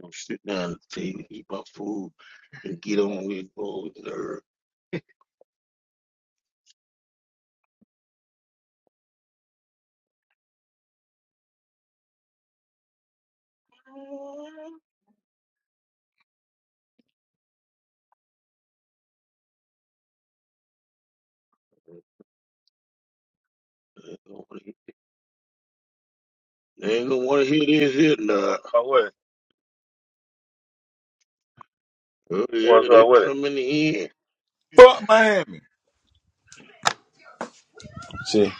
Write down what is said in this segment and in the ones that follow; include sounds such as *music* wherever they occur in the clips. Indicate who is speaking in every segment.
Speaker 1: Don't sit down and take, eat my food and get on with go with her. They ain't gonna want to hear this here now.
Speaker 2: I was.
Speaker 1: Oh
Speaker 2: Was
Speaker 1: yeah,
Speaker 2: uh,
Speaker 1: they
Speaker 2: with it.
Speaker 1: coming in.
Speaker 3: Fuck Miami. See,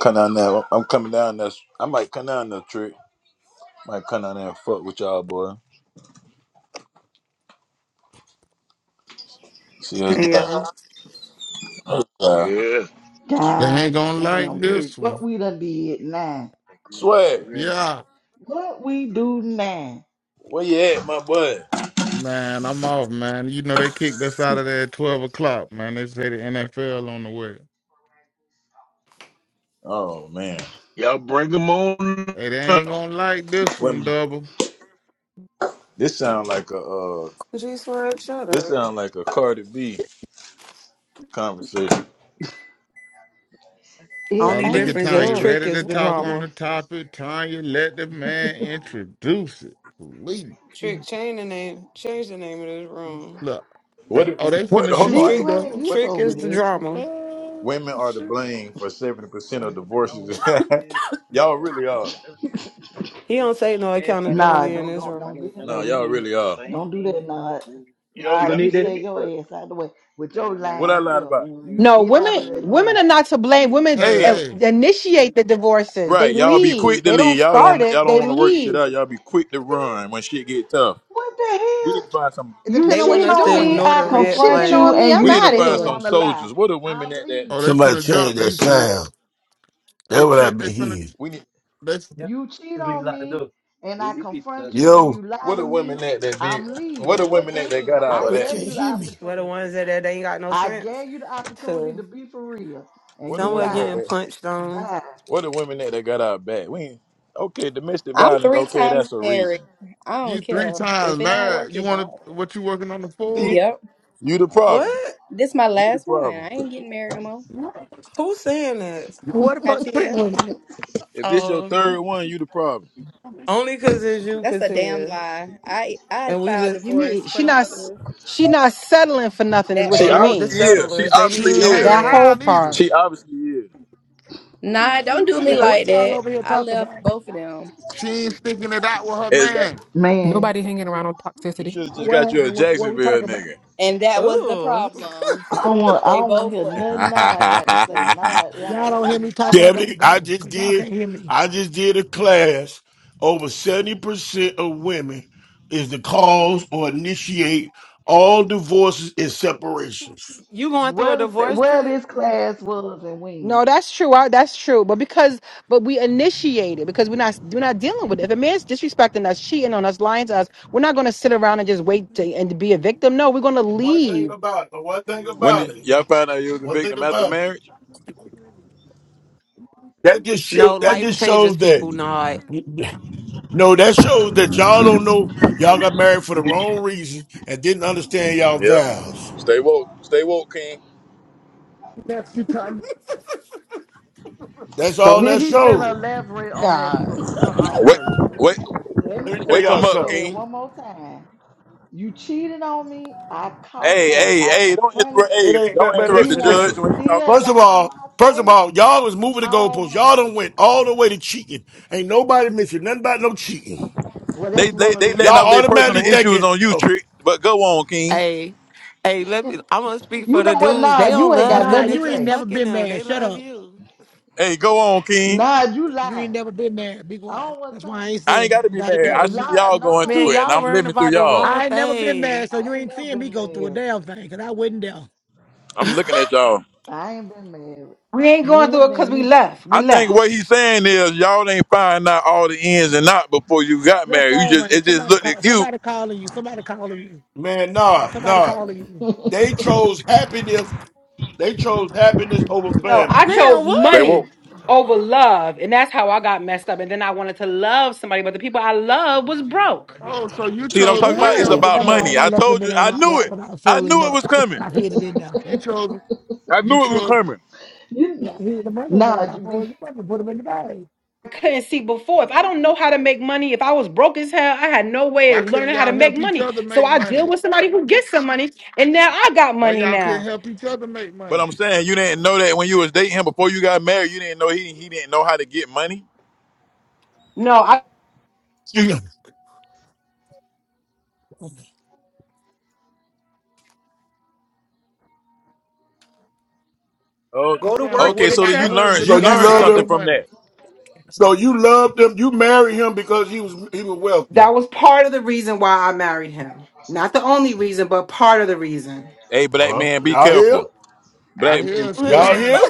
Speaker 3: come down there. I'm coming down there. I might come down there, trick. Might come down there and fuck with y'all, boy. See us
Speaker 4: Hey y'all.
Speaker 3: back. Uh,
Speaker 1: Yeah,
Speaker 5: They ain't
Speaker 6: God
Speaker 5: gonna like
Speaker 6: damn
Speaker 1: yeah.
Speaker 6: trick.
Speaker 5: this
Speaker 6: What
Speaker 5: one.
Speaker 6: we done did now.
Speaker 1: That group that they
Speaker 3: swear.
Speaker 1: ready.
Speaker 5: Yeah,
Speaker 6: What we do now.
Speaker 3: Where you at, my boy?
Speaker 5: man, I'm off, man. You know they kicked us out of there at twelve o'clock, man. They say the NFL on the way.
Speaker 3: Oh man.
Speaker 1: Y'all bring them on
Speaker 5: Hey, they ain't
Speaker 1: now.
Speaker 5: gonna like this one,
Speaker 3: Women.
Speaker 5: double.
Speaker 3: This sound like a uh
Speaker 4: G Swag, shut
Speaker 3: this
Speaker 4: up.
Speaker 3: sound like a Cardi B conversation.
Speaker 6: It
Speaker 5: Uh,
Speaker 4: Only
Speaker 5: look at
Speaker 6: ain't
Speaker 4: difference is
Speaker 5: Tanya,
Speaker 6: us.
Speaker 4: Trick
Speaker 5: ready to
Speaker 4: is the
Speaker 6: What
Speaker 5: talk
Speaker 6: we
Speaker 5: on the
Speaker 4: drama.
Speaker 5: topic. Tanya, let the man introduce it. Please.
Speaker 4: Trick, change the name. Change the name of this room.
Speaker 5: Look, they,
Speaker 3: What
Speaker 5: oh, they
Speaker 3: what
Speaker 5: finna
Speaker 3: hold
Speaker 5: shoot
Speaker 3: on,
Speaker 6: G
Speaker 3: I
Speaker 5: you,
Speaker 3: ain't,
Speaker 4: Trick
Speaker 6: Swag,
Speaker 5: double.
Speaker 6: you
Speaker 3: what is
Speaker 4: Trick
Speaker 6: so
Speaker 4: is
Speaker 3: it?
Speaker 4: the
Speaker 6: messy.
Speaker 4: drama.
Speaker 5: Oh,
Speaker 3: Women are to
Speaker 5: shit.
Speaker 3: blame for seventy percent of divorces. *laughs* y'all really are.
Speaker 4: He don't take no
Speaker 6: Nah,
Speaker 4: accountability in
Speaker 6: don't
Speaker 4: this
Speaker 6: don't don't
Speaker 4: room.
Speaker 6: get in there
Speaker 3: No,
Speaker 6: with
Speaker 3: y'all
Speaker 6: him.
Speaker 3: really are.
Speaker 6: Don't do that, nah.
Speaker 1: Yo,
Speaker 6: Nah, you stay your ass out the way with your
Speaker 3: What I
Speaker 6: lying
Speaker 3: lied
Speaker 6: self.
Speaker 3: about.
Speaker 6: You
Speaker 7: No,
Speaker 6: get out
Speaker 7: women
Speaker 6: of there
Speaker 7: women
Speaker 6: now.
Speaker 7: are not to blame. Women
Speaker 5: Hey,
Speaker 3: Hey.
Speaker 7: uh,
Speaker 5: hey.
Speaker 7: initiate the divorces. They
Speaker 3: Right, y'all be
Speaker 7: leave.
Speaker 3: quick to
Speaker 7: They
Speaker 3: leave.
Speaker 7: don't
Speaker 3: Y'all
Speaker 7: start
Speaker 3: don't y'all
Speaker 7: it.
Speaker 3: don't
Speaker 7: They
Speaker 3: want to work shit
Speaker 7: leave.
Speaker 3: out. Y'all be quick to run when shit get tough.
Speaker 6: What the
Speaker 3: We need to
Speaker 6: hell?
Speaker 3: find some.
Speaker 7: It
Speaker 6: You
Speaker 7: depends
Speaker 4: They
Speaker 7: on what
Speaker 4: want
Speaker 6: cheat
Speaker 7: you're
Speaker 4: us
Speaker 6: on
Speaker 4: to
Speaker 6: me,
Speaker 7: doing.
Speaker 4: ignore
Speaker 6: I
Speaker 4: the
Speaker 7: If you
Speaker 4: red
Speaker 6: confront
Speaker 7: cheating
Speaker 6: you,
Speaker 7: on me,
Speaker 4: flags.
Speaker 6: and
Speaker 7: I'm
Speaker 3: We
Speaker 6: you
Speaker 3: need to
Speaker 7: out of
Speaker 6: still
Speaker 3: find
Speaker 7: here.
Speaker 3: some
Speaker 6: wanna lie.
Speaker 3: soldiers. What are women
Speaker 6: I'm
Speaker 3: at that?
Speaker 5: Oh, they
Speaker 6: leaving.
Speaker 1: Somebody
Speaker 5: finna
Speaker 1: change
Speaker 5: jump
Speaker 1: that
Speaker 5: you, Trick.
Speaker 1: sound. That's
Speaker 5: Hey,
Speaker 1: what
Speaker 5: Trick,
Speaker 1: I've
Speaker 5: they
Speaker 1: been
Speaker 5: finna,
Speaker 1: hearing.
Speaker 3: We need.
Speaker 5: they,
Speaker 6: You cheat on me and I confront you and you
Speaker 1: Yo,
Speaker 6: lie
Speaker 3: What
Speaker 6: to
Speaker 3: are women
Speaker 6: me,
Speaker 3: at that be?
Speaker 6: I'm
Speaker 3: What are
Speaker 6: leaving. What
Speaker 3: women
Speaker 6: the
Speaker 3: at that got
Speaker 6: hell?
Speaker 3: our
Speaker 6: I
Speaker 1: nobody
Speaker 3: back?
Speaker 6: gave
Speaker 1: can't
Speaker 6: you the
Speaker 1: hear me.
Speaker 4: We're the
Speaker 6: opportunity.
Speaker 4: ones that, that ain't got no
Speaker 6: I
Speaker 4: sense.
Speaker 6: gave you the opportunity to
Speaker 4: To
Speaker 6: be for real and
Speaker 3: What are
Speaker 6: you
Speaker 4: somewhere
Speaker 3: women at
Speaker 4: getting
Speaker 6: lied.
Speaker 3: that?
Speaker 4: punched on.
Speaker 6: Bye.
Speaker 3: What are women at that got our back? We ain't, okay. Domestic
Speaker 8: I'm
Speaker 3: violence.
Speaker 8: three
Speaker 3: Okay,
Speaker 8: times
Speaker 3: that's a reason.
Speaker 8: married. I don't
Speaker 5: you three
Speaker 8: care. If
Speaker 5: times
Speaker 8: it don't
Speaker 5: married.
Speaker 8: work,
Speaker 5: You
Speaker 8: it
Speaker 5: wanna,
Speaker 8: don't.
Speaker 5: what you working on the fourth?
Speaker 3: See,
Speaker 8: Yep.
Speaker 3: you the problem.
Speaker 4: What?
Speaker 8: This my
Speaker 3: You the
Speaker 8: last one.
Speaker 3: problem.
Speaker 8: I ain't getting married no more.
Speaker 4: Who's saying that?
Speaker 6: *laughs*
Speaker 9: What the
Speaker 8: I
Speaker 9: fuck
Speaker 8: tell
Speaker 9: trick
Speaker 8: you,
Speaker 9: was it?
Speaker 3: If this your
Speaker 4: Oh,
Speaker 3: third one, you the problem.
Speaker 4: only 'cause it's you
Speaker 8: that's
Speaker 4: could
Speaker 8: a damn
Speaker 4: hear.
Speaker 8: lie. I I
Speaker 4: And we
Speaker 8: filed
Speaker 4: just,
Speaker 7: You mean
Speaker 8: divorce for
Speaker 7: she
Speaker 8: them
Speaker 7: not
Speaker 8: other
Speaker 7: s-
Speaker 8: ones.
Speaker 7: she not settling for nothing is
Speaker 8: That
Speaker 7: what
Speaker 3: She
Speaker 4: they
Speaker 7: you
Speaker 8: part.
Speaker 4: want the
Speaker 3: obviously
Speaker 7: mean.
Speaker 3: is. She
Speaker 4: settlers. They
Speaker 5: She
Speaker 3: obviously
Speaker 4: need
Speaker 5: ain't hanging
Speaker 3: is.
Speaker 7: That whole
Speaker 4: nomads.
Speaker 5: around either.
Speaker 7: part.
Speaker 3: She obviously is.
Speaker 8: Nah, don't do me
Speaker 9: Man,
Speaker 3: Yeah.
Speaker 8: like
Speaker 9: what y'all
Speaker 8: that.
Speaker 9: over here
Speaker 8: I
Speaker 9: talking
Speaker 8: left
Speaker 9: about?
Speaker 8: both of them,
Speaker 5: She ain't sticking it out with her
Speaker 3: Exactly.
Speaker 5: man.
Speaker 6: Man,
Speaker 3: You should have just
Speaker 9: What
Speaker 3: got you a
Speaker 9: happened? What, what we
Speaker 3: Jacksonville
Speaker 9: talking about?
Speaker 3: nigga.
Speaker 8: and that was the
Speaker 4: Ooh.
Speaker 8: problem.
Speaker 6: I don't want I
Speaker 8: They
Speaker 6: don't want to
Speaker 8: both
Speaker 6: hear
Speaker 8: were.
Speaker 6: nothing Nod got to say.
Speaker 3: *laughs*
Speaker 6: Nod
Speaker 9: Y'all
Speaker 6: lied to
Speaker 9: don't hear me
Speaker 6: me.
Speaker 9: talk, I gotta
Speaker 1: Stephanie, I
Speaker 9: go.
Speaker 1: just
Speaker 9: Cause y'all
Speaker 1: did
Speaker 9: can't hear me.
Speaker 1: I just did a class. Over 70% of women is the cause or initiate all divorces and separations.
Speaker 4: You going through a
Speaker 6: Where this,
Speaker 4: divorce
Speaker 6: where
Speaker 4: trick?
Speaker 6: this class was and
Speaker 7: No,
Speaker 6: when.
Speaker 7: that's true. I, that's true. But because but we initiate it because we're not we're not dealing with it. If a man's disrespecting us, cheating on us, lying to us, we're not going to sit around and just wait to, and to be a victim. No, we're going to
Speaker 1: One thing
Speaker 7: leave.
Speaker 1: about it, one thing
Speaker 3: when
Speaker 1: about
Speaker 3: did
Speaker 1: it,
Speaker 3: y'all find out you was a
Speaker 1: one thing
Speaker 3: victim after
Speaker 1: about it.
Speaker 3: marriage?
Speaker 1: That just show
Speaker 4: No,
Speaker 1: that
Speaker 4: life
Speaker 1: just
Speaker 4: changes
Speaker 1: shows that
Speaker 4: people not.
Speaker 1: no, that shows that y'all don't know y'all got married for the wrong reason and didn't understand y'all
Speaker 3: Yeah.
Speaker 1: vows.
Speaker 3: Stay woke. Stay woke, King.
Speaker 5: That's you time.
Speaker 1: That's
Speaker 6: So
Speaker 1: all
Speaker 6: here
Speaker 1: that
Speaker 6: he's finna
Speaker 1: shows.
Speaker 6: elaborate on that
Speaker 7: God.
Speaker 6: for better or
Speaker 3: Wake,
Speaker 6: worse.
Speaker 3: wake,
Speaker 6: Let
Speaker 1: Let
Speaker 6: me
Speaker 1: me tell
Speaker 6: tell
Speaker 3: wake 'em
Speaker 1: y'all
Speaker 6: I'ma
Speaker 3: up,
Speaker 6: say
Speaker 1: something.
Speaker 6: it
Speaker 3: King.
Speaker 6: one more time. You cheated on me. I
Speaker 3: Hey,
Speaker 6: caught you.
Speaker 3: hey,
Speaker 6: I
Speaker 3: hey! Don't
Speaker 6: confronted
Speaker 3: interrupt.
Speaker 1: It
Speaker 3: Hey,
Speaker 6: you.
Speaker 1: ain't. But,
Speaker 3: don't
Speaker 1: but
Speaker 6: And
Speaker 3: interrupt
Speaker 6: you
Speaker 3: the
Speaker 1: listen,
Speaker 6: want to
Speaker 3: judge
Speaker 1: listen.
Speaker 3: when he's talking.
Speaker 6: still
Speaker 1: First
Speaker 6: lie
Speaker 1: of
Speaker 6: to
Speaker 1: all,
Speaker 6: my
Speaker 1: first of
Speaker 6: face?
Speaker 1: all, y'all was moving the
Speaker 6: I don't
Speaker 1: goalposts.
Speaker 6: want
Speaker 1: Y'all done
Speaker 6: you.
Speaker 1: went all the way to cheating. Ain't nobody mentioned nothing about no cheating.
Speaker 6: Well,
Speaker 3: They,
Speaker 6: that's
Speaker 3: they,
Speaker 6: one of the
Speaker 3: they letting out
Speaker 6: reasons
Speaker 1: Y'all
Speaker 3: their
Speaker 6: it's a
Speaker 3: personal
Speaker 1: automatically
Speaker 6: divorce.
Speaker 3: issues
Speaker 1: thinking,
Speaker 3: on you,
Speaker 1: oh
Speaker 3: trick. But go on, King.
Speaker 4: Hey, hey, let me I'm gonna speak for
Speaker 6: You know
Speaker 4: the
Speaker 6: what,
Speaker 4: dudes.
Speaker 6: Nah?
Speaker 4: They don't
Speaker 6: You ain't
Speaker 4: love
Speaker 6: got
Speaker 9: Nah,
Speaker 4: them,
Speaker 6: nothing
Speaker 4: they
Speaker 6: to
Speaker 9: you ain't
Speaker 4: just
Speaker 6: say.
Speaker 9: never
Speaker 4: fucking
Speaker 9: been
Speaker 4: them.
Speaker 9: married.
Speaker 4: They
Speaker 9: Shut
Speaker 4: love
Speaker 9: up.
Speaker 4: you.
Speaker 3: Hey, go on, King.
Speaker 6: Nah, you
Speaker 9: You ain't
Speaker 6: lied.
Speaker 9: never been married. Be
Speaker 6: I
Speaker 9: quiet.
Speaker 6: don't want
Speaker 9: That's why I
Speaker 6: time.
Speaker 9: ain't
Speaker 3: I ain't
Speaker 9: saying
Speaker 3: got to be
Speaker 9: nothing. I ain't
Speaker 3: mad.
Speaker 9: never
Speaker 3: I
Speaker 6: Look,
Speaker 9: been
Speaker 3: see
Speaker 9: married.
Speaker 6: lie.
Speaker 3: y'all going
Speaker 6: Nah, I
Speaker 4: Man,
Speaker 3: through
Speaker 6: don't.
Speaker 3: it, and
Speaker 4: y'all
Speaker 3: I'm
Speaker 4: worrying
Speaker 3: living through
Speaker 4: about the
Speaker 3: y'all.
Speaker 4: wrong
Speaker 9: I ain't never been
Speaker 4: thing.
Speaker 9: mad, so
Speaker 6: I
Speaker 9: you
Speaker 6: ain't
Speaker 9: ain't
Speaker 6: never
Speaker 9: seeing me
Speaker 6: been
Speaker 9: go through a
Speaker 6: married.
Speaker 9: damn thing, cause I wasn't there.
Speaker 3: I'm looking at y'all.
Speaker 6: I ain't been married.
Speaker 7: We ain't
Speaker 6: You
Speaker 7: going
Speaker 6: ain't
Speaker 7: through it
Speaker 6: looking at
Speaker 7: because we
Speaker 6: me.
Speaker 7: left. We
Speaker 3: I think
Speaker 7: left.
Speaker 3: what he's saying is y'all ain't find out all the ins and out before you got
Speaker 9: Your
Speaker 3: married. You
Speaker 9: phone
Speaker 3: just
Speaker 9: ring.
Speaker 3: it just
Speaker 9: Somebody
Speaker 3: looked at
Speaker 9: call.
Speaker 3: cute.
Speaker 9: Somebody calling you. Somebody calling you.
Speaker 1: man, nah,
Speaker 9: Somebody
Speaker 1: nah.
Speaker 9: calling you.
Speaker 6: *laughs*
Speaker 1: They chose happiness. They chose happiness over
Speaker 7: No,
Speaker 1: family.
Speaker 7: I chose
Speaker 4: Man,
Speaker 3: They
Speaker 4: what?
Speaker 7: money
Speaker 3: won't
Speaker 7: over love, and that's how I got messed up. And then I wanted to love somebody, but the people I love was
Speaker 9: Oh
Speaker 7: broke.
Speaker 5: Oh, so you
Speaker 3: see what I'm
Speaker 5: chose
Speaker 3: talking about.
Speaker 5: money
Speaker 3: It's
Speaker 10: Mm.
Speaker 5: over
Speaker 3: about money.
Speaker 9: on,
Speaker 5: love.
Speaker 9: I
Speaker 3: I
Speaker 9: left
Speaker 3: told
Speaker 9: them in
Speaker 3: you.
Speaker 9: on
Speaker 3: I
Speaker 9: that
Speaker 3: knew
Speaker 9: rock
Speaker 3: it.
Speaker 9: when I
Speaker 3: I
Speaker 9: folded them
Speaker 3: knew it
Speaker 9: up.
Speaker 3: was coming.
Speaker 9: I hid it in there.
Speaker 5: You chose.
Speaker 3: I
Speaker 5: You
Speaker 3: knew it was
Speaker 5: chose.
Speaker 3: coming.
Speaker 6: you,
Speaker 9: Yeah, I hid the money in there
Speaker 6: nah,
Speaker 9: when I
Speaker 6: you
Speaker 9: folded
Speaker 6: be.
Speaker 9: them up and put them in the bag.
Speaker 7: I couldn't see before. If I don't know how to make money, if I was broke as hell, I had no way
Speaker 5: Why
Speaker 7: of
Speaker 5: couldn't
Speaker 7: learning how to
Speaker 5: y'all
Speaker 7: make
Speaker 5: help each
Speaker 7: money.
Speaker 5: other
Speaker 7: So
Speaker 5: make
Speaker 7: I deal
Speaker 5: money?
Speaker 7: with somebody who gets some money, and now I got
Speaker 5: Why
Speaker 7: money
Speaker 5: y'all couldn't
Speaker 7: now.
Speaker 5: help each other make
Speaker 3: But
Speaker 5: money?
Speaker 3: I'm saying you didn't know that when you was dating him before you got married. You didn't know he he didn't know how to get money.
Speaker 7: No, I
Speaker 1: You-
Speaker 3: Oh,
Speaker 5: I
Speaker 7: go to
Speaker 5: saying, but
Speaker 7: work,
Speaker 5: what
Speaker 3: okay.
Speaker 7: get a
Speaker 3: So then
Speaker 5: about the
Speaker 3: you
Speaker 7: check.
Speaker 3: learned
Speaker 5: husband
Speaker 1: So
Speaker 3: you
Speaker 5: that
Speaker 1: you
Speaker 5: ain't
Speaker 7: That's
Speaker 3: learned
Speaker 1: love
Speaker 5: had
Speaker 7: it.
Speaker 5: no
Speaker 3: something
Speaker 1: him.
Speaker 3: from
Speaker 5: money?
Speaker 3: that.
Speaker 1: So you loved him. You married him because he was he was wealthy.
Speaker 7: That was part of the reason why I married him. Not the only reason, but part of the reason.
Speaker 3: Hey, black
Speaker 1: Well,
Speaker 3: man, be
Speaker 1: y'all here?
Speaker 3: careful.
Speaker 5: I
Speaker 3: Black man,
Speaker 5: hear
Speaker 3: be
Speaker 5: she
Speaker 4: *laughs*
Speaker 1: Y'all
Speaker 3: careful.
Speaker 1: here?
Speaker 5: honest.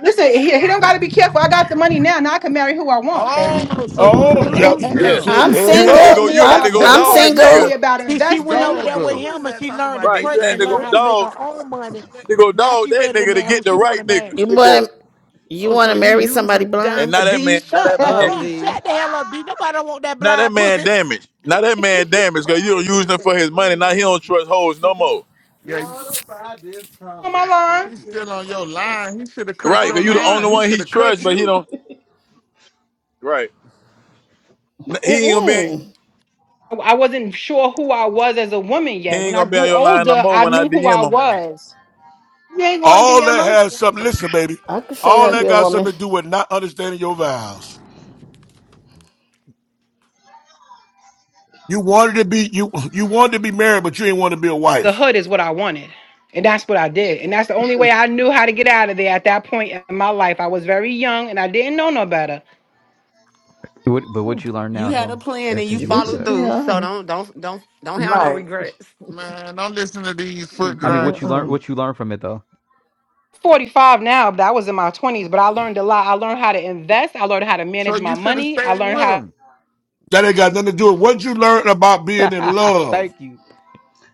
Speaker 7: Listen, he, he don't got to be careful. I got the money now. Now I can marry who I want, baby. *laughs*
Speaker 5: Oh, so you
Speaker 1: Oh, yeah.
Speaker 5: used
Speaker 1: you- you
Speaker 3: Yeah.
Speaker 5: him.
Speaker 1: See,
Speaker 10: I'm
Speaker 1: there you
Speaker 3: You had to
Speaker 1: go.
Speaker 10: single.
Speaker 7: taught
Speaker 3: go.
Speaker 7: me
Speaker 3: You
Speaker 10: I'm
Speaker 3: had to
Speaker 7: about
Speaker 3: go
Speaker 5: Oh,
Speaker 10: I'm
Speaker 3: dog a
Speaker 7: Bitcoin, taught me
Speaker 10: single.
Speaker 3: nigga.
Speaker 7: about
Speaker 9: See, she
Speaker 5: the
Speaker 9: went
Speaker 7: investing
Speaker 9: over there
Speaker 4: Wait,
Speaker 9: with
Speaker 5: dogger.
Speaker 4: who is
Speaker 9: him and
Speaker 4: that
Speaker 9: she
Speaker 4: talking
Speaker 9: learned to
Speaker 4: about they
Speaker 3: Right. You
Speaker 9: trade
Speaker 3: had
Speaker 9: and
Speaker 3: to go
Speaker 9: learned
Speaker 4: single?
Speaker 9: how to make
Speaker 3: dog.
Speaker 9: her own money.
Speaker 3: You had to go
Speaker 9: Now
Speaker 3: dog
Speaker 9: she
Speaker 3: that
Speaker 9: ready to
Speaker 3: nigga to
Speaker 9: marry who
Speaker 3: get the
Speaker 9: she want
Speaker 3: right
Speaker 9: to
Speaker 3: nigga.
Speaker 9: marry.
Speaker 10: You
Speaker 3: Stay
Speaker 10: want
Speaker 3: woke.
Speaker 10: to you
Speaker 5: Oh,
Speaker 10: want
Speaker 5: so
Speaker 10: to
Speaker 5: you
Speaker 10: marry somebody
Speaker 5: using?
Speaker 4: Don,
Speaker 3: And
Speaker 4: uh,
Speaker 10: blind?
Speaker 3: now that
Speaker 4: D,
Speaker 3: man, now
Speaker 4: shut
Speaker 3: that man,
Speaker 7: No.
Speaker 4: up,
Speaker 9: D,
Speaker 4: D.
Speaker 9: shut the hell up, D. Nobody
Speaker 6: *laughs*
Speaker 9: don't want that
Speaker 3: now that
Speaker 9: blind
Speaker 3: man
Speaker 9: pussy.
Speaker 3: damaged. Now that man damaged because you don't use him for his money. Now he
Speaker 9: Oh,
Speaker 3: don't trust hoes no
Speaker 9: Okay,
Speaker 3: more.
Speaker 5: Yeah,
Speaker 7: on my line.
Speaker 5: he's still on your line. He should have cut
Speaker 3: Right?
Speaker 5: your
Speaker 3: Because
Speaker 6: I'm
Speaker 3: you the only
Speaker 5: line. He
Speaker 6: weak.
Speaker 3: one
Speaker 5: should
Speaker 3: he
Speaker 5: have
Speaker 3: trusts,
Speaker 5: cut
Speaker 3: but he
Speaker 5: you.
Speaker 3: don't. Right. N- He ain't gonna be.
Speaker 10: Mm-mm.
Speaker 7: I wasn't sure who I was as a woman
Speaker 3: He
Speaker 7: yet.
Speaker 3: ain't
Speaker 7: When I
Speaker 3: gonna be on
Speaker 7: grew
Speaker 3: your line no
Speaker 7: older,
Speaker 3: more
Speaker 7: I
Speaker 3: when I
Speaker 7: knew who I
Speaker 3: DM him.
Speaker 5: No.
Speaker 7: was. You ain't going to
Speaker 1: All that
Speaker 7: DM him?
Speaker 1: has something, listen, baby.
Speaker 10: I can show you how
Speaker 1: All
Speaker 10: to be
Speaker 1: that
Speaker 10: a
Speaker 1: got
Speaker 10: woman.
Speaker 1: something to do with not understanding your vows. You wanted to be you you wanted to be married, but you didn't want to be a
Speaker 7: The
Speaker 1: wife.
Speaker 7: hood is what I wanted. And that's what I did. And that's the only way I knew how to get out of there at that point in my life. I was very young and I didn't know no better.
Speaker 11: What, but
Speaker 6: *laughs*
Speaker 11: what you learned
Speaker 4: You
Speaker 11: now
Speaker 4: had a
Speaker 11: though,
Speaker 4: plan
Speaker 11: ever
Speaker 4: and you
Speaker 11: since you went
Speaker 6: This
Speaker 11: through
Speaker 4: followed
Speaker 6: should
Speaker 11: that.
Speaker 6: be
Speaker 4: through, so
Speaker 6: honest.
Speaker 4: don't don't don't don't have no
Speaker 6: Right.
Speaker 4: regrets.
Speaker 5: Man, don't listen to these
Speaker 6: She
Speaker 5: foot
Speaker 11: I mean,
Speaker 6: being
Speaker 11: what you
Speaker 5: dragons.
Speaker 11: learned,
Speaker 6: honest.
Speaker 11: what you learned from it though.
Speaker 7: 45 now, but I was in my 20s, but I learned a lot. I learned how to invest. I learned how to
Speaker 5: So
Speaker 7: manage my
Speaker 5: you should have
Speaker 7: money. I
Speaker 5: stayed
Speaker 7: learned
Speaker 5: with
Speaker 7: how
Speaker 5: them.
Speaker 1: That ain't got nothing to do with what you learned about
Speaker 11: *laughs*
Speaker 1: being in love.
Speaker 11: Thank you.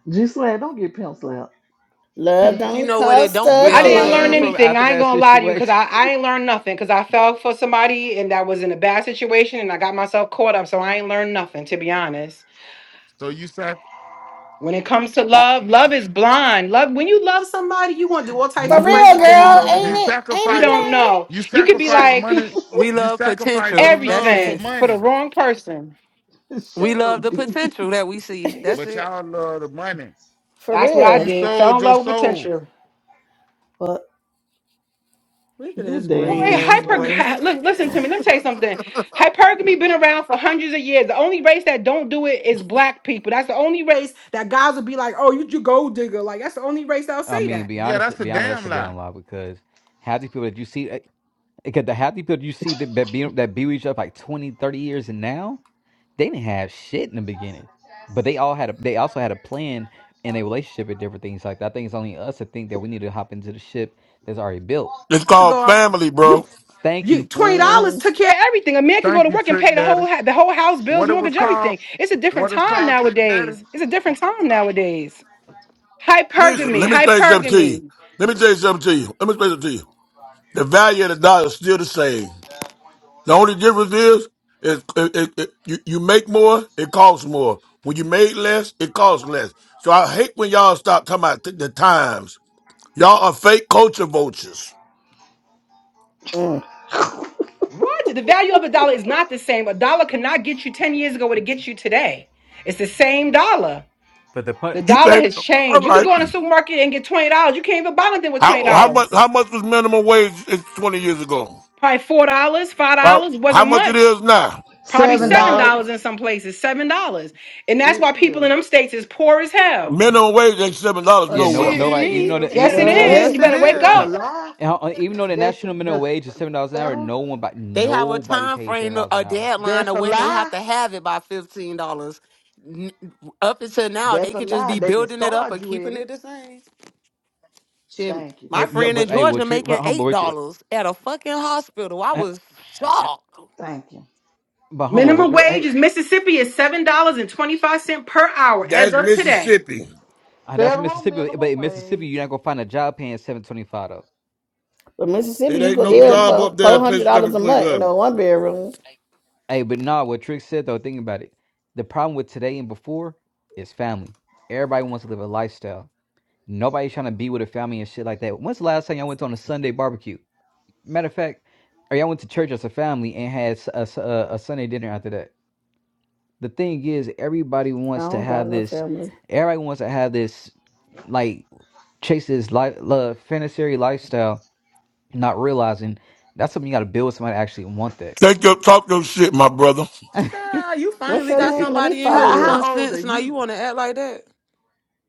Speaker 6: G like don't get pimp slapped.
Speaker 10: Love
Speaker 4: You
Speaker 10: don't
Speaker 4: know what it
Speaker 10: cost
Speaker 4: don't
Speaker 10: a
Speaker 7: I
Speaker 11: What
Speaker 4: feel
Speaker 11: you
Speaker 7: didn't
Speaker 4: like.
Speaker 7: learn
Speaker 11: learned
Speaker 10: thing.
Speaker 11: from
Speaker 7: anything.
Speaker 11: after
Speaker 7: I ain't
Speaker 11: that
Speaker 7: gonna lie to you because
Speaker 11: situation.
Speaker 7: I, I ain't learned nothing because I fell for somebody and that was in a bad situation and I got myself caught up. So I ain't learned nothing, to be honest.
Speaker 5: So you sac
Speaker 7: When it comes to
Speaker 10: Uh,
Speaker 7: love, love is blind. Love when you love somebody, you gonna do all types
Speaker 10: for
Speaker 7: of
Speaker 6: Love is
Speaker 10: real,
Speaker 7: crazy things
Speaker 10: girl,
Speaker 7: over
Speaker 6: blind.
Speaker 5: you
Speaker 10: ain't
Speaker 7: him.
Speaker 10: it? Ain't
Speaker 7: You
Speaker 5: sacrifice
Speaker 7: don't know.
Speaker 5: you
Speaker 7: You could be
Speaker 5: sacrifice
Speaker 7: like
Speaker 5: money.
Speaker 4: We
Speaker 6: *laughs*
Speaker 5: You
Speaker 4: love
Speaker 5: sacrifice
Speaker 4: potential.
Speaker 5: your
Speaker 4: That's
Speaker 5: love for
Speaker 4: it.
Speaker 7: everything for the
Speaker 5: money,
Speaker 7: wrong person.
Speaker 4: We
Speaker 6: Shut
Speaker 4: love
Speaker 6: up,
Speaker 4: the
Speaker 6: D.
Speaker 4: potential that we
Speaker 10: it
Speaker 4: see.
Speaker 10: blind?
Speaker 4: That's
Speaker 5: but
Speaker 4: it.
Speaker 5: y'all love the money.
Speaker 10: *laughs* for
Speaker 7: That's what I
Speaker 5: You
Speaker 10: real.
Speaker 7: did. Fell
Speaker 5: sold
Speaker 7: in
Speaker 5: your
Speaker 7: love with
Speaker 5: soul.
Speaker 7: potential.
Speaker 10: But
Speaker 4: Look at
Speaker 6: This
Speaker 4: this
Speaker 7: Boy,
Speaker 6: damn
Speaker 4: green
Speaker 6: G
Speaker 4: ass boy.
Speaker 6: swag.
Speaker 7: hyper *laughs* look, listen to me. Let me tell you something. Hypergamy been around for hundreds of years. The only race that don't do it is black people. That's the only race that guys will be like, "Oh, you you gold digger." Like that's the only race that'll
Speaker 11: I
Speaker 7: say
Speaker 11: mean,
Speaker 7: that.
Speaker 11: be
Speaker 5: Yeah, that's
Speaker 11: honest,
Speaker 5: a
Speaker 11: be honest, that's a
Speaker 5: damn lie.
Speaker 11: damn lie because half the people that you see, eh, because the half the people you see that, that be that be with each other for like 20, 30 years and now they didn't have shit in the beginning, but they all had a, they also had a plan in a relationship and different things like that. I think it's only us that think that we need to hop into the ship that's already built.
Speaker 1: It's
Speaker 7: To go
Speaker 1: called
Speaker 7: out,
Speaker 1: family, bro.
Speaker 7: you
Speaker 11: Thank
Speaker 7: you
Speaker 11: you.
Speaker 7: twenty dollars
Speaker 10: mm,
Speaker 7: took care of everything. A man could go
Speaker 5: Thank
Speaker 7: to
Speaker 5: you,
Speaker 7: work and pay
Speaker 5: Trick
Speaker 7: the whole
Speaker 5: Daddy.
Speaker 7: ha- the whole house bills,
Speaker 5: What it was
Speaker 7: mortgage,
Speaker 5: called?
Speaker 7: everything. It's a different
Speaker 5: What it's
Speaker 7: time
Speaker 5: called, Trick
Speaker 7: nowadays.
Speaker 5: Daddy?
Speaker 7: It's a different time nowadays.
Speaker 1: Listen,
Speaker 7: Hypergamy,
Speaker 1: let me say something to you.
Speaker 7: hypergamy.
Speaker 1: Let me tell you something to you. Let me say something to you. The value of the dollar is still the same. The only difference is, is it, it, it, you, you make more, it costs more. When you made less, it costs less. So I hate when y'all stop talking about th- the times. Y'all are fake culture vultures.
Speaker 10: mm,
Speaker 7: What? The value of a dollar is not the same. A dollar cannot get you ten years ago what it gets you today. It's the same dollar.
Speaker 11: But the put,
Speaker 7: The
Speaker 1: You
Speaker 7: dollar
Speaker 1: think
Speaker 7: has
Speaker 1: all
Speaker 7: changed. You could
Speaker 1: right?
Speaker 7: go in a supermarket and get twenty dollars. You can't even buy anything with twenty
Speaker 1: How how much
Speaker 7: dollars.
Speaker 1: how much was minimum wage in twenty years ago?
Speaker 7: Probably four dollars, five
Speaker 1: About
Speaker 7: dollars It
Speaker 1: how
Speaker 7: wasn't
Speaker 1: much it
Speaker 7: much.
Speaker 1: is now?
Speaker 7: Probably
Speaker 6: Seven
Speaker 7: seven
Speaker 6: dollars.
Speaker 10: no,
Speaker 7: dollars in some places, seven dollars, and that's
Speaker 6: It
Speaker 7: why people
Speaker 6: is.
Speaker 7: in them states is poor as hell.
Speaker 1: Minimum wage ain't seven dollars
Speaker 4: Oh,
Speaker 11: yeah, no,
Speaker 1: nowhere.
Speaker 4: shit, and
Speaker 6: Yes, it
Speaker 11: nobody. Even
Speaker 4: me.
Speaker 11: though
Speaker 6: is.
Speaker 11: the e-
Speaker 7: Yes, it
Speaker 10: no, it
Speaker 11: even though
Speaker 7: is. You
Speaker 4: Yes, it
Speaker 10: ain't.
Speaker 7: better wake
Speaker 6: That's
Speaker 4: is.
Speaker 6: a
Speaker 11: And,
Speaker 7: up.
Speaker 6: lie.
Speaker 11: and uh, even though the
Speaker 6: That's
Speaker 11: national
Speaker 6: the,
Speaker 11: minimum
Speaker 6: the
Speaker 11: wage is
Speaker 6: the
Speaker 11: seven dollars an hour,
Speaker 6: federal.
Speaker 11: no one but
Speaker 4: They have a
Speaker 11: nobody
Speaker 4: time
Speaker 11: pays seven
Speaker 4: frame,
Speaker 11: dollars
Speaker 4: a
Speaker 11: an hour.
Speaker 4: deadline
Speaker 6: That's
Speaker 4: of
Speaker 6: a
Speaker 4: when they have
Speaker 6: lie.
Speaker 4: to have it by fifteen dollars. Up until now, they
Speaker 6: That's a
Speaker 4: could just
Speaker 6: lie.
Speaker 4: be
Speaker 6: They can
Speaker 4: building it up
Speaker 6: start
Speaker 4: and
Speaker 6: you at
Speaker 4: keeping it
Speaker 6: it.
Speaker 4: the same. Shit,
Speaker 6: Thank you.
Speaker 4: my
Speaker 11: No, no,
Speaker 4: friend in
Speaker 11: but
Speaker 6: But you
Speaker 11: hey, we're
Speaker 6: can
Speaker 4: Georgia
Speaker 11: trick,
Speaker 4: making
Speaker 11: but humble,
Speaker 4: eight
Speaker 11: we're, tri-
Speaker 4: dollars at a fucking hospital. I
Speaker 11: uh,
Speaker 4: was
Speaker 11: uh,
Speaker 4: shocked.
Speaker 6: thank you.
Speaker 11: but humble, we're,
Speaker 7: Minimum
Speaker 11: do-
Speaker 7: wage
Speaker 11: hey,
Speaker 7: is Mississippi is seven dollars and twenty five cent per hour as
Speaker 1: That's
Speaker 7: of today.
Speaker 1: Mississippi.
Speaker 11: uh, that's
Speaker 6: Federal
Speaker 11: Mississippi. But
Speaker 6: minimum
Speaker 11: in Mississippi,
Speaker 6: wage.
Speaker 11: you're not gonna find a job paying seven twenty five though.
Speaker 10: But
Speaker 1: It
Speaker 10: Mississippi, you
Speaker 1: ain't
Speaker 10: could
Speaker 1: no
Speaker 11: Even
Speaker 10: live
Speaker 11: in,
Speaker 1: job
Speaker 10: for
Speaker 1: up there
Speaker 10: four
Speaker 1: that
Speaker 10: hundred
Speaker 1: pays
Speaker 10: dollars
Speaker 1: seven
Speaker 10: a
Speaker 1: twenty
Speaker 10: month in a
Speaker 1: seven.
Speaker 10: one bedroom.
Speaker 11: hey, but nah, what Trick said though, thinking about it, the problem with today and before is family. Everybody wants to live a lifestyle. Nobody's trying to be with a family and shit like that. When's the last time y'all went on a Sunday barbecue? Matter of fact, I mean, I went to church as a family and had a a a Sunday dinner after that. The thing is, everybody
Speaker 10: I
Speaker 11: wants to
Speaker 10: don't got
Speaker 11: have
Speaker 10: no
Speaker 11: this.
Speaker 10: family.
Speaker 11: Everybody wants to have this, like chase this life, love, fantasy lifestyle, not realizing that's something you got to build with somebody to actually want that.
Speaker 1: Take your talk your shit, my brother.
Speaker 11: *laughs*
Speaker 4: Child, you
Speaker 10: What's
Speaker 4: finally
Speaker 10: your
Speaker 11: It-
Speaker 4: got
Speaker 10: name?
Speaker 11: it-
Speaker 10: Let me
Speaker 4: somebody in here
Speaker 10: follow
Speaker 6: How,
Speaker 4: with some
Speaker 10: you.
Speaker 6: how old are
Speaker 4: sense. Now you
Speaker 6: you?
Speaker 4: want to act like that?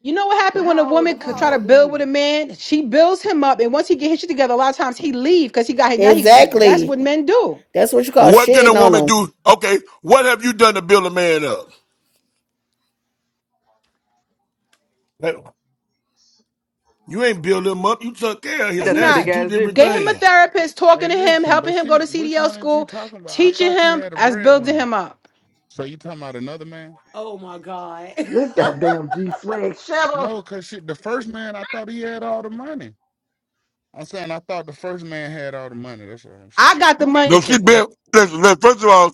Speaker 7: You know what happened when a
Speaker 6: How old?
Speaker 7: woman could
Speaker 6: How
Speaker 7: try to
Speaker 6: old are
Speaker 7: build with
Speaker 6: you?
Speaker 7: a man? She builds him up, and once he get his shit together, a lot of times he leave because he got now he can get. That's
Speaker 10: Exactly.
Speaker 7: what men do.
Speaker 10: That's what you call
Speaker 1: What can
Speaker 10: shitting
Speaker 1: a
Speaker 10: on
Speaker 1: woman
Speaker 10: them.
Speaker 1: do? Okay, what have you done to build a man up? Like, you ain't build him up. You took care of
Speaker 7: That's
Speaker 1: him.
Speaker 11: That's a
Speaker 1: That's
Speaker 11: big
Speaker 1: the
Speaker 7: not.
Speaker 1: two
Speaker 11: ass
Speaker 1: different
Speaker 7: Get him a
Speaker 11: difference.
Speaker 1: things.
Speaker 7: therapist, talking
Speaker 5: Hey,
Speaker 7: to him,
Speaker 5: listen,
Speaker 7: helping
Speaker 5: but
Speaker 7: him go
Speaker 5: she,
Speaker 7: to
Speaker 5: which
Speaker 7: CDL
Speaker 5: one is you
Speaker 7: school,
Speaker 5: talking about? I
Speaker 7: teaching
Speaker 5: thought you
Speaker 7: him
Speaker 5: had a
Speaker 7: as building
Speaker 5: breadwinner.
Speaker 7: him up.
Speaker 5: So you talking about another man?
Speaker 4: Oh my god! *laughs*
Speaker 6: This goddamn G swag. Shut up.
Speaker 5: No, cause she, the first man, I thought he had all the money. I'm saying I thought the first man had all the money. That's what I'm
Speaker 7: I
Speaker 5: saying.
Speaker 7: got the
Speaker 6: I'm
Speaker 7: money.
Speaker 1: No,
Speaker 6: sick
Speaker 1: she
Speaker 6: of him.
Speaker 1: built. Listen, listen, first of all,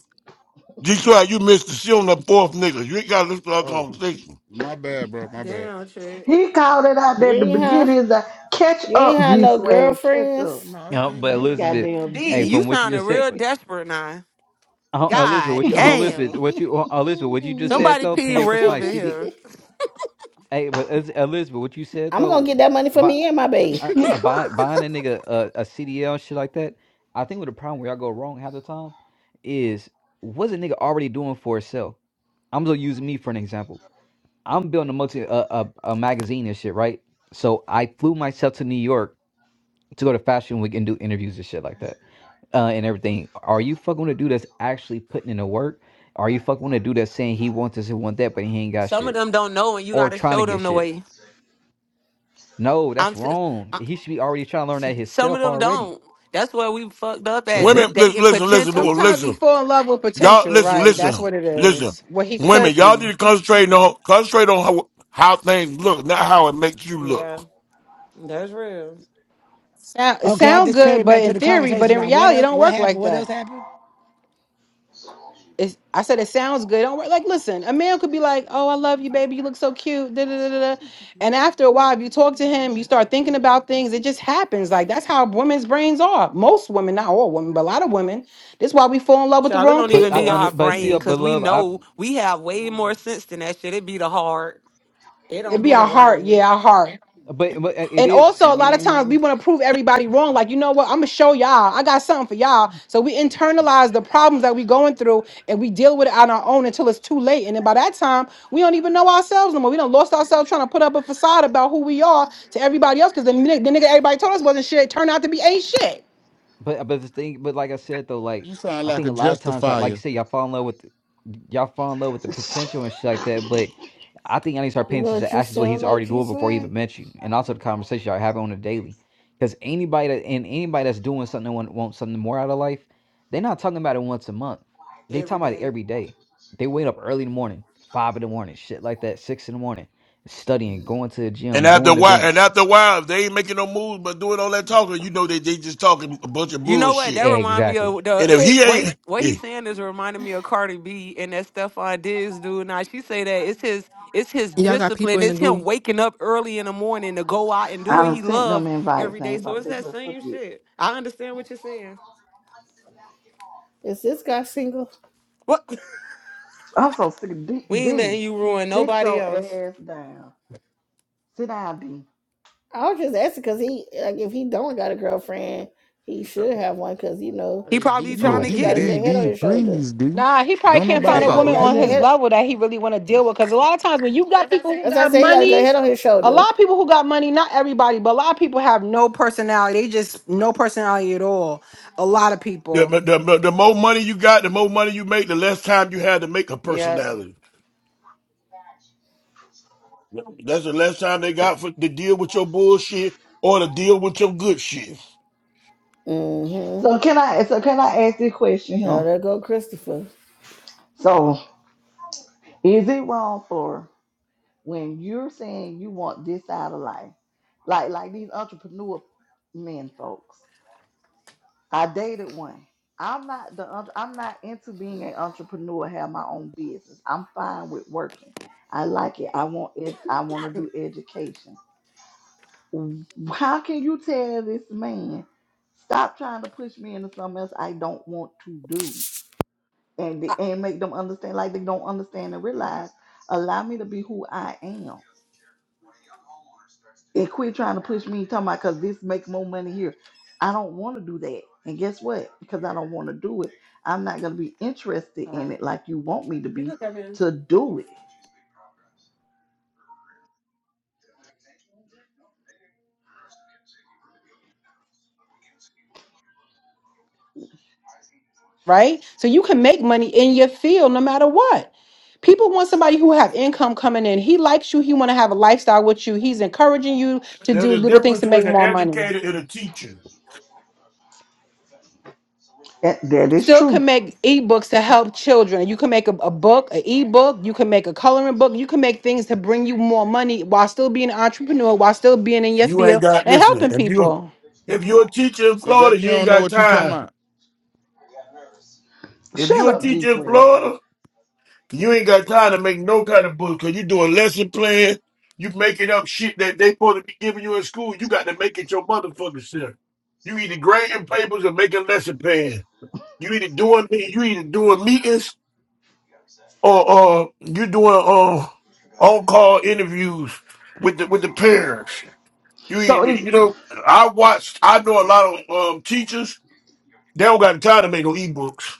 Speaker 1: G Swag, you missed the shit on the fourth nigga. You ain't got to listen to our
Speaker 5: Oh,
Speaker 1: conversation.
Speaker 5: my bad, bro. My bad.
Speaker 4: Damn, Trent.
Speaker 6: He called it out
Speaker 10: You
Speaker 6: at the
Speaker 10: ain't have
Speaker 6: beginning. He's like, catch
Speaker 10: you ain't
Speaker 6: up,
Speaker 10: have
Speaker 6: G
Speaker 10: no
Speaker 6: swag, catch up.
Speaker 10: girlfriends.
Speaker 5: No,
Speaker 11: You
Speaker 5: okay,
Speaker 11: but
Speaker 5: my
Speaker 6: This
Speaker 5: bad,
Speaker 11: Elizabeth,
Speaker 5: y'all.
Speaker 6: goddamn
Speaker 4: D,
Speaker 11: hey,
Speaker 4: you
Speaker 6: D.
Speaker 11: from what you
Speaker 4: sounding
Speaker 11: just said,
Speaker 4: real
Speaker 6: *laughs*
Speaker 4: desperate now.
Speaker 11: uh, Elizabeth,
Speaker 4: God
Speaker 11: what
Speaker 6: I
Speaker 11: you, uh, Elizabeth,
Speaker 4: damn.
Speaker 11: what you, uh, Elizabeth, what you just said
Speaker 4: Somebody
Speaker 11: though,
Speaker 10: *laughs*
Speaker 4: pee
Speaker 11: paying
Speaker 10: I'm
Speaker 11: for
Speaker 4: Rev
Speaker 11: somebody's
Speaker 4: in
Speaker 11: CD,
Speaker 4: here.
Speaker 11: hey, but Ez- Elizabeth, what you said
Speaker 10: gonna
Speaker 11: though,
Speaker 10: get that money for
Speaker 11: by,
Speaker 10: me and my baby.
Speaker 11: uh, uh, buy, buying a nigga a, a CDL shit like that, I think what the problem where y'all go wrong half the time is what's a nigga already doing for itself. I'm gonna use me for an example. I'm building a multi a, a, a magazine and shit, right? So I flew myself to New York to go to Fashion Week and do interviews and shit like that uh, and everything. Are you fucking with a dude that's actually putting in the work? Are you fucking with a dude that's saying he wants this and want that, but he ain't got
Speaker 4: Some of
Speaker 11: shit
Speaker 4: them don't know and you
Speaker 11: or
Speaker 4: gotta
Speaker 11: trying to
Speaker 4: show
Speaker 11: get
Speaker 4: them the
Speaker 11: shit?
Speaker 4: way.
Speaker 11: No,
Speaker 4: I'm
Speaker 11: that's
Speaker 4: t-
Speaker 11: wrong.
Speaker 4: I,
Speaker 11: He should be already trying to learn that
Speaker 4: some of
Speaker 11: himself
Speaker 4: them
Speaker 11: already.
Speaker 4: don't. That's where we fucked up
Speaker 11: But
Speaker 4: at l-
Speaker 11: the,
Speaker 1: Women, listen,
Speaker 4: dating
Speaker 1: listen, listen, to
Speaker 4: potential.
Speaker 7: Sometimes we
Speaker 1: listen.
Speaker 7: fall in love with
Speaker 1: Y'all,
Speaker 7: potential,
Speaker 1: listen,
Speaker 7: right?
Speaker 1: listen,
Speaker 7: That's what it
Speaker 1: listen.
Speaker 7: is. What he
Speaker 1: Women,
Speaker 7: could
Speaker 1: y'all need
Speaker 7: be.
Speaker 1: to concentrate on concentrate on how, how things look, not how it makes you look.
Speaker 4: Yeah, that's real.
Speaker 7: Sound, it
Speaker 9: I
Speaker 7: sound
Speaker 9: just
Speaker 7: good,
Speaker 9: came
Speaker 7: but
Speaker 9: back to
Speaker 7: in
Speaker 9: the
Speaker 7: theory, but
Speaker 9: conversation
Speaker 7: in
Speaker 9: now. What
Speaker 7: reality, it
Speaker 9: else?
Speaker 7: don't
Speaker 9: What
Speaker 7: work
Speaker 9: happened?
Speaker 7: like
Speaker 9: What
Speaker 7: that.
Speaker 9: else happened?
Speaker 7: It's, I said it sounds good. Don't worry. Like, listen, a man could be like, "Oh, I love you, baby. You look so cute." Da, da, da, da. da." And after a while, if you talk to him, you start thinking about things. It just happens. Like that's how women's brains are. Most women, not all women, but a lot of women. This is why we fall in love with the
Speaker 4: Child, it
Speaker 7: wrong
Speaker 4: don't
Speaker 11: but
Speaker 4: even
Speaker 11: I
Speaker 4: be
Speaker 7: people.
Speaker 4: our
Speaker 11: but see,
Speaker 4: brain
Speaker 11: uh, but
Speaker 4: because we
Speaker 11: love, I
Speaker 4: know we have way more sense than that shit. It be the heart. It
Speaker 7: It'd
Speaker 4: don't
Speaker 7: be
Speaker 4: be the
Speaker 7: our heart,
Speaker 4: brain
Speaker 7: yeah, our heart.
Speaker 11: but but uh, it
Speaker 7: And
Speaker 11: is.
Speaker 7: also, a lot of times we
Speaker 10: Mhm.
Speaker 7: want to prove everybody wrong. Like, you know what? I'm gonna show y'all. I got something for y'all. So we internalize the problems that we going through, and we deal with it on our own until it's too late. And then by that time, we don't even know ourselves no more. We done lost ourselves trying to put up a facade about who we are to everybody else. Because the, ni- the nigga everybody told us wasn't shit turned out to be ain't shit.
Speaker 11: But uh, but the thing, but like I said though, like
Speaker 5: You sound
Speaker 11: I
Speaker 5: like
Speaker 11: think
Speaker 5: a
Speaker 11: a lot of times, y'all- like you
Speaker 5: justifier.
Speaker 11: said, y'all fall in love with y'all fall in love with the potential and shit like that. But I think I need to start
Speaker 10: You
Speaker 11: paying
Speaker 10: know
Speaker 11: attention
Speaker 10: what
Speaker 11: to
Speaker 10: you
Speaker 11: actions what
Speaker 10: sound
Speaker 11: he's
Speaker 10: like,
Speaker 11: already
Speaker 10: G
Speaker 11: doing before he
Speaker 10: Swag?
Speaker 11: even met you, and also the conversation y'all having on a daily. Because anybody that and anybody that's doing something that want, wants something more out of life, they're not talking about it once a month. They
Speaker 4: every
Speaker 11: talking about it
Speaker 4: day.
Speaker 11: every day. They wake up early in the morning, five in the morning, shit like that, six in the morning, studying, going to the
Speaker 1: And
Speaker 11: gym,
Speaker 1: after a
Speaker 11: doing
Speaker 1: while, and
Speaker 11: events.
Speaker 1: after a while, if they ain't making no moves but doing all that talking, you know they they just talking a bunch of
Speaker 4: You know what? That
Speaker 1: bullshit.
Speaker 4: remind me
Speaker 11: Exactly.
Speaker 4: of
Speaker 1: And
Speaker 4: the
Speaker 1: if
Speaker 10: Hey,
Speaker 1: he
Speaker 4: what he,
Speaker 1: ain't
Speaker 4: what he's
Speaker 1: eh,
Speaker 4: saying is reminding me of Cardi B and that Stephon Diggs dude. Now she say that it's his it's his discipline. It's him waking up early in the morning to go out and do what he
Speaker 6: done sent them
Speaker 4: loves
Speaker 6: invites.
Speaker 4: every
Speaker 6: They
Speaker 4: day.
Speaker 6: ain't
Speaker 4: So
Speaker 6: about
Speaker 4: it's
Speaker 6: big
Speaker 4: that
Speaker 6: little up
Speaker 4: same
Speaker 6: yet.
Speaker 4: shit. I understand what you're saying.
Speaker 10: is this guy single?
Speaker 4: What
Speaker 6: I'm so sick of D.
Speaker 4: *laughs* we ain't letting
Speaker 6: D.
Speaker 4: you ruin
Speaker 6: Sit
Speaker 4: nobody
Speaker 6: your
Speaker 4: else.
Speaker 6: ass down. Sit down, D.
Speaker 10: I was just asking because he like if he don't got a girlfriend, he should have one because you know
Speaker 4: He
Speaker 5: Hey, D,
Speaker 10: he
Speaker 4: probably
Speaker 10: seemed
Speaker 5: you
Speaker 4: trying
Speaker 10: like
Speaker 4: to
Speaker 11: Oh,
Speaker 10: he
Speaker 5: D
Speaker 10: got
Speaker 4: get
Speaker 10: a
Speaker 5: D
Speaker 10: good
Speaker 4: it.
Speaker 10: head on
Speaker 5: D,
Speaker 10: his shoulder.
Speaker 5: please D.
Speaker 7: Nah, he probably
Speaker 5: Don't
Speaker 10: He
Speaker 7: can't find
Speaker 10: tried
Speaker 5: nobody
Speaker 7: a
Speaker 10: to
Speaker 5: like
Speaker 7: woman
Speaker 10: got a
Speaker 7: on
Speaker 10: good
Speaker 7: his
Speaker 10: head.
Speaker 5: please.
Speaker 7: level that he really want to deal with. Because a lot of times when you got people who
Speaker 10: That's what I
Speaker 7: got
Speaker 10: say. He got a good
Speaker 7: money,
Speaker 10: head on his
Speaker 7: a
Speaker 10: shoulder.
Speaker 7: lot of people who got money, not everybody, but a lot of people have no personality. They just no personality at all. A lot of
Speaker 1: the,
Speaker 7: people,
Speaker 1: the the more money you got, the more money you make, the less time you had to make a
Speaker 4: Yeah.
Speaker 1: personality. That's the less time they got for to deal with your bullshit or to deal with your good shit.
Speaker 10: Mm-hmm.
Speaker 6: So can I so can I ask this question
Speaker 10: Oh,
Speaker 6: here?
Speaker 10: there go Christopher.
Speaker 6: So is it wrong for when you're saying you want this out of life? Like like these entrepreneur men folks. I dated one. I'm not the entre- I'm not into being an entrepreneur, have my own business. I'm fine with working. I like it. I want it I want to do education. W- How can you tell this man stop trying to push me into something else I don't want to do? and the,
Speaker 7: uh,
Speaker 6: and make them understand like they don't understand and realize allow me to be who I am and quit trying to push me talking about because this makes more money here. I don't want to do that. And guess what? Because I don't want to do it, I'm not gonna be interested
Speaker 4: All
Speaker 6: in it
Speaker 4: right.
Speaker 6: like you want me to
Speaker 4: You
Speaker 6: be
Speaker 4: can come in.
Speaker 6: to do it.
Speaker 7: right? So you can make money in your field no matter what. People want somebody who have income coming in. He likes you. He want to have a lifestyle with you. He's encouraging you to
Speaker 1: There's
Speaker 7: do
Speaker 1: a
Speaker 7: little things
Speaker 1: difference
Speaker 7: to make
Speaker 1: between an
Speaker 7: more money.
Speaker 1: educator and a teacher.
Speaker 6: That, that is
Speaker 7: still
Speaker 6: true.
Speaker 7: can make ebooks to help children. You can make a, a book, an ebook, you can make a coloring book, you can make things to bring you more money while still being an entrepreneur, while still being in your
Speaker 1: You ain't
Speaker 7: field
Speaker 1: got
Speaker 7: and
Speaker 1: listen.
Speaker 7: helping
Speaker 1: If you
Speaker 7: people.
Speaker 1: if you're a teacher in
Speaker 5: But baby,
Speaker 1: Florida,
Speaker 5: you
Speaker 1: you ain't
Speaker 5: don't know
Speaker 1: got
Speaker 5: what you talking
Speaker 1: time.
Speaker 5: about.
Speaker 1: If
Speaker 6: Shut
Speaker 1: you're a
Speaker 6: up, G
Speaker 1: teacher in
Speaker 6: Swag.
Speaker 1: Florida, You ain't got time to make no kind of bullshit. because you doing lesson plan. You making up shit that they supposed to be giving you in school. You got to make it your motherfucking self. You either grading papers or making lesson plan. You either doing you either doing meetings or uh you doing uh on call interviews with the with the parents. You
Speaker 6: So
Speaker 1: either,
Speaker 6: it's
Speaker 1: you know I watched I know a lot of um teachers they don't got time to make no ebooks.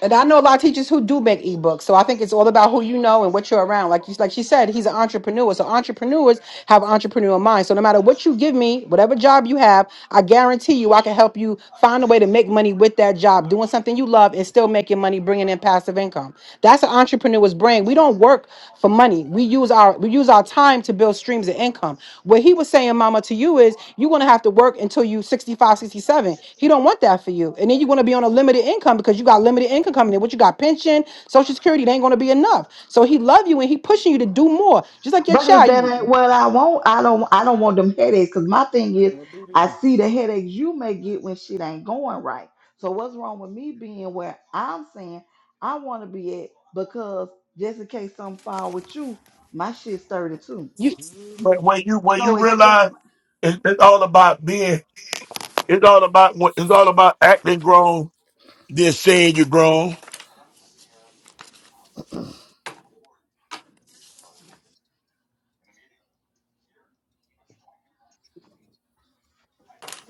Speaker 7: And I know a lot of teachers who do make ebooks. So I think it's all about who you know and what you're around. Like you like she said, he's an entrepreneur. So entrepreneurs have an entrepreneur mind. So no matter what you give me, whatever job you have, I guarantee you I can help you find a way to make money with that job, doing something you love and still making money, bringing in and passive income. That's an entrepreneur's brain. We don't work for money. We use our we use our time to build streams of income. What he was saying, mama, to you is you're gonna have to work until you 65, 67. He don't want that for you. And then you're gonna be on a limited income because you got limited income coming in. What you got, pension, social security, it ain't gonna be enough. So he love you and he pushing you to do more. Just like your
Speaker 6: But if
Speaker 7: child.
Speaker 6: that ain't
Speaker 7: You,
Speaker 6: what I want, I don't I don't want them headaches. Cause my thing is
Speaker 5: Now do
Speaker 6: I
Speaker 5: these.
Speaker 6: see the headaches you may get when shit ain't going right. So what's wrong with me being where I'm saying I want to be at because just in case something fall with you, my shit's sturdy too.
Speaker 7: you
Speaker 5: Do these,
Speaker 1: But when you when
Speaker 6: So
Speaker 1: you
Speaker 5: baby.
Speaker 1: realize
Speaker 6: except
Speaker 1: it's, it's all about being It's all about what it's all about acting grown, then saying you're grown.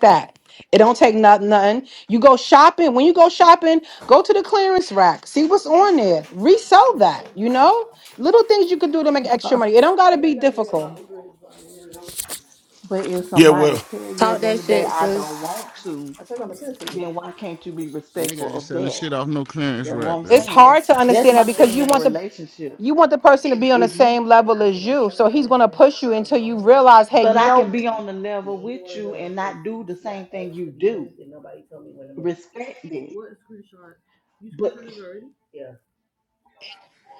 Speaker 7: that. It don't take nothing, nothing. You go shopping. When you go shopping, go to the clearance rack. See what's on there. Resell that. You know, little things you can do to make extra
Speaker 10: Uh,
Speaker 7: money. It don't gotta be difficult.
Speaker 6: but if
Speaker 1: Yeah,
Speaker 6: somebody
Speaker 1: well,
Speaker 6: tell you at
Speaker 4: Talk
Speaker 6: the end
Speaker 4: that
Speaker 6: of the day
Speaker 4: shit,
Speaker 6: I don't
Speaker 4: sis.
Speaker 6: want to,
Speaker 10: I think I'm gonna send it to you
Speaker 6: then why can't you be
Speaker 5: A nigga
Speaker 6: respectful
Speaker 5: ain't
Speaker 6: of
Speaker 5: selling
Speaker 6: that?
Speaker 5: shit off no clearance
Speaker 6: That's what
Speaker 5: rack,
Speaker 6: I'm
Speaker 7: It's
Speaker 5: baby.
Speaker 6: saying.
Speaker 7: hard
Speaker 10: because
Speaker 7: to
Speaker 10: you see
Speaker 6: That's
Speaker 10: the
Speaker 7: understand that
Speaker 6: my
Speaker 10: email.
Speaker 7: because
Speaker 6: thing
Speaker 7: you
Speaker 6: in a
Speaker 7: want the
Speaker 6: relationship.
Speaker 7: you want the person to be on the
Speaker 6: If you
Speaker 7: same level as
Speaker 10: And I
Speaker 7: you. So he's
Speaker 10: screenshot the
Speaker 7: gonna push
Speaker 10: message
Speaker 7: you
Speaker 10: for the
Speaker 7: until you
Speaker 10: owner
Speaker 7: realize, hey,
Speaker 6: But
Speaker 7: you
Speaker 10: and
Speaker 6: I
Speaker 10: for
Speaker 6: can
Speaker 7: know,
Speaker 6: be
Speaker 10: Millie.
Speaker 6: on the
Speaker 10: And then
Speaker 6: level
Speaker 10: either
Speaker 6: with
Speaker 10: one of
Speaker 6: you
Speaker 10: those
Speaker 6: and
Speaker 10: is
Speaker 6: not do the
Speaker 10: CUC,
Speaker 6: same
Speaker 10: I
Speaker 6: thing
Speaker 10: asked
Speaker 6: you
Speaker 10: to be
Speaker 6: do.
Speaker 10: moved and nobody told me when to move.
Speaker 6: Respect it. But
Speaker 10: Yeah,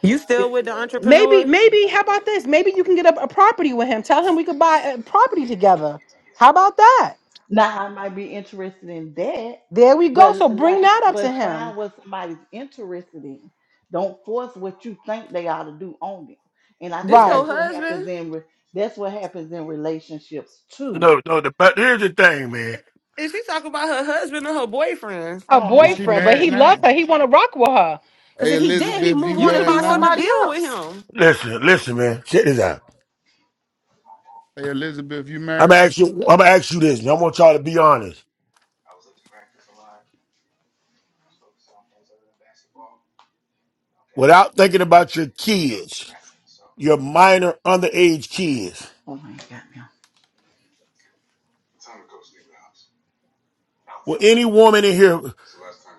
Speaker 4: You
Speaker 10: that's,
Speaker 4: still
Speaker 6: it,
Speaker 10: that's
Speaker 4: with the
Speaker 10: two at, at
Speaker 7: maybe
Speaker 4: entrepreneur?
Speaker 10: three
Speaker 7: maybe how
Speaker 10: twenty-five and
Speaker 7: about
Speaker 10: three
Speaker 7: this? Maybe you
Speaker 10: twenty-four.
Speaker 7: can get a, a property with him. Tell him we could buy a property together. How about that?
Speaker 6: now I might be interested in that.
Speaker 7: There we go.
Speaker 6: But l-
Speaker 7: So bring
Speaker 6: like I
Speaker 7: that
Speaker 6: said,
Speaker 7: up to
Speaker 6: but
Speaker 7: him.
Speaker 6: find what somebody's interested in. Don't force what you think they ought to do on them. And I
Speaker 4: This
Speaker 6: think
Speaker 7: Right.
Speaker 4: your
Speaker 6: that's what
Speaker 4: husband?
Speaker 6: happens in re- that's what happens in relationships too.
Speaker 1: no, no. The, but here's the thing, man.
Speaker 4: Is she talking about her husband or her boyfriend?
Speaker 6: I
Speaker 7: her
Speaker 6: don't
Speaker 5: Is
Speaker 6: have
Speaker 5: she
Speaker 6: no
Speaker 7: boyfriend, but
Speaker 5: married
Speaker 7: he
Speaker 5: now?
Speaker 7: loves her.
Speaker 6: husband.
Speaker 7: He want to rock with her. Because
Speaker 5: Hey,
Speaker 7: if he did, he'd
Speaker 5: Elizabeth,
Speaker 7: move
Speaker 5: you
Speaker 4: You
Speaker 7: on and
Speaker 4: should be
Speaker 5: married
Speaker 7: find
Speaker 5: now?
Speaker 4: wanting to
Speaker 7: somebody
Speaker 4: build with
Speaker 7: else.
Speaker 4: him.
Speaker 1: Listen, listen, man. Check this out.
Speaker 5: Hey, Elizabeth, you
Speaker 1: I'm
Speaker 5: married?
Speaker 1: gonna ask you. I'm gonna ask you this. And I want y'all to be honest. Without thinking about your kids, your minor underage kids.
Speaker 6: Oh my god, now
Speaker 1: Will any woman in here?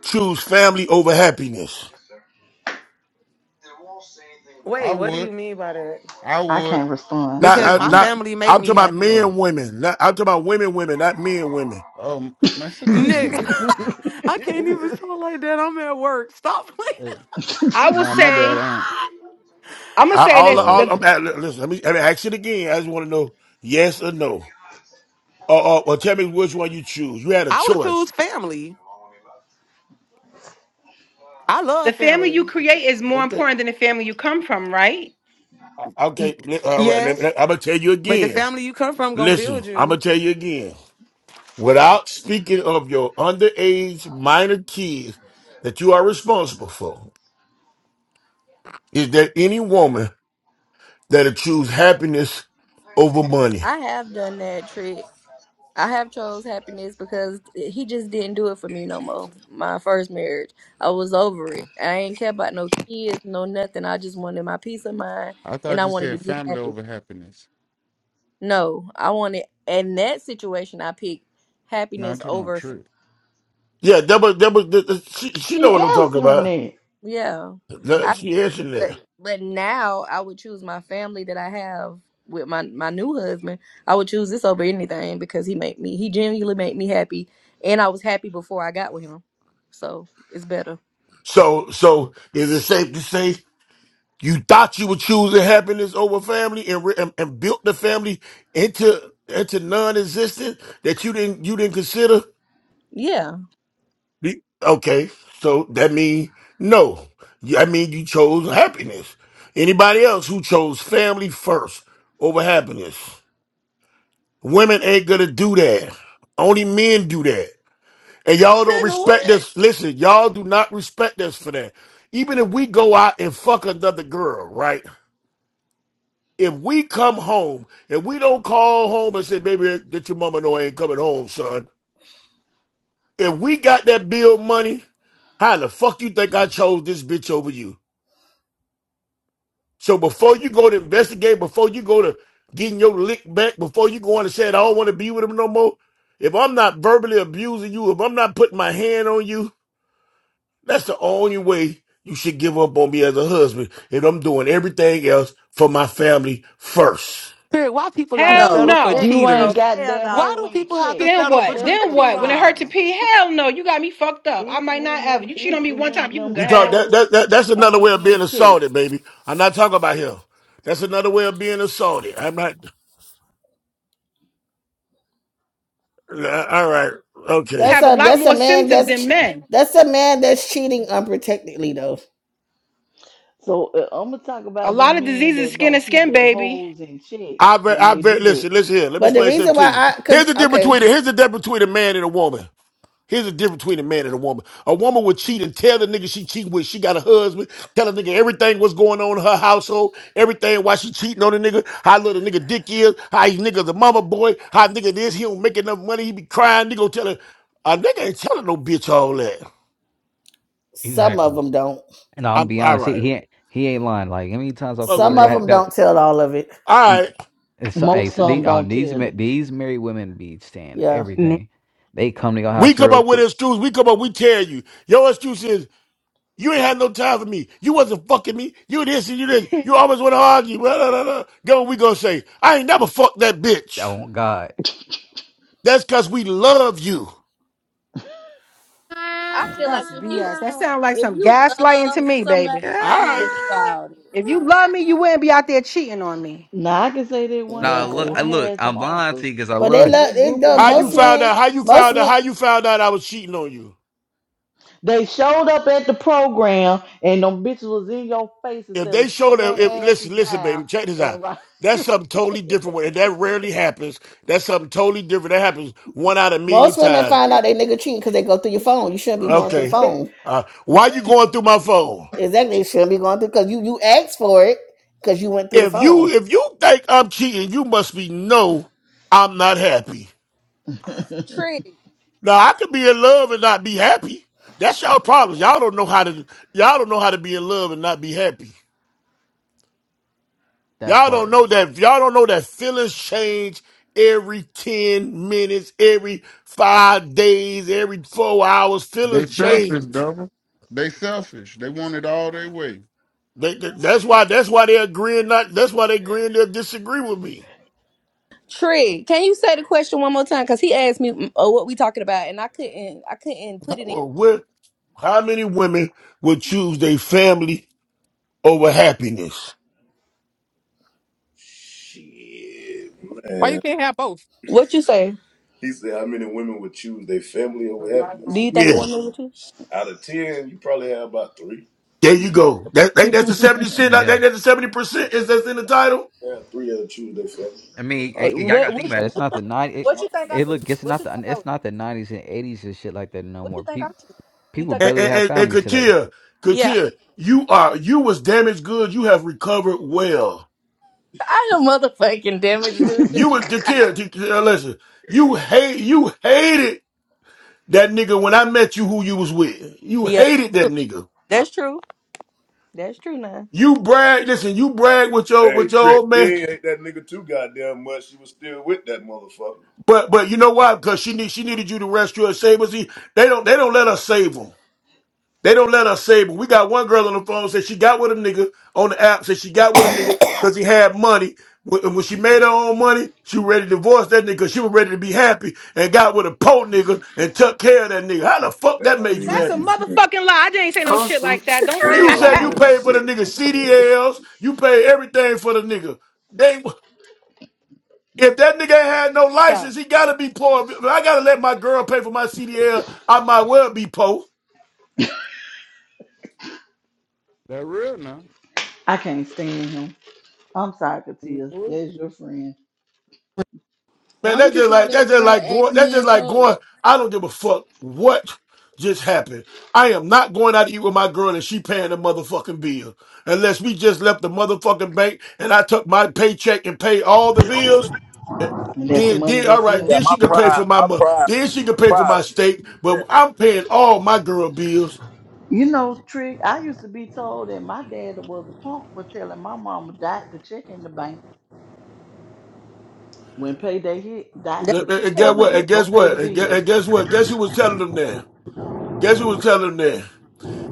Speaker 1: choose family over happiness.
Speaker 5: I
Speaker 4: Wait, what do
Speaker 5: would.
Speaker 4: you mean by that?
Speaker 5: I
Speaker 6: I
Speaker 5: would.
Speaker 6: can't respond
Speaker 1: Not,
Speaker 6: because
Speaker 4: Because
Speaker 1: I,
Speaker 4: my
Speaker 6: I'm
Speaker 1: not.
Speaker 6: not.
Speaker 4: family made
Speaker 1: I'm talking
Speaker 4: me
Speaker 1: about
Speaker 4: happy.
Speaker 5: Oh,
Speaker 1: men, women. Not, I'm talking about women, women, not men, women.
Speaker 5: oh, man, shut
Speaker 6: *laughs*
Speaker 5: your
Speaker 4: Nick,
Speaker 5: green ass.
Speaker 4: *laughs* I can't even talk like that. I'm at work. Stop playing.
Speaker 5: Wait.
Speaker 7: I will
Speaker 5: Nah, my
Speaker 7: say,
Speaker 5: bad. I ain't.
Speaker 4: *laughs*
Speaker 7: I'm gonna
Speaker 1: I,
Speaker 7: say
Speaker 1: all,
Speaker 7: this:
Speaker 5: Nah, my
Speaker 4: Oh,
Speaker 5: bad.
Speaker 1: all.
Speaker 7: the
Speaker 1: I'm at, listen. Let me, let me ask it again. I just want to know yes or no, or, or, or tell me which one you choose. You had a
Speaker 4: I would
Speaker 1: choice.
Speaker 4: choose family. I
Speaker 7: the
Speaker 4: love
Speaker 7: family you
Speaker 4: family.
Speaker 7: create is more
Speaker 1: Okay.
Speaker 7: important than the family you come from, right?
Speaker 1: Uh,
Speaker 4: Y-
Speaker 1: Okay. li- All right. Let,
Speaker 4: Yes,
Speaker 1: let, I'm gonna tell you
Speaker 4: but the
Speaker 1: again.
Speaker 4: family you come from gonna
Speaker 1: Listen.
Speaker 4: build
Speaker 1: I'm
Speaker 4: you.
Speaker 1: gonna tell you again. Without speaking of your underage minor kids that you are responsible for, is there any woman that'll choose happiness over money?
Speaker 8: I have done that trick. I have chose happiness because he just didn't do it for me no more. My first marriage, I was over it. I ain't care about no kids, no nothing. I just wanted my peace of mind,
Speaker 5: I
Speaker 8: and
Speaker 5: thought
Speaker 8: I
Speaker 5: you
Speaker 8: wanted to
Speaker 5: said
Speaker 8: be
Speaker 5: family
Speaker 8: happy.
Speaker 5: over happiness.
Speaker 8: No, I wanted in that situation. I picked
Speaker 5: Nah, I'm
Speaker 8: happiness
Speaker 5: talking about
Speaker 8: over. fam-
Speaker 5: trip.
Speaker 1: Yeah, that was that was that, that- she, she
Speaker 6: she
Speaker 1: know what I'm talking
Speaker 6: answering
Speaker 1: about.
Speaker 6: that.
Speaker 8: Yeah, I.
Speaker 1: That- she answered
Speaker 8: But
Speaker 1: that.
Speaker 8: but now I would choose my family that I have with my my new husband. I would choose this over anything because he made me. He genuinely made me happy, and I was happy before I got with him. So it's better.
Speaker 1: So so is it safe to say you thought you were choosing happiness over family and re- and, and built the family into into non-existent that you didn't you didn't consider?
Speaker 8: Yeah.
Speaker 1: The- Okay, so that means no. You- I mean you chose happiness. Anybody else who chose family first over happiness? Women ain't gonna do that. Only men do that. And y'all don't
Speaker 4: Nigga,
Speaker 1: respect
Speaker 4: what?
Speaker 1: us. Listen, y'all do not respect us for that. Even if we go out and fuck another girl, right? If we come home and we don't call home and say, baby, did your mama know I ain't coming home, son? If we got that bill money, how the fuck you think I chose this bitch over you? So before you go to investigate, before you go to getting your lick back, before you go on and say, I don't want to be with him no more, if I'm not verbally abusing you, if I'm not putting my hand on you, That's the only way you should give up on me as a husband if I'm doing everything else for my family first.
Speaker 4: Spirit, why people gotta
Speaker 7: Hell
Speaker 8: No,
Speaker 4: settle for
Speaker 8: that,
Speaker 7: no.
Speaker 6: You
Speaker 8: no,
Speaker 6: ain't
Speaker 4: cheaters?
Speaker 6: got
Speaker 8: hell
Speaker 6: that
Speaker 8: no.
Speaker 4: Why
Speaker 6: hoe
Speaker 4: do
Speaker 6: in
Speaker 4: people have to
Speaker 6: check.
Speaker 7: Then
Speaker 4: settle for
Speaker 7: what?
Speaker 6: That's
Speaker 4: treat
Speaker 7: Then
Speaker 6: the
Speaker 7: what? When it
Speaker 4: cheaters?
Speaker 7: hurt to
Speaker 6: problem.
Speaker 7: pee, hell no. You got me fucked up. I
Speaker 6: It's
Speaker 7: might not
Speaker 6: when
Speaker 7: ever.
Speaker 6: them
Speaker 7: You cheat
Speaker 6: it's
Speaker 7: on me one
Speaker 6: when
Speaker 7: time, you can
Speaker 6: them
Speaker 7: go
Speaker 1: You talk
Speaker 7: ahead.
Speaker 1: that,
Speaker 6: hoes
Speaker 1: that, that that's another
Speaker 6: ain't
Speaker 1: way of
Speaker 6: in
Speaker 1: being
Speaker 6: check.
Speaker 1: assaulted, baby. I'm not talking about him. That's another way of being assaulted. I'm not. uh, All right,
Speaker 7: You
Speaker 1: okay.
Speaker 10: That's
Speaker 7: have a
Speaker 10: a
Speaker 7: lot
Speaker 10: that's a
Speaker 7: more
Speaker 10: man
Speaker 7: symptoms
Speaker 10: that's
Speaker 7: than
Speaker 10: che-
Speaker 7: men.
Speaker 10: that's a man that's cheating unprotectedly though.
Speaker 6: So uh, I'm gonna talk
Speaker 7: A
Speaker 6: about
Speaker 7: lot
Speaker 6: them
Speaker 7: of
Speaker 6: men
Speaker 7: diseases,
Speaker 6: that
Speaker 7: skin to
Speaker 6: don't keep
Speaker 7: skin,
Speaker 6: their
Speaker 7: baby.
Speaker 6: hoes in check
Speaker 1: I bet.
Speaker 6: when
Speaker 1: I
Speaker 6: they do
Speaker 1: bet.
Speaker 6: that.
Speaker 1: Listen, listen here. Let me
Speaker 10: But the
Speaker 1: explain something
Speaker 10: reason why
Speaker 1: to you.
Speaker 10: I
Speaker 1: Here's
Speaker 10: because
Speaker 1: the difference
Speaker 10: okay,
Speaker 1: between it. Here's the difference between a man and a woman. Here's the difference between a man and a woman. A woman would cheat and tell the nigga she cheating with. She got a husband. Tell the nigga everything what's going on in her household. Everything why she cheating on the nigga. How little nigga dick is. How he nigga's a mama boy. How nigga this. He don't make enough money. He be crying. Nigga gonna tell her. A nigga ain't telling no bitch all that.
Speaker 10: some of
Speaker 11: exactly.
Speaker 10: them don't.
Speaker 11: And I'll
Speaker 1: I'm
Speaker 11: be
Speaker 1: all
Speaker 11: honest, he
Speaker 1: right.
Speaker 11: he ain't, he ain't lying. Like how many times I fuck with a
Speaker 10: Some of
Speaker 1: Okay.
Speaker 11: girl
Speaker 10: them
Speaker 11: that was-
Speaker 10: don't tell all of it.
Speaker 1: All
Speaker 11: and
Speaker 1: right.
Speaker 11: it's so, hey,
Speaker 6: Most
Speaker 11: so
Speaker 6: of
Speaker 11: these,
Speaker 6: them
Speaker 11: oh,
Speaker 6: don't
Speaker 11: these
Speaker 6: tell
Speaker 11: ma-
Speaker 6: it.
Speaker 11: these married women be saying
Speaker 10: Yeah,
Speaker 12: may
Speaker 11: everything. They come to your
Speaker 1: We
Speaker 11: house
Speaker 1: come
Speaker 11: real
Speaker 1: up with
Speaker 11: quick.
Speaker 1: an excuse. We come up. We tell you. Your excuse is. You ain't had no time for me. You wasn't fucking me. You this and you this.
Speaker 11: *laughs*
Speaker 1: You always want to argue. Blah, blah, blah, blah. Go, we gonna say, I ain't never fucked that bitch.
Speaker 11: Oh God.
Speaker 1: That's cause we love you.
Speaker 8: I feel like
Speaker 7: That's
Speaker 8: if
Speaker 7: BS. That
Speaker 8: you
Speaker 7: sounds like
Speaker 8: if
Speaker 7: some
Speaker 8: you
Speaker 7: gaslighting to
Speaker 8: love
Speaker 7: me, baby.
Speaker 8: somebody, you
Speaker 1: All
Speaker 8: wouldn't even
Speaker 1: right.
Speaker 8: do
Speaker 11: Ah.
Speaker 8: all this.
Speaker 7: If you love me, you wouldn't be out there cheating on me.
Speaker 6: Now I can say that one
Speaker 11: Nah,
Speaker 6: thing.
Speaker 11: look,
Speaker 6: I
Speaker 11: I
Speaker 10: exactly.
Speaker 11: look,
Speaker 6: had
Speaker 11: I'm
Speaker 6: some
Speaker 11: lying to
Speaker 6: uncles
Speaker 11: you because I
Speaker 10: But they
Speaker 11: love
Speaker 6: and
Speaker 10: love
Speaker 6: that
Speaker 10: it.
Speaker 6: group of
Speaker 10: Though
Speaker 1: How you
Speaker 10: most
Speaker 6: men.
Speaker 1: found
Speaker 10: men,
Speaker 1: out? How you
Speaker 10: most
Speaker 1: found out?
Speaker 10: men.
Speaker 1: How you found out I was cheating on you?
Speaker 6: They showed up at the program and them bitches was in your face
Speaker 1: If
Speaker 6: instead
Speaker 1: they
Speaker 6: of
Speaker 1: showed
Speaker 6: sitting
Speaker 1: that, if,
Speaker 6: their asses
Speaker 1: listen, listen,
Speaker 6: down
Speaker 1: baby, check this out.
Speaker 6: and right.
Speaker 1: That's something totally different. And that rarely happens. That's something totally different. That happens one out of a million
Speaker 10: Most women
Speaker 1: times.
Speaker 10: find out they nigga cheating because they go through your phone. You shouldn't be going through the
Speaker 1: Okay.
Speaker 6: *laughs*
Speaker 10: phone.
Speaker 1: Uh, why you going through my phone?
Speaker 10: Exactly, you shouldn't be going through because you you asked for it because you went through the
Speaker 1: if you
Speaker 10: phone.
Speaker 1: if you think I'm cheating, you must be no, I'm not happy.
Speaker 6: *laughs*
Speaker 8: Trick.
Speaker 1: Now I could be in love and not be happy. That's y'all problems. Y'all don't know how to y'all don't know how to be in love and not be happy.
Speaker 11: that
Speaker 1: Y'all don't
Speaker 11: part.
Speaker 1: know that y'all don't know that feelings change every 10 minutes, every five days, every four hours.
Speaker 5: They
Speaker 1: Feelings
Speaker 5: selfish,
Speaker 1: change.
Speaker 5: double. They selfish. They want it all their way.
Speaker 1: They, they- that's why that's why they are agreeing not that's why they are agreeing they'll disagree with me.
Speaker 8: Trick. Can you say the question one more time? Cause he asked me mm, oh, what we talking about, and I couldn't. I couldn't put it in.
Speaker 1: Well, where- how many women would choose their family over happiness.
Speaker 8: Shit, man. What you say? *laughs* He said, how many women would choose their family over
Speaker 5: But not
Speaker 8: happiness? Do
Speaker 5: gonna
Speaker 8: you
Speaker 5: work
Speaker 8: think a
Speaker 1: Yeah,
Speaker 5: like that.
Speaker 8: woman would choose? Out of 10, you probably have about three.
Speaker 1: there
Speaker 8: Choose,
Speaker 1: you go. That, that- that's the seventy cent. That,
Speaker 11: Yeah,
Speaker 1: that's the seventy percent is that's in the title.
Speaker 8: yeah, three that'll choose their family.
Speaker 11: I mean, eh,
Speaker 8: Uh,
Speaker 11: eh, y'all gotta
Speaker 8: What?
Speaker 11: think about it.
Speaker 8: What?
Speaker 11: It's not the night. It,
Speaker 8: What you think I
Speaker 11: it
Speaker 8: would? do?
Speaker 11: look, it's
Speaker 8: What
Speaker 11: not
Speaker 8: you think?
Speaker 11: the
Speaker 8: I would? do?
Speaker 11: it's not the nineties and eighties and shit like that no
Speaker 8: What
Speaker 11: more.
Speaker 8: you think I'm
Speaker 11: People
Speaker 8: to? You
Speaker 11: people
Speaker 8: think I'm?
Speaker 1: And
Speaker 11: barely
Speaker 1: and,
Speaker 11: have
Speaker 1: and, and
Speaker 11: families today.
Speaker 1: Katia,
Speaker 8: Yeah,
Speaker 1: Katia, you are you was damaged good. You have recovered well.
Speaker 8: *laughs* I am motherfucking damage, dude.
Speaker 1: You were
Speaker 8: *laughs*
Speaker 1: Katia, Katia, uh, listen. You hate you hated that nigga when I met you. Who you was with? You
Speaker 8: Yeah,
Speaker 1: hated
Speaker 8: that's
Speaker 1: that
Speaker 8: true.
Speaker 1: nigga.
Speaker 8: That's true. That's true now.
Speaker 1: You brag. Listen, you brag with your
Speaker 8: Hey,
Speaker 1: with your
Speaker 8: Trick,
Speaker 1: old
Speaker 8: she
Speaker 1: man.
Speaker 8: ain't hate that nigga too goddamn much. She was still with that motherfucker.
Speaker 1: But but you know why? Because she need she needed you to rescue her, save her. See, they don't they don't let us save save 'em. They don't let us say, but we got one girl on the phone said she got with a nigga on the app, said she got with a
Speaker 10: *coughs*
Speaker 1: nigga because he had money. When, when she made her own money, she was ready to divorce that nigga 'cause she was ready to be happy and got with a poor nigga and took care of that nigga. How the fuck
Speaker 8: That
Speaker 1: that
Speaker 8: don't
Speaker 1: made you
Speaker 8: even
Speaker 7: That's a
Speaker 8: make
Speaker 1: happy?
Speaker 8: sense.
Speaker 7: motherfucking lie. I didn't say no shit like that.
Speaker 8: That
Speaker 7: Don't sit
Speaker 8: don't
Speaker 7: here
Speaker 1: You
Speaker 7: and
Speaker 1: say
Speaker 7: lie
Speaker 1: you
Speaker 8: even
Speaker 6: oh,
Speaker 7: on
Speaker 8: *laughs*
Speaker 7: me.
Speaker 8: make
Speaker 1: paid
Speaker 8: sense.
Speaker 1: for
Speaker 6: shit.
Speaker 1: the nigga
Speaker 8: Yeah.
Speaker 1: CDLs, you pay everything for the nigga. They if that nigga ain't had no
Speaker 7: So
Speaker 1: license, he gotta be poor. If I gotta let my girl pay for my CDL, I might well be poor.
Speaker 5: That real now.
Speaker 6: I can't stand him. I'm sorry, Katia. That's your friend.
Speaker 1: Man,
Speaker 13: Why would
Speaker 1: that's
Speaker 13: you
Speaker 1: just
Speaker 13: call
Speaker 1: like
Speaker 13: that
Speaker 1: that's just
Speaker 13: girl
Speaker 1: like
Speaker 13: ex
Speaker 1: going. That's just
Speaker 13: man
Speaker 1: like
Speaker 13: Poe?
Speaker 1: going. I don't give a fuck what just happened. I am not going out to eat with my girl, and she paying the motherfucking bill. Unless we just left the motherfucking bank, and I took my paycheck and paid all the bills.
Speaker 6: And that's the
Speaker 1: Then,
Speaker 6: money
Speaker 1: then, all
Speaker 6: that's
Speaker 1: right.
Speaker 3: Yeah,
Speaker 6: left.
Speaker 1: Then
Speaker 3: my
Speaker 1: she could pay for
Speaker 3: pride,
Speaker 1: my
Speaker 3: my
Speaker 1: month.
Speaker 3: pride,
Speaker 1: Then she
Speaker 3: my
Speaker 1: could pay for
Speaker 3: pride
Speaker 1: my
Speaker 3: when he let
Speaker 1: steak.
Speaker 3: me.
Speaker 1: But
Speaker 3: Yeah.
Speaker 1: I'm paying all my girl bills.
Speaker 6: You know, Trick, I used to be told that my dad was a punk for telling my mama, dot the check in the bank. When payday hit, dot
Speaker 1: And
Speaker 8: That's
Speaker 6: the
Speaker 1: and-
Speaker 8: what
Speaker 6: check
Speaker 1: and
Speaker 8: my
Speaker 6: in the
Speaker 1: guess
Speaker 8: husband
Speaker 1: what?
Speaker 8: do.
Speaker 1: And
Speaker 6: bank, go
Speaker 1: guess
Speaker 6: pay the
Speaker 1: what? And gue-
Speaker 6: bills.
Speaker 1: and guess what? Guess who was telling them that? Guess who was telling them that?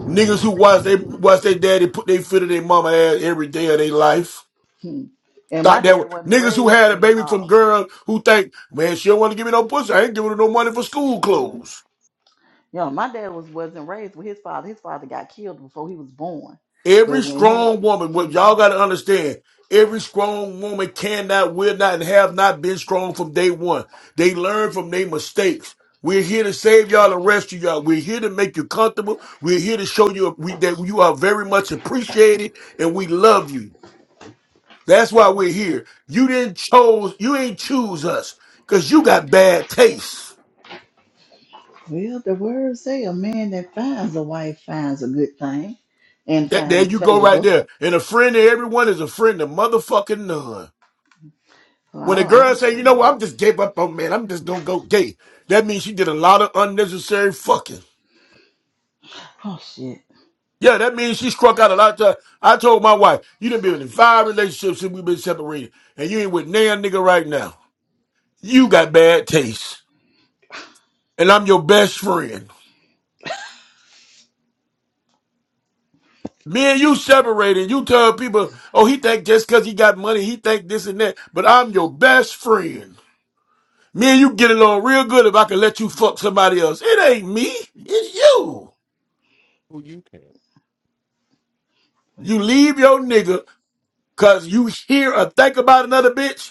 Speaker 1: Niggas who watch they watch their daddy put their foot in their mama ass every day of their life.
Speaker 6: Hmm. And my
Speaker 1: Thought that
Speaker 6: dad
Speaker 1: was,
Speaker 6: wasn't
Speaker 1: niggas who
Speaker 6: raised
Speaker 1: had a
Speaker 6: with a
Speaker 1: baby from
Speaker 6: father.
Speaker 1: girls who think, man, she don't want to give me no pussy. I ain't giving her no money for school
Speaker 6: Mhm.
Speaker 1: clothes.
Speaker 6: You know, my dad was, wasn't raised with his father. His father got killed before he was born.
Speaker 1: Every
Speaker 6: But when him
Speaker 1: strong woman, what y'all gotta understand, every strong woman cannot, will not, and have not been strong from day one. They learn from their mistakes. We're here to save y'all and rescue y'all. We're here to make you comfortable. We're here to show you we, that you are very much appreciated and we love you. That's why we're here. You didn't chose, you ain't choose us because you got bad taste.
Speaker 6: Well, the words say a man that finds a wife finds a good thing and
Speaker 1: That, there
Speaker 6: finds
Speaker 1: you go right
Speaker 6: favor.
Speaker 1: there. And a friend to everyone is a friend to motherfucking none.
Speaker 6: Well, I
Speaker 1: When a
Speaker 6: don't,
Speaker 1: girl
Speaker 6: I,
Speaker 1: say,
Speaker 6: I
Speaker 1: you know what,
Speaker 6: never,
Speaker 1: I'm just gave up on man, I'm just gonna go gay. That means she did a lot of unnecessary fucking.
Speaker 6: oh shit.
Speaker 1: Yeah, that means she struck out a lot of time. I told my wife, you done been in five relationships since we've been separated, and you ain't with nan nigga right now. You got bad taste. And I'm your best friend. Me and you separated. You tell people, oh, he think just because he got money, he think this and that. But I'm your best friend. Me and you get along real good if I can let you fuck somebody else. It ain't me. It's you.
Speaker 5: Who you care?
Speaker 6: Well,
Speaker 1: You leave your nigga because you hear or think about another bitch.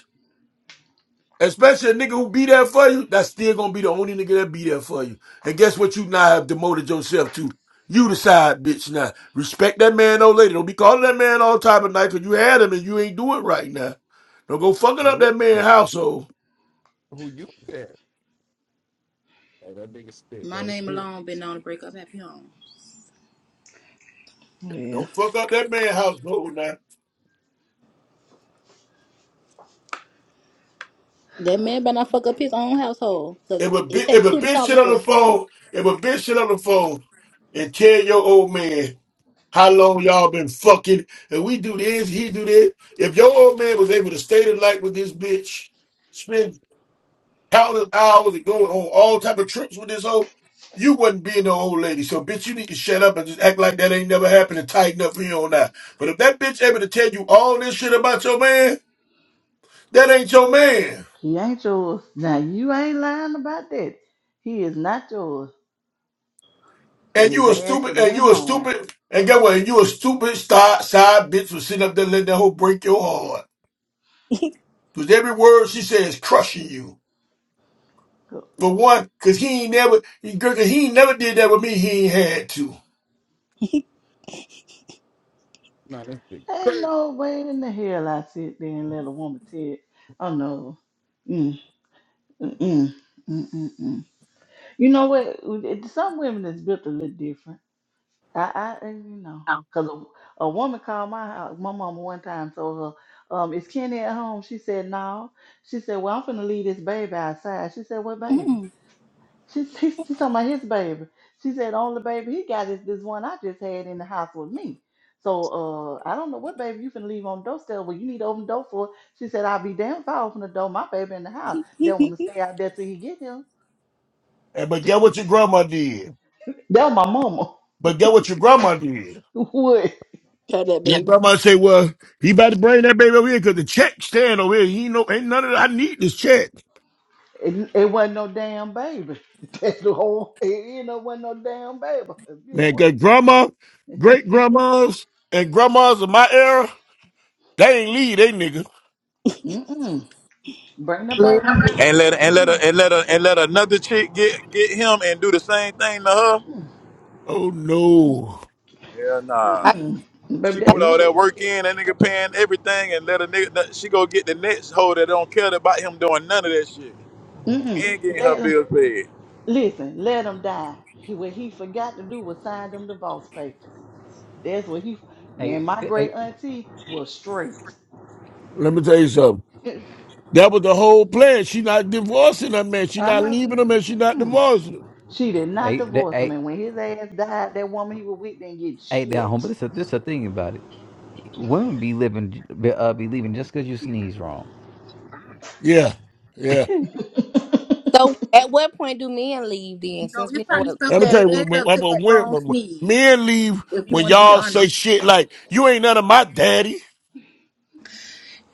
Speaker 1: Especially a nigga who be there for you, that's still gonna be the only nigga that be there for you. And guess what you now have demoted yourself to? You the side bitch, now. Respect that man, old lady. Don't be calling that man all time of night because you had him and you ain't do it right now. Don't go
Speaker 5: I
Speaker 1: fucking up
Speaker 5: really
Speaker 1: that man household.
Speaker 5: know who you at. Like that nigga spit
Speaker 13: My
Speaker 5: that
Speaker 13: name
Speaker 5: shit.
Speaker 13: alone been known to break up happy home.
Speaker 6: well,
Speaker 1: Don't fuck up that man household now.
Speaker 13: That man better not fuck up his own household, cause
Speaker 1: If a,
Speaker 13: it
Speaker 1: bitch, if
Speaker 13: take
Speaker 1: a
Speaker 13: two to
Speaker 1: bitch shit on the
Speaker 13: conversate.
Speaker 1: phone, if a bitch shit on the phone and tell your old man how long y'all been fucking and we do this, he do that. If your old man was able to stay the night with this bitch, spend. countless hours and going on all type of trips with this old. You wasn't being no old lady, so bitch, you need to shut up and just act like that ain't never happened and tighten up for you on that. But if that bitch able to tell you all this shit about your man, that ain't your man.
Speaker 6: he ain't yours. Now, you ain't lying about that. He is not yours. 'Cause
Speaker 1: And
Speaker 6: his
Speaker 1: you a
Speaker 6: ass should
Speaker 1: stupid,
Speaker 6: have
Speaker 1: and
Speaker 6: went
Speaker 1: you a
Speaker 6: home.
Speaker 1: stupid, and get what? And you a stupid side, side bitch for sitting up there letting that hoe break your heart. Cause every word she says is crushing you.
Speaker 6: 'Cause
Speaker 1: For one, cause he ain't never, he, girl, 'cause he ain't never did that with me. He ain't had to.
Speaker 5: Nah, this big
Speaker 6: Ain't
Speaker 5: crazy.
Speaker 6: no way in the hell I sit there and let a woman tell, it. oh no. Mm, mm, mm, mm, mm, mm. You know what? It- Some women is built a little different. I, I you know, because a, a woman called my house. My mama one time told her, um, "Is Kenny at home?" She said, "No." She said, "Well, I'm finna leave this baby outside." She said, "What baby?"
Speaker 13: Mm.
Speaker 6: She *laughs* she, she talking about his baby. She said, "Only baby he got is this one I just had in the house with me." So uh, I don't know what baby you finna leave on the doorstep. Well, you need to open the door for. She said, "I'll be damned if I open the door. My baby in the house. They want
Speaker 13: *laughs*
Speaker 6: to stay out there till he get him.
Speaker 1: And but get what your grandma did.
Speaker 6: That was my mama.
Speaker 1: But get what your grandma did.
Speaker 6: *laughs* What?
Speaker 13: Try that,
Speaker 1: Your
Speaker 13: baby.
Speaker 1: grandma say, "Well, he about to bring that baby over here because the check stand over here. He ain't no ain't none of that. I need this check,
Speaker 6: It, it wasn't no damn baby. *laughs* That's the whole. It, you know, wasn't no damn baby. It
Speaker 1: man. Cause
Speaker 6: wasn't.
Speaker 1: grandma, great grandmas, and grandmas of my era, they ain't leave they nigga.
Speaker 6: Mm-mm. Bring the
Speaker 8: Listen,
Speaker 6: baby on. Get,
Speaker 3: And
Speaker 6: get,
Speaker 3: let and let
Speaker 6: mm-mm.
Speaker 3: a, and let a, and let another chick get get him and do the same thing to her.
Speaker 1: Oh no,
Speaker 3: Hell nah.
Speaker 8: I,
Speaker 6: Mm-mm. Baby,
Speaker 3: She
Speaker 8: I-
Speaker 6: that,
Speaker 3: put all that
Speaker 6: look.
Speaker 3: work in, that nigga paying everything, and let a nigga, she go get the next hoe that don't care about him doing none of that shit
Speaker 6: Mm-mm.
Speaker 3: and getting her
Speaker 6: Let him
Speaker 3: bills paid.
Speaker 6: listen. Let him die. He, what he forgot to do was sign them divorce papers. That's what he. And
Speaker 11: Hey,
Speaker 6: my great auntie was straight.
Speaker 1: let me tell you something.
Speaker 6: *laughs* I'm
Speaker 1: That was the whole plan. She not divorcing that man. She not
Speaker 6: not
Speaker 1: leaving
Speaker 6: gonna.
Speaker 1: him, and she not
Speaker 6: Mm-mm.
Speaker 1: divorcing him.
Speaker 6: She did not
Speaker 11: Hey,
Speaker 6: divorce
Speaker 11: hey,
Speaker 6: him, and when his ass died, that woman he was with didn't
Speaker 11: ain't that
Speaker 6: get
Speaker 11: home, but This a, this a thing about it. Women be living, be, uh, be leaving just because you sneeze wrong.
Speaker 1: Yeah,
Speaker 11: *laughs*
Speaker 1: yeah.
Speaker 11: My
Speaker 8: so, at what point do men leave then?
Speaker 13: No,
Speaker 8: Since
Speaker 13: it's
Speaker 8: we know
Speaker 13: probably
Speaker 8: what,
Speaker 13: stuff
Speaker 1: Let me
Speaker 8: what
Speaker 1: tell
Speaker 13: that
Speaker 1: you
Speaker 13: led
Speaker 1: what. When,
Speaker 13: up
Speaker 1: when,
Speaker 13: to that
Speaker 1: when,
Speaker 13: wrong
Speaker 1: when
Speaker 13: sneeze.
Speaker 1: men leave
Speaker 13: If you
Speaker 1: when
Speaker 13: want to be
Speaker 1: y'all say
Speaker 13: honest,
Speaker 1: shit like, "You ain't none of my daddy."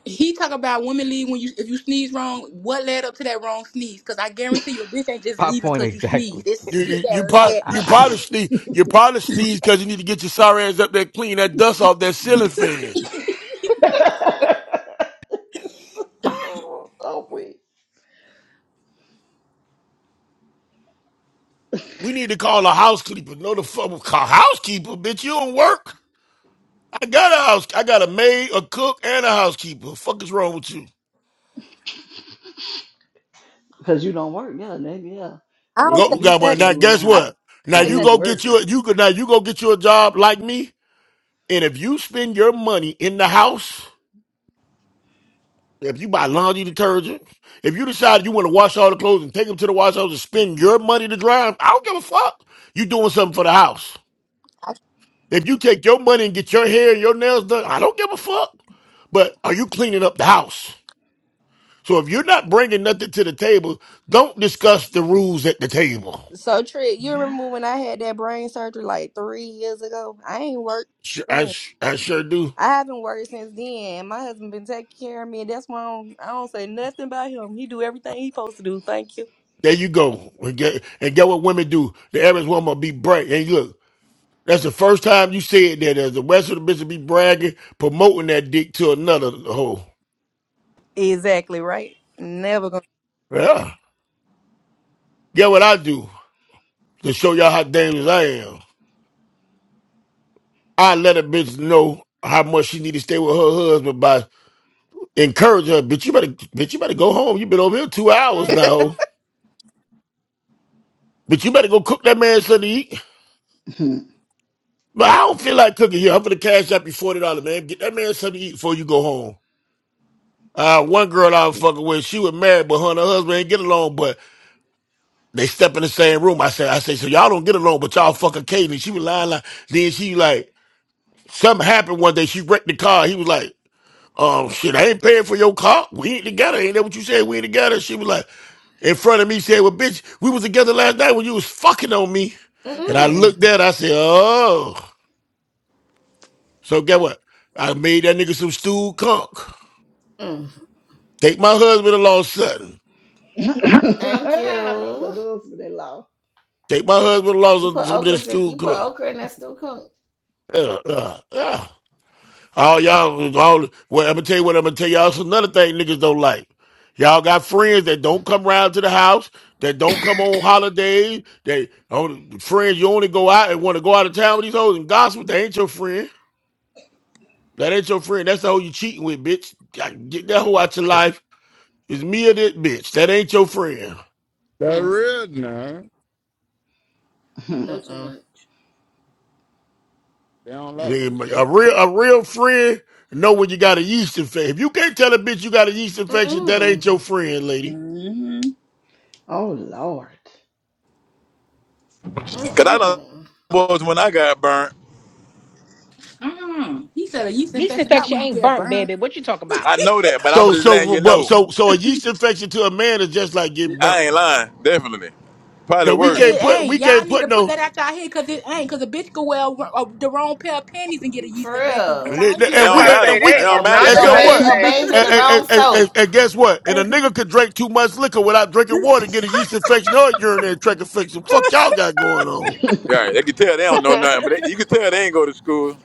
Speaker 13: he talk about women leave when you if you sneeze wrong. What led up to that wrong sneeze? Cause I guarantee you, a bitch ain't just leaving
Speaker 11: point
Speaker 13: cause you
Speaker 11: exactly.
Speaker 13: sneezed.
Speaker 1: You
Speaker 13: It's shit
Speaker 1: you you
Speaker 13: that
Speaker 11: *laughs*
Speaker 1: probably
Speaker 13: led
Speaker 1: you
Speaker 13: up to
Speaker 1: probably
Speaker 13: it.
Speaker 1: sneeze you probably sneeze because you need to get your sorry ass up there clean that dust off that ceiling fan.
Speaker 6: shit. *laughs* Oh, oh wait.
Speaker 1: We need to call a housekeeper. No, the fuck call housekeeper, bitch. You don't work. I got a house. I got a maid, a cook, and a housekeeper. Fuck is wrong with you?
Speaker 6: Because you don't work, yeah, maybe, yeah.
Speaker 8: I don't
Speaker 6: At
Speaker 8: say
Speaker 1: Go
Speaker 6: least
Speaker 1: got
Speaker 6: you
Speaker 1: one.
Speaker 6: can
Speaker 8: nothing.
Speaker 1: Now
Speaker 6: do in the
Speaker 1: guess
Speaker 8: I
Speaker 6: house.
Speaker 8: can't
Speaker 1: what? Now
Speaker 6: If
Speaker 8: say
Speaker 6: you
Speaker 1: you
Speaker 8: nothing.
Speaker 6: ain't
Speaker 1: go get you
Speaker 6: working.
Speaker 1: a, you go now you go get you a job like me. And if you spend your money in the house. If you buy laundry detergent, if you decide you want to wash all the clothes and take them to the wash house and spend your money to dry them, I don't give a fuck. You doing something for the house.
Speaker 8: I,
Speaker 1: If you take your money and get your hair and your nails done, I don't give a fuck. But are you cleaning up the house? So if you're not bringing nothing to the table, don't discuss the rules at the table.
Speaker 8: so, Trick, you remember when I had that brain surgery like three years ago? I ain't worked.
Speaker 1: Sure, I,
Speaker 8: then.
Speaker 1: sh- I sure do.
Speaker 8: I haven't worked since then. My husband been taking care of me, and that's why I don't, I don't say nothing about him. He do everything he supposed to do. Thank you.
Speaker 1: There you go. And get, and get what women do. The average woman will be bright. And look. That's the first time you said that as a Western bishop be bragging, promoting that dick to another hoe.
Speaker 8: Exactly right. Never gonna.
Speaker 1: Yeah. Get what I do to show y'all how dangerous I am. I let a bitch know how much she need to stay with her husband by encouraging her. Bitch, you better bitch, you better go home. you been over here two hours now. hoe. Bitch, you better go cook that man something to eat.
Speaker 6: *laughs*
Speaker 1: But I don't feel like cooking here. I'm gonna cash up you forty dollars, man. Get that man something to eat before you go home. Uh, one girl I was fucking with, she was married, but her and her husband ain't get along. but. They step in the same room. I said, I said, so y'all don't get along, but y'all fuck occasionally. She was lying, like, then she like, something happened one day. She wrecked the car. He was like, um, shit, I ain't paying for your car. We ain't together. Ain't that what you said? We ain't together. She was like, in front of me, said, well, bitch, we was together last night when you was fucking on me. And
Speaker 13: Mm-mm.
Speaker 1: I
Speaker 10: Mm-mm.
Speaker 1: looked at her, I said, oh. So get what? I made that nigga some stewed conk.
Speaker 10: Mm.
Speaker 1: Take my husband along sudden.
Speaker 6: Not
Speaker 10: Thank
Speaker 6: the
Speaker 10: you.
Speaker 6: husband in law.
Speaker 1: Take my husband along
Speaker 10: You
Speaker 1: some
Speaker 10: put
Speaker 1: some of this
Speaker 10: okras in.
Speaker 1: stewed
Speaker 10: You put
Speaker 1: conk.
Speaker 10: okra in that stew cook.
Speaker 1: Uh, uh, uh. All y'all, all well, I'm gonna tell you what I'm gonna tell y'all. It's another thing niggas don't like. Y'all got friends that don't come round to the house, that don't come on holidays. They only friends you only go out and want to go out of town with these hoes and gossip. That ain't your friend. That ain't your friend. That's the hoe you cheating with, bitch. God, Get that hoe out your life. It's me or that bitch. That ain't your friend.
Speaker 5: That
Speaker 10: Mm.
Speaker 5: real nah.
Speaker 13: You
Speaker 6: *laughs*
Speaker 13: know too
Speaker 10: Mm-mm.
Speaker 13: much.
Speaker 5: They don't like it.
Speaker 1: Man,
Speaker 5: that's
Speaker 1: A
Speaker 5: what
Speaker 1: real a real friend know when you got a yeast infection. If you can't tell a bitch you got a yeast infection, that ain't
Speaker 10: Mm-mm.
Speaker 1: your friend, lady.
Speaker 13: hmm
Speaker 6: Oh, Lord.
Speaker 5: you talking about.
Speaker 3: Cause I done
Speaker 10: Mm-mm.
Speaker 3: was when I got burnt.
Speaker 13: Mm. He said a yeast
Speaker 7: yeast
Speaker 13: infection, not
Speaker 7: infection
Speaker 13: when you
Speaker 7: ain't
Speaker 13: get
Speaker 7: burnt,
Speaker 13: burned.
Speaker 7: baby. What you talking about?
Speaker 3: I know that, but I'm
Speaker 1: So
Speaker 3: just letting
Speaker 1: so
Speaker 3: you
Speaker 1: well
Speaker 3: know.
Speaker 1: so so a yeast infection to a man is just like getting burnt.
Speaker 3: I ain't lying, definitely. Probably
Speaker 1: Cause we
Speaker 13: But
Speaker 3: worse.
Speaker 1: can't
Speaker 13: it
Speaker 1: put
Speaker 13: ain't.
Speaker 1: we
Speaker 13: Y'all
Speaker 1: can't
Speaker 13: need to
Speaker 1: put
Speaker 13: put
Speaker 1: no
Speaker 13: that out y'all head because it ain't. Because a bitch could wear uh, the wrong pair of panties and get a yeast
Speaker 10: For
Speaker 13: infection. Bitch,
Speaker 10: real.
Speaker 13: I ain't
Speaker 3: It
Speaker 13: get
Speaker 1: and
Speaker 3: don't
Speaker 1: we
Speaker 13: burnt.
Speaker 3: matter.
Speaker 1: and we
Speaker 3: It
Speaker 1: can,
Speaker 3: don't matter.
Speaker 10: Obey,
Speaker 3: You
Speaker 1: and so
Speaker 3: got it.
Speaker 10: obey,
Speaker 1: what?
Speaker 10: obeys with the
Speaker 1: And, and,
Speaker 10: wrong
Speaker 1: and,
Speaker 10: soap.
Speaker 1: and, and guess what? And a
Speaker 13: Exactly.
Speaker 1: nigga could drink too much liquor without drinking water and get a yeast infection or a urinary tract infection. Fuck y'all got going on.
Speaker 6: *laughs*
Speaker 3: Yeah, they can tell they don't know
Speaker 14: Mhm.
Speaker 3: nothing, but they, you can tell they ain't go to school.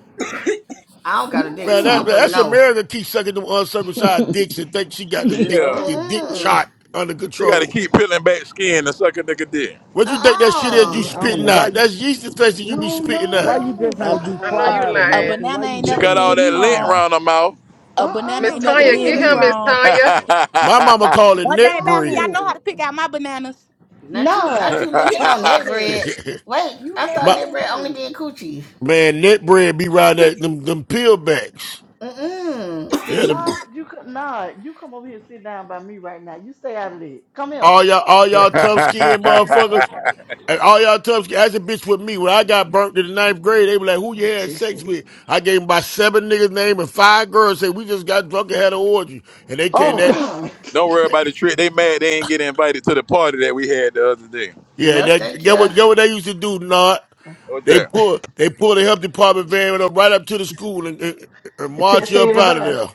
Speaker 10: I don't got a dick,
Speaker 1: Man,
Speaker 10: so
Speaker 1: that,
Speaker 10: I
Speaker 6: Mm-mm.
Speaker 1: man,
Speaker 10: wouldn't
Speaker 1: that's
Speaker 10: know.
Speaker 1: America keep sucking them uncircumcised
Speaker 6: *laughs*
Speaker 1: dicks and think she got the dick
Speaker 3: Yeah.
Speaker 1: the
Speaker 6: Lord,
Speaker 1: dick
Speaker 10: Mm-mm.
Speaker 6: shit.
Speaker 1: chart under
Speaker 3: She got to
Speaker 1: control.
Speaker 3: keep peeling back skin to suck a nigga dick.
Speaker 1: What you think that shit
Speaker 6: Oh,
Speaker 1: is you
Speaker 10: Uh-uh.
Speaker 5: I don't know
Speaker 1: spitting
Speaker 6: Lord.
Speaker 5: why
Speaker 1: out?
Speaker 5: you
Speaker 1: That's yeast infection you be
Speaker 6: No,
Speaker 1: spitting
Speaker 6: no,
Speaker 5: why
Speaker 1: out.
Speaker 5: you
Speaker 6: no.
Speaker 5: just
Speaker 13: A,
Speaker 5: ain't be
Speaker 14: I know
Speaker 13: a,
Speaker 14: you
Speaker 5: quiet,
Speaker 6: Stop.
Speaker 13: a
Speaker 14: lying.
Speaker 5: American. Why
Speaker 13: banana
Speaker 5: you
Speaker 13: ain't
Speaker 3: She
Speaker 5: just
Speaker 13: never
Speaker 3: got
Speaker 5: ain't
Speaker 3: all
Speaker 13: did
Speaker 5: be
Speaker 3: that
Speaker 13: me
Speaker 3: lint
Speaker 5: quiet?
Speaker 13: wrong.
Speaker 3: around her mouth.
Speaker 13: A banana
Speaker 14: Miss
Speaker 6: Uh-uh.
Speaker 13: ain't never
Speaker 6: Quit
Speaker 14: Tanya,
Speaker 10: Mm-mm.
Speaker 13: did
Speaker 14: get
Speaker 13: me
Speaker 14: him, Miss
Speaker 6: it.
Speaker 13: wrong.
Speaker 14: Tanya.
Speaker 1: My mama called it
Speaker 13: One
Speaker 1: net
Speaker 13: thing about me,
Speaker 1: bread.
Speaker 13: I know how to
Speaker 6: No.
Speaker 13: pick out my bananas.
Speaker 10: Not you,
Speaker 6: Nah.
Speaker 10: not you licking
Speaker 6: Stay
Speaker 3: *laughs*
Speaker 10: on
Speaker 6: out of
Speaker 10: net
Speaker 6: that.
Speaker 10: bread.
Speaker 1: *laughs*
Speaker 10: Wait,
Speaker 6: You
Speaker 10: I thought
Speaker 6: making
Speaker 1: but
Speaker 10: net
Speaker 6: it
Speaker 10: bread only
Speaker 6: worse.
Speaker 10: being coochie.
Speaker 1: man, net bread be riding that them them peel backs.
Speaker 10: Mm-mm,
Speaker 1: Yeah,
Speaker 6: Nah,
Speaker 10: sticky.
Speaker 1: them,
Speaker 6: you come. Nah, you come over here. and Sit down by me right now. You stay out of it. Come here.
Speaker 1: all y'all all y'all tough skin motherfuckers.
Speaker 3: *laughs*
Speaker 1: And all y'all tough skin. That's a bitch with me. When I got burnt in the ninth grade, they were like, "Who you
Speaker 6: Oh
Speaker 1: had sex
Speaker 6: Jesus.
Speaker 1: with?" I gave 'em my seven niggas name and five girls. Said we just got drunk and had an orgy, and they came
Speaker 6: Oh
Speaker 1: that.
Speaker 10: Mm-mm.
Speaker 6: God.
Speaker 3: Don't worry about the trick. They mad they ain't get invited to the party that we had the other day.
Speaker 1: Yeah,
Speaker 10: No,
Speaker 1: that
Speaker 10: thank
Speaker 1: get
Speaker 10: you.
Speaker 1: what get what they used to do. Not
Speaker 3: What's
Speaker 1: they
Speaker 3: that?
Speaker 1: pull they pull the health department van up right up to the school and, and, and
Speaker 6: *laughs*
Speaker 1: march
Speaker 6: Test
Speaker 1: you up out of
Speaker 6: everybody.
Speaker 1: there.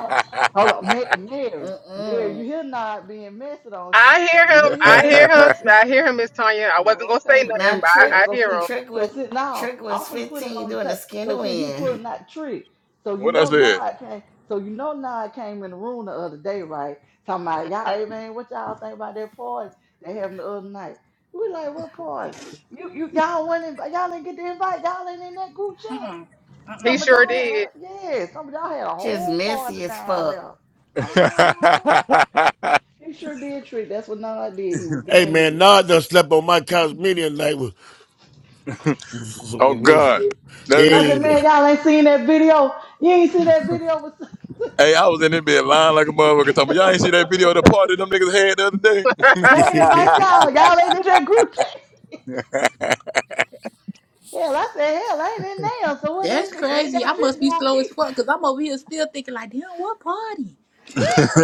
Speaker 6: Uh, Hold on, Ma- Mary. Mary, you
Speaker 10: Mm-mm.
Speaker 6: hear not being messy, don't you?
Speaker 14: I hear
Speaker 6: You
Speaker 14: him.
Speaker 6: hear he
Speaker 14: I
Speaker 10: Trick,
Speaker 14: hear
Speaker 6: being
Speaker 14: him.
Speaker 6: messy.
Speaker 3: *laughs*
Speaker 14: I hear him, Miss Tanya. I wasn't
Speaker 6: Oh,
Speaker 14: gonna say
Speaker 6: okay.
Speaker 14: nothing,
Speaker 10: now
Speaker 14: but
Speaker 6: Yeah,
Speaker 10: trick,
Speaker 14: I, I
Speaker 6: so
Speaker 14: hear
Speaker 6: see,
Speaker 14: him.
Speaker 10: trick
Speaker 6: so
Speaker 10: with,
Speaker 6: see, now
Speaker 10: trick was
Speaker 6: I'm gonna put it
Speaker 10: 15
Speaker 6: on the
Speaker 10: doing a
Speaker 6: tape.
Speaker 10: skin to
Speaker 6: So see, he
Speaker 10: win.
Speaker 6: pulling that trick. So you
Speaker 3: what I
Speaker 6: know
Speaker 3: said?
Speaker 6: now I came. So you know now I came in the room the other day, right? Talking about y'all, hey man, what y'all think about that party they having the other night? We like, what party? You, you, y'all went in, y'all didn't get the invite. Y'all ain't in that group chat.
Speaker 13: Mm-mm.
Speaker 14: He
Speaker 6: Some
Speaker 13: Mm-mm.
Speaker 6: of
Speaker 14: sure
Speaker 6: y'all had a
Speaker 14: did.
Speaker 6: yeah, some of y'all had a
Speaker 10: Just
Speaker 6: whole party
Speaker 10: messy as
Speaker 6: down
Speaker 10: fuck.
Speaker 6: there. Uh huh.
Speaker 3: *laughs*
Speaker 6: He sure did trick. That's what Nod did. He was
Speaker 1: Hey
Speaker 6: being
Speaker 1: man,
Speaker 6: messy.
Speaker 1: Nod done slept on my couch many a night. Hey,
Speaker 3: oh God, that
Speaker 6: And I
Speaker 3: nigga.
Speaker 6: said,
Speaker 1: *laughs*
Speaker 6: man, y'all ain't seen that video. You ain't seen that video with
Speaker 3: Hey, I was in this bed lying like a
Speaker 6: Sunday.
Speaker 3: motherfucker. Talking, about, y'all ain't see that video of the party them niggas had the other day.
Speaker 6: *laughs* they
Speaker 1: I-
Speaker 6: ain't invite y'all. Y'all ain't in that group chat. Hell, I said, hell, I ain't in there. So what that
Speaker 13: That's
Speaker 6: bitch *laughs* ain't
Speaker 13: crazy.
Speaker 6: got
Speaker 13: I
Speaker 6: shit to
Speaker 13: must be slow as
Speaker 6: do
Speaker 13: fuck because I'm over here still thinking like, damn, what party?
Speaker 6: with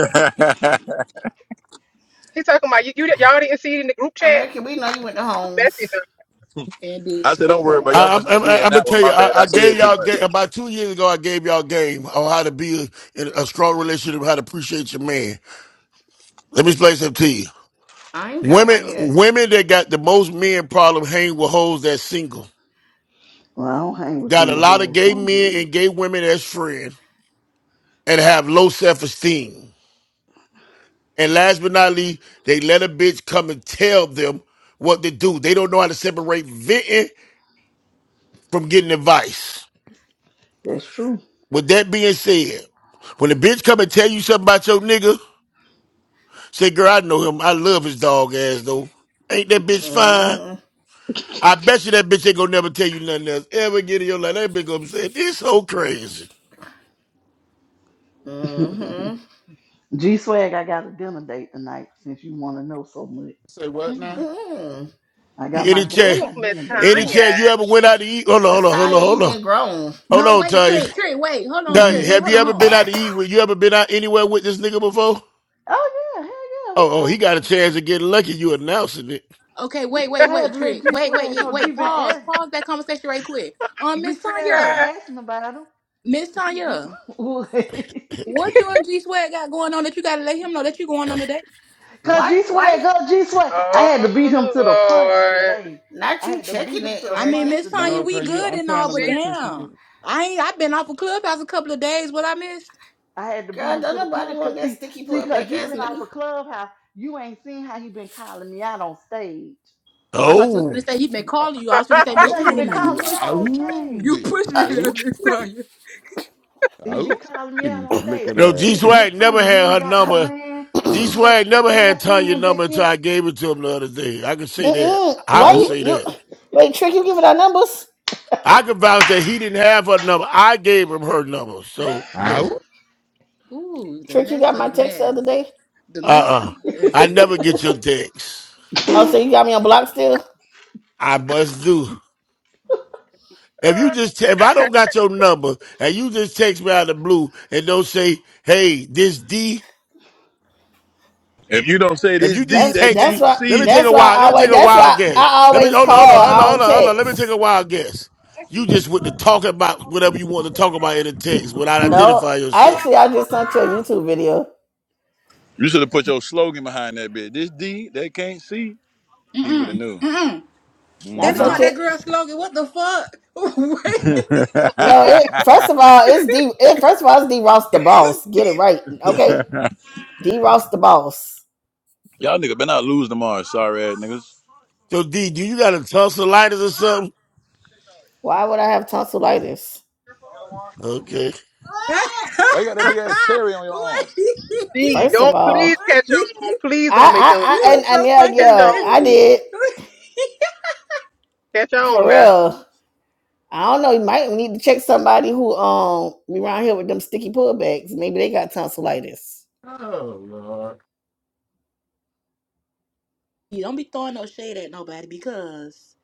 Speaker 14: He talking about you, you. Y'all didn't see it in the group chat.
Speaker 10: American, we know you went to Homes.
Speaker 14: Bessie, done-
Speaker 13: And
Speaker 3: *laughs* I
Speaker 13: then,
Speaker 3: said, don't
Speaker 6: me. *laughs*
Speaker 3: worry about
Speaker 6: Shit.
Speaker 3: it. y'all.
Speaker 1: I'm,
Speaker 3: Must not
Speaker 1: I'm,
Speaker 3: be in
Speaker 1: I'm gonna
Speaker 3: that one.
Speaker 1: tell you,
Speaker 3: My bad.
Speaker 1: I,
Speaker 3: I
Speaker 1: I gave
Speaker 3: said too
Speaker 1: y'all
Speaker 3: much.
Speaker 1: ga- about two years ago. I gave y'all game on how to be in a strong relationship, how to appreciate your man. Let me explain something to you.
Speaker 10: I ain't got
Speaker 1: Women,
Speaker 10: one yet.
Speaker 1: women that got the most men problem hang with hoes that's single.
Speaker 6: well, I don't hang with
Speaker 1: Got a
Speaker 6: single
Speaker 1: lot of
Speaker 6: hoes, so
Speaker 1: gay
Speaker 6: I'm
Speaker 1: men
Speaker 6: good.
Speaker 1: and gay women as friends and have low self esteem. And last but not least, they let a bitch come and tell them what to do. They don't know how to separate venting from getting advice.
Speaker 6: That's true.
Speaker 1: With that being said, when a bitch come and tell you something about your nigga, say, girl, I know him. I love his dog ass though. Ain't that bitch fine?
Speaker 10: Mm-hmm.
Speaker 1: I bet you that bitch ain't gonna never tell you nothing else ever again in your life. That bitch gonna say, this so crazy.
Speaker 10: Mm-hmm.
Speaker 6: G Swag, I got a dinner date tonight since you want to know so much.
Speaker 5: Say what now?
Speaker 13: mm-mm.
Speaker 10: Mm-hmm.
Speaker 6: I got
Speaker 1: You
Speaker 6: my
Speaker 1: any
Speaker 6: din- I
Speaker 1: chance,
Speaker 14: ooh,
Speaker 6: got
Speaker 14: Miss
Speaker 6: dinner date
Speaker 1: any
Speaker 6: tonight.
Speaker 1: chance
Speaker 14: Tanya.
Speaker 1: you ever went out to eat? Hold on, hold
Speaker 10: Let's
Speaker 1: on, hold
Speaker 10: tell
Speaker 1: on,
Speaker 10: you, you
Speaker 1: hold on.
Speaker 10: being grown.
Speaker 1: Hold
Speaker 13: no,
Speaker 1: on,
Speaker 13: wait,
Speaker 1: Tanya.
Speaker 13: Trick, Trick, wait, hold on, Trick,
Speaker 6: hmm
Speaker 1: Tanya,
Speaker 13: wait,
Speaker 1: have
Speaker 13: hold
Speaker 1: you
Speaker 13: on, hold
Speaker 1: ever
Speaker 13: on.
Speaker 1: been out to eat with, you ever been out anywhere with this nigga before?
Speaker 6: Oh yeah, hell
Speaker 1: Oh, oh, he got a
Speaker 6: yeah,
Speaker 1: chance of getting lucky. You announcing it.
Speaker 13: Okay, wait,
Speaker 6: we talking.
Speaker 13: wait,
Speaker 6: I
Speaker 13: wait,
Speaker 6: had to let
Speaker 13: Trick.
Speaker 6: G
Speaker 13: Wait, wait,
Speaker 6: Swag
Speaker 13: wait,
Speaker 6: know. G
Speaker 13: wait.
Speaker 6: been
Speaker 13: Pause.
Speaker 6: ask
Speaker 13: Pause that conversation right quick. Um,
Speaker 6: G
Speaker 13: Miss
Speaker 6: Swag been
Speaker 13: Tanya.
Speaker 14: God.
Speaker 6: asking about him.
Speaker 13: Miss
Speaker 6: *laughs*
Speaker 13: Tanya.
Speaker 6: Cause
Speaker 13: What you and G Swag got going on that you gotta let him know that you going on today?
Speaker 10: Why,
Speaker 6: G
Speaker 10: why,
Speaker 6: Swag, go G Swag. I had to beat him
Speaker 14: Oh
Speaker 6: to the punch
Speaker 14: Lord,
Speaker 6: today.
Speaker 10: not
Speaker 6: I
Speaker 10: you
Speaker 6: had to beat
Speaker 10: checking
Speaker 6: him
Speaker 10: it,
Speaker 6: to the
Speaker 13: I mean,
Speaker 6: punch
Speaker 10: American?
Speaker 13: Miss Tanya,
Speaker 5: No,
Speaker 6: today.
Speaker 13: we
Speaker 5: cause you
Speaker 13: good
Speaker 5: I'm
Speaker 13: and
Speaker 5: trying
Speaker 13: all,
Speaker 5: to
Speaker 13: but
Speaker 14: she's.
Speaker 5: make sure she
Speaker 13: damn.
Speaker 5: can
Speaker 13: I ain't I've been off of Clubhouse a couple of days. What I missed?
Speaker 6: I had to beat
Speaker 10: God,
Speaker 6: him
Speaker 10: don't
Speaker 6: to the
Speaker 10: nobody
Speaker 6: punch.
Speaker 10: want
Speaker 6: Cause
Speaker 10: that
Speaker 6: see,
Speaker 10: sticky
Speaker 6: see,
Speaker 10: pull
Speaker 6: cause
Speaker 10: back
Speaker 6: you
Speaker 10: ass
Speaker 6: been off
Speaker 10: nigga.
Speaker 6: a clubhouse. You ain't seen how he been calling me out on stage.
Speaker 13: Oh, I thought you was gonna
Speaker 1: Oh.
Speaker 13: say he been calling you. I was gonna say, Miss
Speaker 5: Ooh,
Speaker 6: Yeah, he
Speaker 13: Tanya,
Speaker 6: been
Speaker 13: now you
Speaker 5: ooh,
Speaker 6: calling me out
Speaker 13: pushing
Speaker 6: on
Speaker 13: it.
Speaker 6: stage.
Speaker 13: You *laughs*
Speaker 5: it.
Speaker 13: pushing
Speaker 10: Uh,
Speaker 13: it up,
Speaker 5: Ooh,
Speaker 13: Miss
Speaker 5: it.
Speaker 13: Tanya.
Speaker 6: He be
Speaker 5: Ooh,
Speaker 6: calling me out
Speaker 5: and
Speaker 6: on
Speaker 5: look
Speaker 6: stage.
Speaker 5: at
Speaker 1: No, G
Speaker 6: Miss
Speaker 5: that.
Speaker 6: Miss
Speaker 1: Swag never
Speaker 6: Tanya, you ain't
Speaker 1: had her
Speaker 6: got no
Speaker 1: number
Speaker 6: man.
Speaker 1: G
Speaker 6: You
Speaker 10: *clears throat*
Speaker 6: ain't got
Speaker 1: Swag never
Speaker 6: you ain't
Speaker 1: had
Speaker 6: got your
Speaker 1: Tanya
Speaker 6: man back
Speaker 1: number until
Speaker 6: yet.
Speaker 1: I gave it to him the other day. I can say that.
Speaker 10: Mm-mm.
Speaker 1: I
Speaker 10: Why
Speaker 1: can
Speaker 10: you,
Speaker 5: Ooh,
Speaker 1: say
Speaker 10: you
Speaker 1: that.
Speaker 10: wait, Trick, you giving our numbers?
Speaker 1: I can vouch that he didn't have her number. I gave him her number. So no.
Speaker 5: ooh.
Speaker 13: Ooh, the
Speaker 10: Trick, you
Speaker 13: mess
Speaker 10: got
Speaker 13: of
Speaker 10: my
Speaker 13: the
Speaker 10: text the
Speaker 13: mess.
Speaker 10: other day.
Speaker 13: The
Speaker 1: Uh
Speaker 13: mess of
Speaker 1: uh
Speaker 13: the mess.
Speaker 1: I never get your texts.
Speaker 10: Oh, so you got me on block still?
Speaker 1: I must do. If you
Speaker 14: Uh,
Speaker 1: just te- if I don't got your number and you just text me out of the blue and don't say, hey, this D
Speaker 3: If you don't say
Speaker 1: If
Speaker 3: this
Speaker 1: you
Speaker 3: D,
Speaker 1: just
Speaker 10: That's
Speaker 3: they
Speaker 1: text
Speaker 10: that's
Speaker 3: can't
Speaker 1: me,
Speaker 10: why
Speaker 1: let me
Speaker 3: see.
Speaker 1: take
Speaker 10: that's
Speaker 1: a
Speaker 10: why I
Speaker 1: wild, let me take
Speaker 10: always
Speaker 1: a
Speaker 10: that's why
Speaker 1: wild guess.
Speaker 10: I
Speaker 1: Let me
Speaker 10: always
Speaker 1: hold on,
Speaker 10: call.
Speaker 1: hold on, hold on,
Speaker 10: I
Speaker 1: hold
Speaker 10: don't
Speaker 1: on, hold on. Let me take a
Speaker 10: text.
Speaker 1: wild guess. You just went to talk about whatever you want to talk about in the text without
Speaker 10: No.
Speaker 1: identifying yourself.
Speaker 10: Actually I just sent you a YouTube video.
Speaker 3: You should have put your slogan behind that bitch. This D, they can't see. He would have
Speaker 13: Mm-mm.
Speaker 3: knew.
Speaker 13: Mm-mm. That
Speaker 10: Not
Speaker 13: is
Speaker 3: Mm-hmm.
Speaker 10: such
Speaker 13: not
Speaker 5: Nah.
Speaker 10: a
Speaker 13: that girl's slogan. What the fuck? *laughs*
Speaker 3: *laughs*
Speaker 13: Wait.
Speaker 10: no, it first of all, it's D it first of all it's D Ross the boss. Get it right. Okay. D Ross the boss.
Speaker 3: Y'all nigga better not lose tomorrow, sorry ass niggas.
Speaker 1: So D, do you got a tussle of lighters or something?
Speaker 10: Why would I have tonsillitis?
Speaker 1: Okay.
Speaker 3: Why you got that big ass cherry on your arm?
Speaker 13: *laughs*
Speaker 14: D,
Speaker 10: First of
Speaker 14: don't please
Speaker 10: all.
Speaker 14: catch
Speaker 13: Wait.
Speaker 14: on.
Speaker 13: *laughs*
Speaker 14: Please don't make them
Speaker 10: I, I, I,
Speaker 13: You
Speaker 10: and,
Speaker 14: explain.
Speaker 13: are
Speaker 10: and
Speaker 13: so
Speaker 10: yeah,
Speaker 14: Catch
Speaker 13: fucking
Speaker 10: yeah,
Speaker 14: on,
Speaker 10: I
Speaker 13: messy.
Speaker 14: D.
Speaker 10: did
Speaker 14: Catch on
Speaker 10: for
Speaker 14: now.
Speaker 10: real. I don't know. You might need to check somebody who um be around here with them sticky pullbacks. Maybe they got tonsillitis.
Speaker 5: Oh Lord.
Speaker 13: *laughs* You don't be throwing no shade at nobody because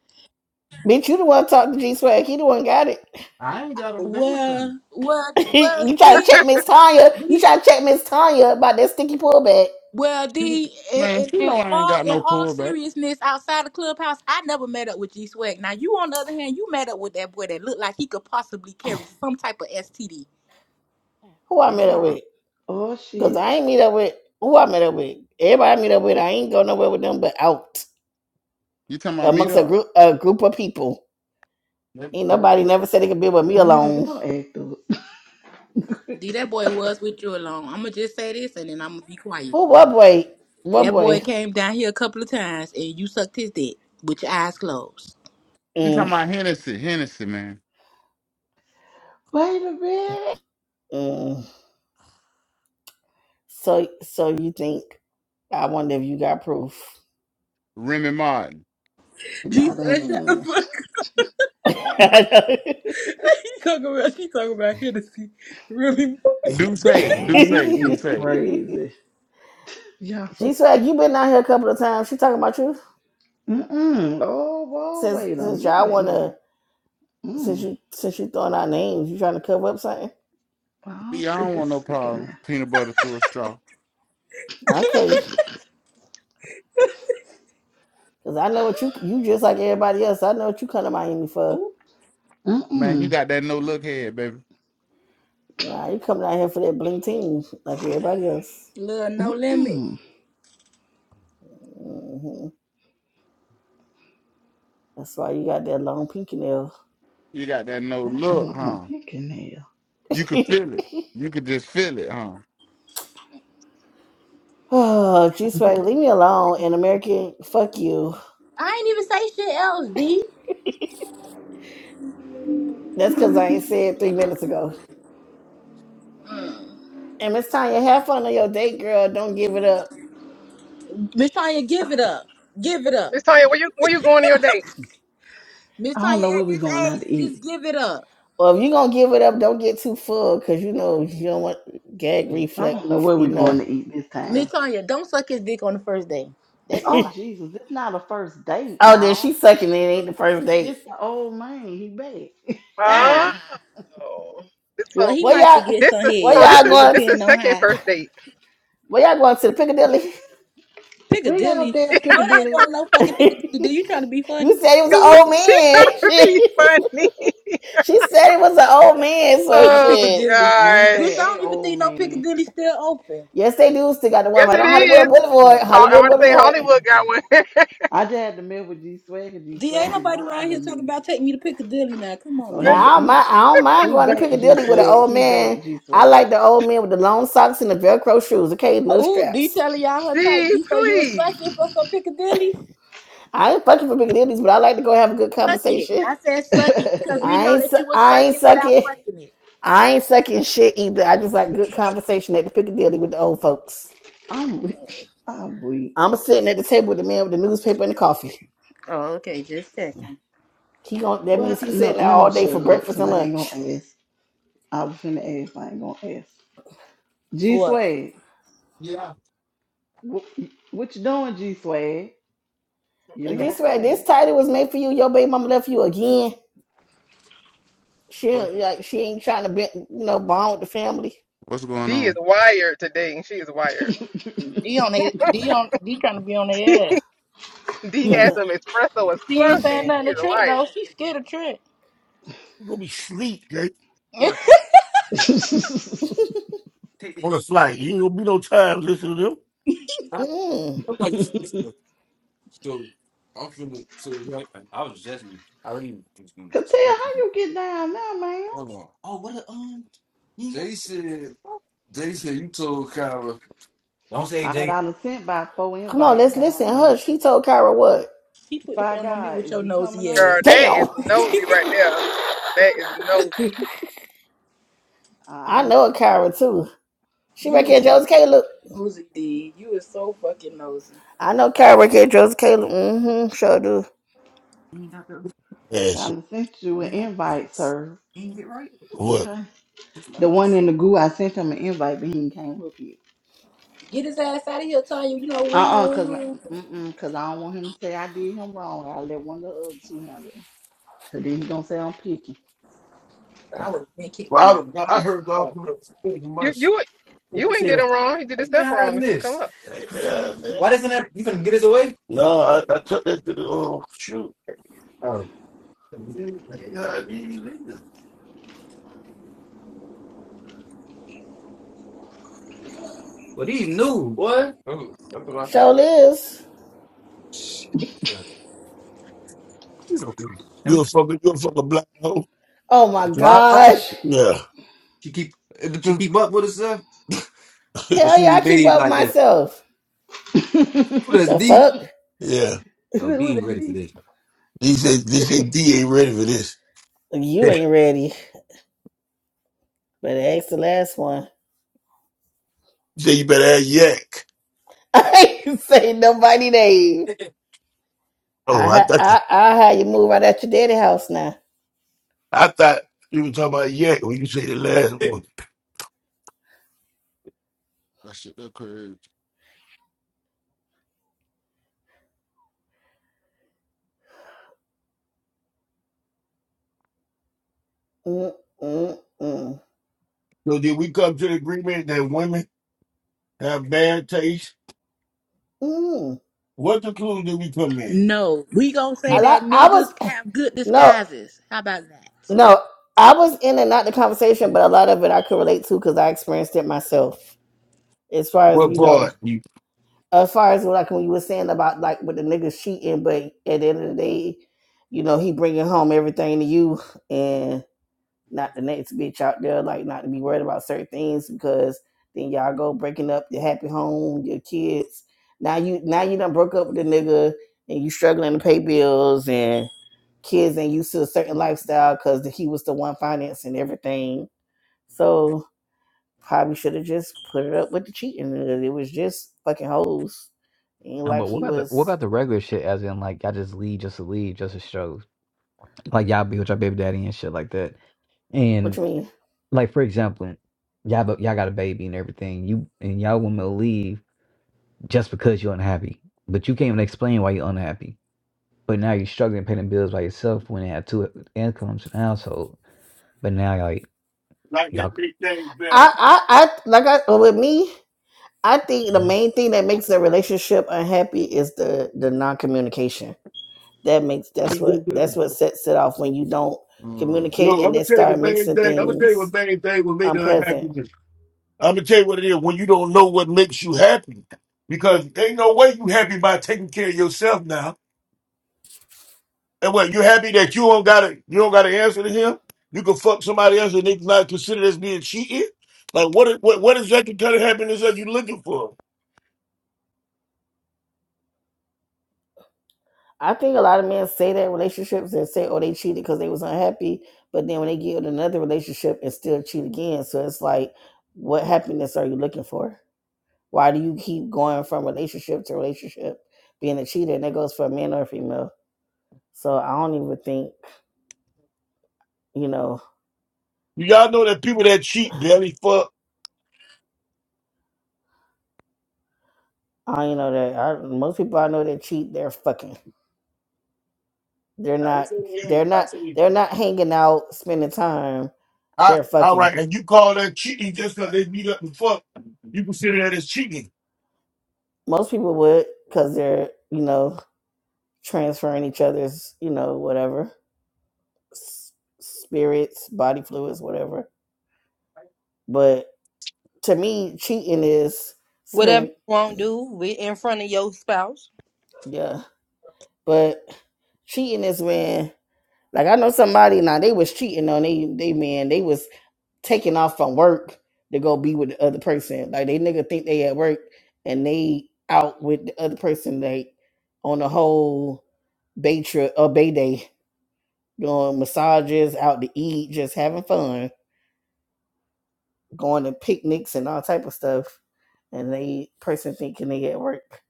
Speaker 10: Bitch, you the one talk to G Swag. He the one got it.
Speaker 5: I ain't got a damn thing.
Speaker 13: well, well,
Speaker 10: *laughs*
Speaker 13: well,
Speaker 10: you try to
Speaker 13: D,
Speaker 10: check Miss Tanya. You
Speaker 13: D,
Speaker 10: try to check Miss Tanya about that sticky pullback.
Speaker 13: well,
Speaker 5: She,
Speaker 13: D, in,
Speaker 5: man,
Speaker 13: in,
Speaker 5: she
Speaker 13: in
Speaker 5: know I ain't
Speaker 13: all
Speaker 5: got
Speaker 13: in
Speaker 5: no
Speaker 13: all
Speaker 5: pullback.
Speaker 13: seriousness, outside the clubhouse, I never met up with G Swag. Now you, on the other hand, you met up with that boy that looked like he could possibly carry some type of STD. D,
Speaker 10: Who I met up
Speaker 5: Yeah.
Speaker 10: with?
Speaker 6: Oh
Speaker 10: Cause
Speaker 6: shit.
Speaker 10: I ain't meet up with who I met up with. Everybody I meet up with, I ain't go nowhere with them but out
Speaker 5: You talking about meet
Speaker 10: amongst a
Speaker 5: up?
Speaker 10: group a group of people.
Speaker 5: You
Speaker 10: Ain't
Speaker 6: Oh,
Speaker 10: nobody never said they could be with me
Speaker 6: America,
Speaker 10: alone.
Speaker 6: don't act up.
Speaker 13: D, that boy was with you alone. I'm gonna just say this, and then I'm gonna be quiet.
Speaker 10: Who what boy? What
Speaker 13: That
Speaker 10: boy?
Speaker 13: boy came down here a couple of times and you sucked his dick with your eyes closed.
Speaker 5: talking
Speaker 10: Mm,
Speaker 5: about Hennessy, Hennessy, man.
Speaker 6: *laughs* Wait a minute.
Speaker 10: mm. So, so you think? I wonder if you got proof.
Speaker 5: Remy Martin.
Speaker 13: Jesus, shut
Speaker 6: Not
Speaker 13: the fuck.
Speaker 10: *laughs*
Speaker 13: He talking about she talking about Hennessy. Really?
Speaker 5: Do say, do
Speaker 6: This
Speaker 5: say, do
Speaker 6: is
Speaker 5: say.
Speaker 6: crazy. Yeah. So,
Speaker 10: G swag, you been out here a couple of times. She talking about you
Speaker 6: mm-mm. oh, whoa,
Speaker 10: since
Speaker 6: wait a
Speaker 10: since y'all
Speaker 6: minute
Speaker 10: wanna
Speaker 6: now.
Speaker 10: since
Speaker 6: Mm.
Speaker 10: you since you throwing out names. You trying to cover up something?
Speaker 6: All
Speaker 5: Yeah,
Speaker 6: sick
Speaker 5: don't
Speaker 6: and
Speaker 5: want no
Speaker 6: sick and
Speaker 5: problems.
Speaker 6: now.
Speaker 5: Peanut butter through a straw.
Speaker 10: Okay, cause I know what you you just like everybody else. I know what you come to Miami for.
Speaker 13: Ooh,
Speaker 5: Man, you
Speaker 6: Mm-mm.
Speaker 5: got that no look head, baby.
Speaker 10: Nah, you coming out here for that bling team like everybody else.
Speaker 13: little no limit.
Speaker 6: Mm-mm.
Speaker 10: hmm That's why you got that long pinky nail.
Speaker 5: You got that no
Speaker 6: Not the
Speaker 5: look,
Speaker 6: long
Speaker 5: huh?
Speaker 6: pinky nail.
Speaker 5: You could
Speaker 10: *laughs*
Speaker 5: feel it. You could just feel it, huh?
Speaker 10: *sighs* Oh, G Swag, leave me alone. And American, fuck you.
Speaker 13: I ain't even say shit else, D.
Speaker 10: That's because I ain't said three minutes ago. And Miss Tanya, have fun on your date, girl. Don't give it up.
Speaker 13: Miss Tanya, give it up. Give it up.
Speaker 14: Miss Tanya, where you where you going on your date?
Speaker 13: Miss
Speaker 6: I don't
Speaker 13: Tanya,
Speaker 6: know where
Speaker 13: at
Speaker 6: we're
Speaker 13: this
Speaker 6: going
Speaker 13: age,
Speaker 6: out to
Speaker 13: just
Speaker 6: eat.
Speaker 13: give it up.
Speaker 10: Well, if you going to give it up, don't get too full because you know you don't want gag
Speaker 6: I
Speaker 10: reflex,
Speaker 6: don't know where
Speaker 10: you
Speaker 6: we're going
Speaker 10: know.
Speaker 6: to eat this
Speaker 13: Miss
Speaker 6: time.
Speaker 13: Tanya, don't suck his dick on the first day.
Speaker 10: *laughs*
Speaker 13: That's all
Speaker 10: oh,
Speaker 13: I
Speaker 6: Oh, Jesus, this not a first date,
Speaker 10: then
Speaker 6: y'all.
Speaker 10: she's sucking it. Ain't the first date.
Speaker 6: This the old man, he back. *laughs*
Speaker 13: Oh,
Speaker 6: ah!
Speaker 14: Oh.
Speaker 13: well, he
Speaker 10: Where
Speaker 13: might could
Speaker 10: y'all,
Speaker 13: get
Speaker 14: This
Speaker 13: some
Speaker 14: is
Speaker 10: where
Speaker 14: so.
Speaker 13: head.
Speaker 10: y'all
Speaker 14: This is
Speaker 13: It
Speaker 10: going? t-
Speaker 14: this is
Speaker 13: depends on
Speaker 14: second
Speaker 13: how
Speaker 14: first date.
Speaker 10: Where y'all going to the Piccadilly? *laughs*
Speaker 6: We ain't got no
Speaker 13: Piccadilly.
Speaker 6: damn
Speaker 13: No, they ain't
Speaker 6: Piccadilly.
Speaker 13: going no fucking Piccadilly. Do you trying to be
Speaker 10: you
Speaker 13: funny?
Speaker 10: said it was an
Speaker 14: You was-
Speaker 10: old
Speaker 14: *laughs* she trying
Speaker 10: man.
Speaker 14: to be funny. *laughs*
Speaker 10: *laughs* she said it was an old man, so
Speaker 13: My
Speaker 14: Oh
Speaker 10: shit.
Speaker 13: Piccadilly.
Speaker 6: I ain't
Speaker 13: Bitch,
Speaker 6: say,
Speaker 13: I
Speaker 14: gosh.
Speaker 6: hey,
Speaker 13: don't even
Speaker 6: old
Speaker 13: think no
Speaker 6: man.
Speaker 13: Piccadilly still open.
Speaker 10: Yes, they do still got the one
Speaker 14: Yes,
Speaker 10: right
Speaker 14: it
Speaker 10: on
Speaker 14: is.
Speaker 10: Hollywood Boulevard.
Speaker 13: Oh.
Speaker 14: Ho- I
Speaker 10: Hollywood
Speaker 14: want to say
Speaker 10: Boulevard.
Speaker 14: Hollywood
Speaker 6: Mm-hmm.
Speaker 14: got one.
Speaker 6: I just had to mess with G Swag and G
Speaker 13: D ain't
Speaker 6: Swag be
Speaker 13: nobody around here
Speaker 6: bothering me.
Speaker 13: talking about take me to Piccadilly now. Come on,
Speaker 6: So he
Speaker 13: man.
Speaker 10: Now I don't mind,
Speaker 6: he
Speaker 10: I don't mind
Speaker 6: he
Speaker 10: going to
Speaker 6: back G
Speaker 10: Piccadilly with an
Speaker 6: Swag.
Speaker 10: old
Speaker 6: He back
Speaker 10: man.
Speaker 6: G
Speaker 10: I
Speaker 6: Swag.
Speaker 10: like the old man with the long socks and the Velcro shoes. Okay, little
Speaker 13: Oh, D
Speaker 10: straps.
Speaker 13: telling y'all
Speaker 14: *laughs*
Speaker 13: her type.
Speaker 14: D,
Speaker 13: D, so you a
Speaker 14: please.
Speaker 13: suck it for some Piccadilly?
Speaker 10: I ain't fucking for Piccadilly's, but I like to go have a good
Speaker 13: Suck it.
Speaker 10: conversation.
Speaker 13: I said suck it because we
Speaker 6: *laughs*
Speaker 10: I
Speaker 13: know
Speaker 10: ain't
Speaker 13: that you
Speaker 10: su-
Speaker 13: was
Speaker 10: I ain't
Speaker 13: sucking without
Speaker 10: sucking.
Speaker 13: fucking it.
Speaker 10: I ain't sucking shit either. I just like good conversation at the Piccadilly with the old folks.
Speaker 6: I'm weak. I'm weak.
Speaker 10: I'm sitting at the table with the man with the newspaper and the coffee.
Speaker 13: Oh, okay. Just checking.
Speaker 10: He gon' that
Speaker 6: Well,
Speaker 10: means he's
Speaker 6: no,
Speaker 10: sitting there
Speaker 6: let
Speaker 10: all
Speaker 6: me
Speaker 10: day
Speaker 6: shut
Speaker 10: for
Speaker 6: up
Speaker 10: breakfast
Speaker 6: because
Speaker 10: and
Speaker 6: I ain't
Speaker 10: lunch.
Speaker 6: gonna ask. I was finna ask. I ain't gonna ask. G
Speaker 13: What?
Speaker 6: Swag,
Speaker 5: Yeah.
Speaker 6: what, what you doing, G Swag? You
Speaker 10: And
Speaker 6: done
Speaker 5: yeah.
Speaker 10: just
Speaker 6: got
Speaker 10: right, this
Speaker 6: quiet.
Speaker 10: title was made for you. Your baby mama left you again. She
Speaker 5: What-
Speaker 10: like she ain't trying to be you know bond with the family
Speaker 5: What's going
Speaker 14: D is
Speaker 5: on?
Speaker 14: wired today. She is wired.
Speaker 13: D on they D on D trying to be on their ass.
Speaker 14: D has
Speaker 10: because
Speaker 14: some espresso or
Speaker 13: She ain't saying
Speaker 14: something. She
Speaker 13: nothing to
Speaker 14: is
Speaker 13: Trick though.
Speaker 14: wired.
Speaker 13: She scared of Trick.
Speaker 1: You gonna be sleep, Jake.
Speaker 13: *laughs*
Speaker 6: *laughs* Cause
Speaker 1: On the flight. You ain't gonna be no time listening to them.
Speaker 10: mm,
Speaker 6: tell how you get down now, man. All right, I done sent by four
Speaker 10: come on
Speaker 6: invites
Speaker 10: let's listen.
Speaker 6: down there.
Speaker 10: Hush. He told Kyra what?
Speaker 13: she put the
Speaker 6: By
Speaker 13: phone on me
Speaker 6: God,
Speaker 13: with
Speaker 6: is
Speaker 13: your
Speaker 6: you coming up?
Speaker 13: nosy
Speaker 14: Girl, that
Speaker 13: ass.
Speaker 14: is
Speaker 10: Damn.
Speaker 14: nosy right there. That is nosy.
Speaker 6: I
Speaker 10: I
Speaker 6: was
Speaker 10: know a
Speaker 6: sent,
Speaker 10: Kyra too. She
Speaker 13: You
Speaker 10: right
Speaker 6: I
Speaker 10: here,
Speaker 13: is so
Speaker 10: Joseph Caleb.
Speaker 13: nosy, D. You is so fucking nosy.
Speaker 10: I know Kyra right here, Joseph Caleb. Mm-hmm. Sure do.
Speaker 1: Yes.
Speaker 6: was, I sent you an invite, sir.
Speaker 1: What?
Speaker 6: Okay. The one in the goo, I sent him an invite, but he can't look it.
Speaker 13: Get his ass out of here, Tanya. You know we
Speaker 6: Uh
Speaker 13: don't
Speaker 6: uh cause, I-
Speaker 13: win.
Speaker 6: mm-mm, cause I don't want him to say I did him wrong. I let one of the other two handle. it. Cause then he gonna say I'm picky.
Speaker 13: I would have been kicked him out.
Speaker 1: Well, I,
Speaker 13: I don't
Speaker 1: I
Speaker 13: give
Speaker 1: heard
Speaker 13: a fuck.
Speaker 14: You
Speaker 1: all
Speaker 14: you you ain't did him wrong. He did his stuff wrong. He come up.
Speaker 1: No, I, I took that to the oh shoot.
Speaker 10: Sure is.
Speaker 1: You a fucking you a fucking black hoe?
Speaker 10: Oh my gosh.
Speaker 1: Yeah,
Speaker 10: Hell yeah, I keep up with myself. The
Speaker 6: *laughs*
Speaker 10: fuck?
Speaker 1: yeah.
Speaker 6: Is that what they did?
Speaker 1: He said they say D ain't ready for this.
Speaker 10: You ain't ready. But ask the last one.
Speaker 1: He said you better have yak.
Speaker 10: *laughs* I ain't say nobody name.
Speaker 1: Oh,
Speaker 10: I
Speaker 1: I
Speaker 10: ha-
Speaker 1: thought you,
Speaker 10: I I had you move out at your daddy house now.
Speaker 1: I thought you were talking about yak when you say the last one.
Speaker 5: That shit look crazy.
Speaker 10: Mm-mm-mm.
Speaker 1: So did we come to the agreement that women have bad taste?
Speaker 10: Mm.
Speaker 1: What conclusion did we come in?
Speaker 13: No, we gonna say
Speaker 10: A lot.
Speaker 13: that
Speaker 10: I was
Speaker 13: niggas have good
Speaker 10: no,
Speaker 13: disguises. How about that?
Speaker 10: no. I was in and out the conversation, but a lot of it I could relate to because I experienced it myself. As far as
Speaker 1: What
Speaker 10: you know,
Speaker 1: part? You
Speaker 10: as far as like when you were saying about like with the niggas cheating, but at the end of the day, you know he bringing home everything to you and not the next bitch out there. Like not to be worried about certain things because then y'all go breaking up your happy home, your kids. Now you now you done broke up with the nigga and you struggling to pay bills and. kids ain't used to a certain lifestyle because he was the one financing everything. So probably should have just put it up with the cheating. It was just fucking hoes. Ain't
Speaker 11: Um, but
Speaker 10: like
Speaker 11: what
Speaker 10: he
Speaker 11: about the what
Speaker 10: was.
Speaker 11: about the regular shit? As in, like y'all just leave just to leave just to show, like y'all be with your baby daddy and shit like that.
Speaker 10: What
Speaker 11: And
Speaker 10: you mean?
Speaker 11: like for example, y'all bo- y'all got a baby and everything. You and y'all women will leave just because you're unhappy, but you can't even explain why you're unhappy. But now you're struggling paying the bills by yourself when you have two incomes in the household. But now like
Speaker 1: like that
Speaker 11: y'all.
Speaker 1: big thing better.
Speaker 10: I I, I like I uh, with me. I think the
Speaker 11: mm-hmm.
Speaker 10: main thing that makes a relationship unhappy is the the non communication. That makes that's what that's what sets it off when you don't
Speaker 5: Mm.
Speaker 1: No,
Speaker 10: communicate
Speaker 1: I'm
Speaker 10: and
Speaker 1: gonna
Speaker 10: then
Speaker 1: tell you
Speaker 10: start
Speaker 1: the main
Speaker 10: mixing
Speaker 1: thing. I'm gonna tell you
Speaker 10: things
Speaker 1: what main thing will make her
Speaker 10: unpleasant
Speaker 1: unhappy. I'm gonna tell you what it is when you don't know what makes you happy. Because ain't no way you happy by taking care of yourself now. And what you happy that you don't gotta you don't gotta answer to him? You can fuck somebody else and they not consider as being cheating? Like what what what exactly kind of happiness are you looking for?
Speaker 10: I think a lot of men say that in relationships and say, oh, they cheated because they was unhappy. But then when they get in another relationship and still cheat again. So it's like, what happiness are you looking for? Why do you keep going from relationship to relationship being a cheater? And that goes for a man or a female. So I don't even think, you know,
Speaker 1: You gotta know that people that cheat barely fuck.
Speaker 10: I don't even know that I, most people I know that cheat, they're fucking. They're not, they're not, they're not hanging out, spending time.
Speaker 1: I,
Speaker 10: They're
Speaker 1: all
Speaker 10: fucking.
Speaker 1: right, and you call that cheating just because they meet up and fuck. You consider that as cheating.
Speaker 10: Most people would because they're, you know, transferring each other's, you know, whatever s- spirits, body fluids, whatever. But to me, cheating is
Speaker 8: Whatever you
Speaker 10: spending,
Speaker 8: won't do with in front of your spouse.
Speaker 10: yeah. But cheating is when, like, I know somebody now they was cheating on they they man, they was taking off from work to go be with the other person. Like they nigga think they at work and they out with the other person. They on the whole bay trip or bay day doing massages, out to eat, just having fun going to picnics and all type of stuff, and they person thinking they at work.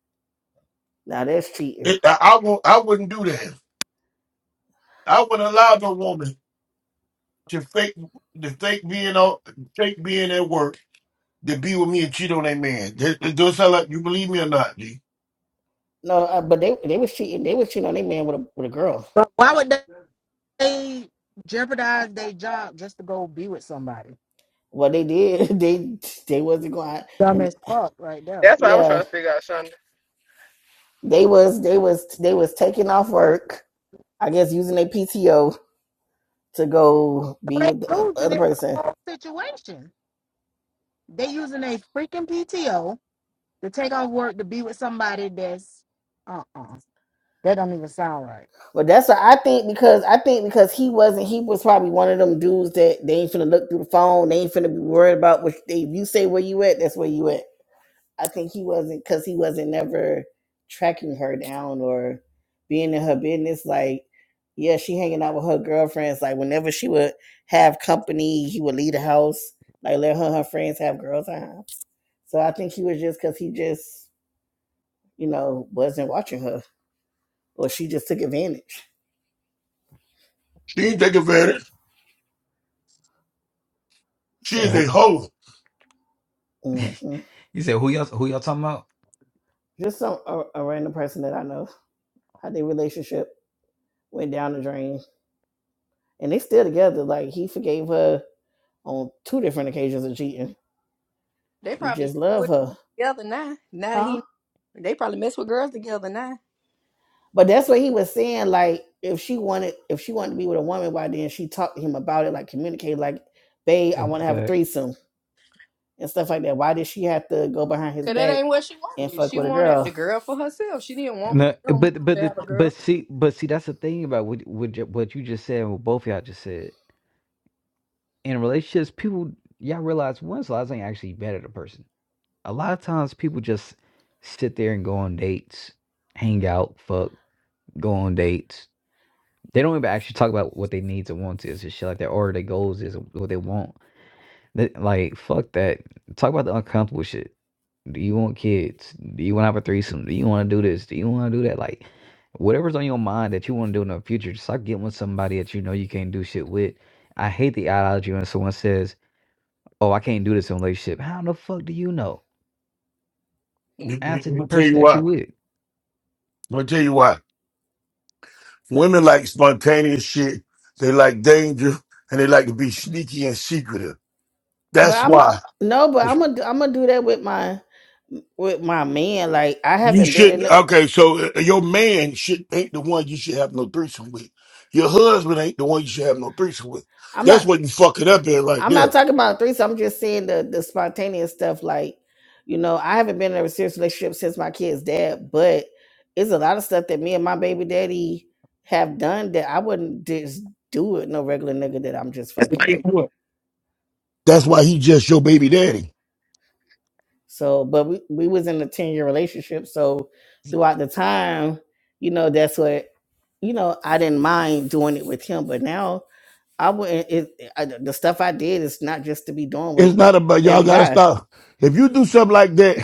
Speaker 10: Now that's cheating.
Speaker 1: It, I, I won't. I wouldn't do that. I wouldn't allow no woman to fake to fake being on fake being at work to be with me and cheat on that man. That, that does sound like you believe me or not, G.
Speaker 10: No, uh, but they they was cheating. They was cheating on their man with a with a girl.
Speaker 15: But why would they jeopardize their job just to go be with somebody?
Speaker 10: What they did, *laughs* they they wasn't going out,
Speaker 15: Dumb
Speaker 10: and
Speaker 15: as fuck right there.
Speaker 14: That's what I was
Speaker 10: yeah,
Speaker 14: trying to figure out, Shonda.
Speaker 10: they was they was they was taking off work. I guess using their PTO to go be
Speaker 15: So
Speaker 10: with the
Speaker 15: they
Speaker 10: uh,
Speaker 15: losing
Speaker 10: other
Speaker 15: it in the
Speaker 10: person.
Speaker 15: whole situation. They using a freaking PTO to take off work to be with somebody that's uh uh That don't even sound right.
Speaker 10: But that's what I think because I think because he wasn't he was probably one of them dudes that they ain't finna look through the phone. They ain't finna be worried about what they, if you say where you at. That's where you at. I think he wasn't because he wasn't never tracking her down or being in her business. Like, yeah, she hanging out with her girlfriends. Like, whenever she would have company, he would leave the house. Like, let her and her friends have girl time. So I think he was just because he just, you know, wasn't watching her, or she just took advantage.
Speaker 1: She ain't taking advantage. She is a
Speaker 10: So
Speaker 11: Well,
Speaker 1: hoe.
Speaker 10: hmm
Speaker 11: *laughs* You said who y'all who y'all talking about?
Speaker 10: just some a, a random person that I know how their relationship went down the drain, and they still together. Like, he forgave her on two different occasions of cheating
Speaker 8: They
Speaker 10: He
Speaker 8: probably
Speaker 10: just loved
Speaker 8: with
Speaker 10: her,
Speaker 8: together now. Now that
Speaker 10: huh?
Speaker 8: he, they probably mess with girls together now.
Speaker 10: But that's what he was saying. Like, if she wanted, if she wanted to be with a woman, why didn't she talk to him about it? Like, communicate, like, babe, I want to have a
Speaker 11: exact.
Speaker 10: threesome and stuff like that. Why did she have to go behind his
Speaker 8: Cause that
Speaker 10: back
Speaker 8: ain't what she
Speaker 10: and
Speaker 8: wanted.
Speaker 10: fuck
Speaker 8: She
Speaker 10: with a
Speaker 8: wanted the
Speaker 10: girl?
Speaker 8: girl for herself. She didn't want
Speaker 11: No,
Speaker 8: them
Speaker 11: but but
Speaker 8: to
Speaker 11: the,
Speaker 8: have a
Speaker 11: but
Speaker 8: girl.
Speaker 11: see but see that's the thing about what what ju- what you just said and what both y'all just said in relationships people y'all realize one's lives ain't actually better the person. A lot of times people just sit there and go on dates, hang out, fuck, go on dates. They don't even actually talk about what they needs or wants is and shit like that or their goals is and what they want. Th like, fuck that. Talk about the uncomfortable shit. Do you want kids? Do you want to have a threesome? Do you want to do this? Do you want to do that? Like, whatever's on your mind that you want to do in the future, just stop getting with somebody that you know you can't do shit with. I hate the ideology when someone says, "Oh, I can't do this in a relationship." How the fuck do you know?
Speaker 1: Let
Speaker 11: Ask the
Speaker 1: me tell you
Speaker 11: person that you
Speaker 1: why.
Speaker 11: with.
Speaker 1: Let me tell you why. Women like spontaneous shit. They like danger and they like to be sneaky and secretive.
Speaker 10: But
Speaker 1: That's
Speaker 10: I'm a,
Speaker 1: why.
Speaker 10: no, but I'm gonna I'm gonna do that with my with my man. Like, I
Speaker 1: You
Speaker 10: haven't been in.
Speaker 1: should
Speaker 10: The,
Speaker 1: okay. So uh, your man should ain't the one you should have no threesome with. Your husband ain't the one you should have no threesome with.
Speaker 10: I'm not
Speaker 1: That's what you fucking up in right
Speaker 10: I'm not
Speaker 1: there.
Speaker 10: talking about threesome. I'm just saying the the spontaneous stuff. Like, you know, I haven't been in a serious relationship since my kid's dad, but it's a lot of stuff that me and my baby daddy have done that I wouldn't just do with no regular nigga that I'm just fucking.
Speaker 1: That's why he just your baby daddy.
Speaker 10: So, but we we was in a ten year relationship, so throughout the time, you know, that's what you know. I didn't mind doing it with him, but now I wouldn't. It, I, the stuff I did is not just to be doing with
Speaker 1: It's not about y'all
Speaker 10: every
Speaker 1: gotta
Speaker 10: guy.
Speaker 1: stop. If you do something like that,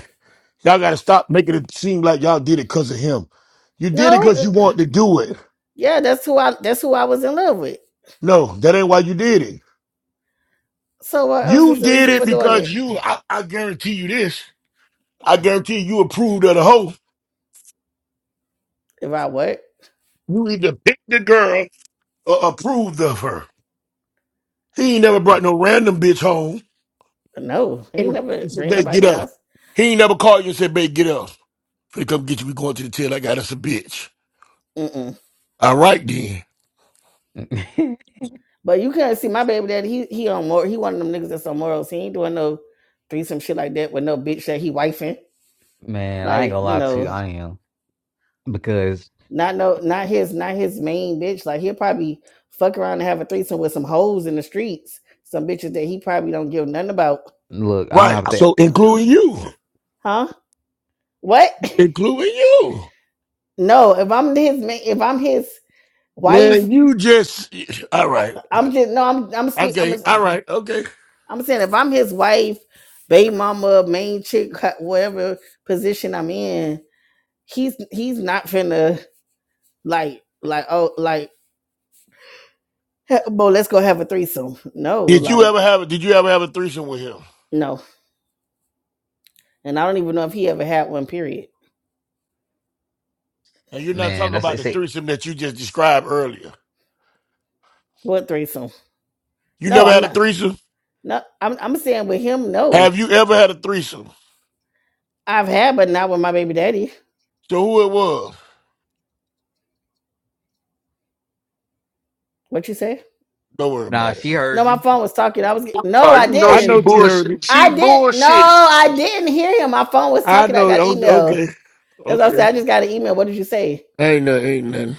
Speaker 1: y'all gotta stop making it seem like y'all did it because of him. You did it because
Speaker 10: No,
Speaker 1: you wanted to do it.
Speaker 10: Yeah, that's who I that's who I was in love with.
Speaker 1: No, that ain't why you did it.
Speaker 10: So what else
Speaker 1: You
Speaker 10: is the
Speaker 1: did
Speaker 10: reason for
Speaker 1: it
Speaker 10: doing
Speaker 1: because
Speaker 10: it?
Speaker 1: you I, I guarantee you this. I guarantee you approved of the hoe.
Speaker 10: If I what?
Speaker 1: You either picked the girl or approved of her. He ain't never brought no random bitch home.
Speaker 10: No,
Speaker 1: He
Speaker 10: he
Speaker 1: never called you
Speaker 10: never
Speaker 1: and said,
Speaker 10: bring
Speaker 1: babe,
Speaker 10: nobody
Speaker 1: get
Speaker 10: in the
Speaker 1: up.
Speaker 10: house.
Speaker 1: He ain't never called you and said, babe, get up. Finna come get you. We going to the tail. I got us a bitch.
Speaker 10: Mm-mm.
Speaker 1: All right, then.
Speaker 11: *laughs*
Speaker 10: But you can't see my baby daddy. He he on more. He one of them niggas that's on morals. He ain't doing no threesome shit like that with no bitch that he wifing.
Speaker 11: Man, I ain't
Speaker 10: Like
Speaker 11: gonna
Speaker 10: you
Speaker 11: lie to you.
Speaker 10: know,
Speaker 11: I am because
Speaker 10: not no, not his, not his main bitch. Like he'll probably fuck around and have a threesome with some hoes in the streets, some bitches that he probably don't give nothing about.
Speaker 11: look, I'm
Speaker 1: Right.
Speaker 11: out there.
Speaker 1: So including you.
Speaker 10: Huh? What?
Speaker 1: Including you.
Speaker 10: *laughs* no, if I'm his, ma- if I'm his wife
Speaker 1: Man, you just all
Speaker 10: I,
Speaker 1: right.
Speaker 10: I'm just no. I'm I'm speak. I'm
Speaker 1: Okay. All right. Okay.
Speaker 10: I'm saying if I'm his wife, baby mama, main chick, whatever position I'm in, he's he's not finna like like oh like bo let's go have a threesome. No,
Speaker 1: Did you
Speaker 10: like
Speaker 1: ever have a did you ever have a threesome with him?
Speaker 10: no, and I don't even know if he ever had one. Period.
Speaker 1: And you're not
Speaker 11: Man,
Speaker 1: talking
Speaker 11: that's
Speaker 1: about
Speaker 11: it's
Speaker 1: the
Speaker 11: say.
Speaker 1: threesome that you just described earlier.
Speaker 10: What threesome?
Speaker 1: You
Speaker 10: No,
Speaker 1: never
Speaker 10: I'm
Speaker 1: had a
Speaker 10: not.
Speaker 1: threesome?
Speaker 10: No, I'm I'm saying with him. No,
Speaker 1: Have you ever had a threesome?
Speaker 10: I've had, but not with my baby daddy.
Speaker 1: So who it was?
Speaker 10: What you say?
Speaker 1: Don't worry
Speaker 11: nah.
Speaker 1: about it.
Speaker 11: She
Speaker 10: No,
Speaker 11: heard
Speaker 10: my
Speaker 11: you.
Speaker 10: phone was talking. I was get- no,
Speaker 16: Oh,
Speaker 10: I
Speaker 16: you know
Speaker 1: I
Speaker 10: didn't.
Speaker 16: she
Speaker 1: know you heard me.
Speaker 16: bullshit. She
Speaker 10: I did. No,
Speaker 16: bullshit.
Speaker 10: I didn't hear him. My phone was
Speaker 1: I
Speaker 10: talking. I
Speaker 1: know.
Speaker 10: got an
Speaker 1: Okay,
Speaker 10: email.
Speaker 1: okay,
Speaker 10: That's what I said.
Speaker 1: okay.
Speaker 10: I just got an email. What did you say?
Speaker 1: Ain't nothing. Ain't nothing.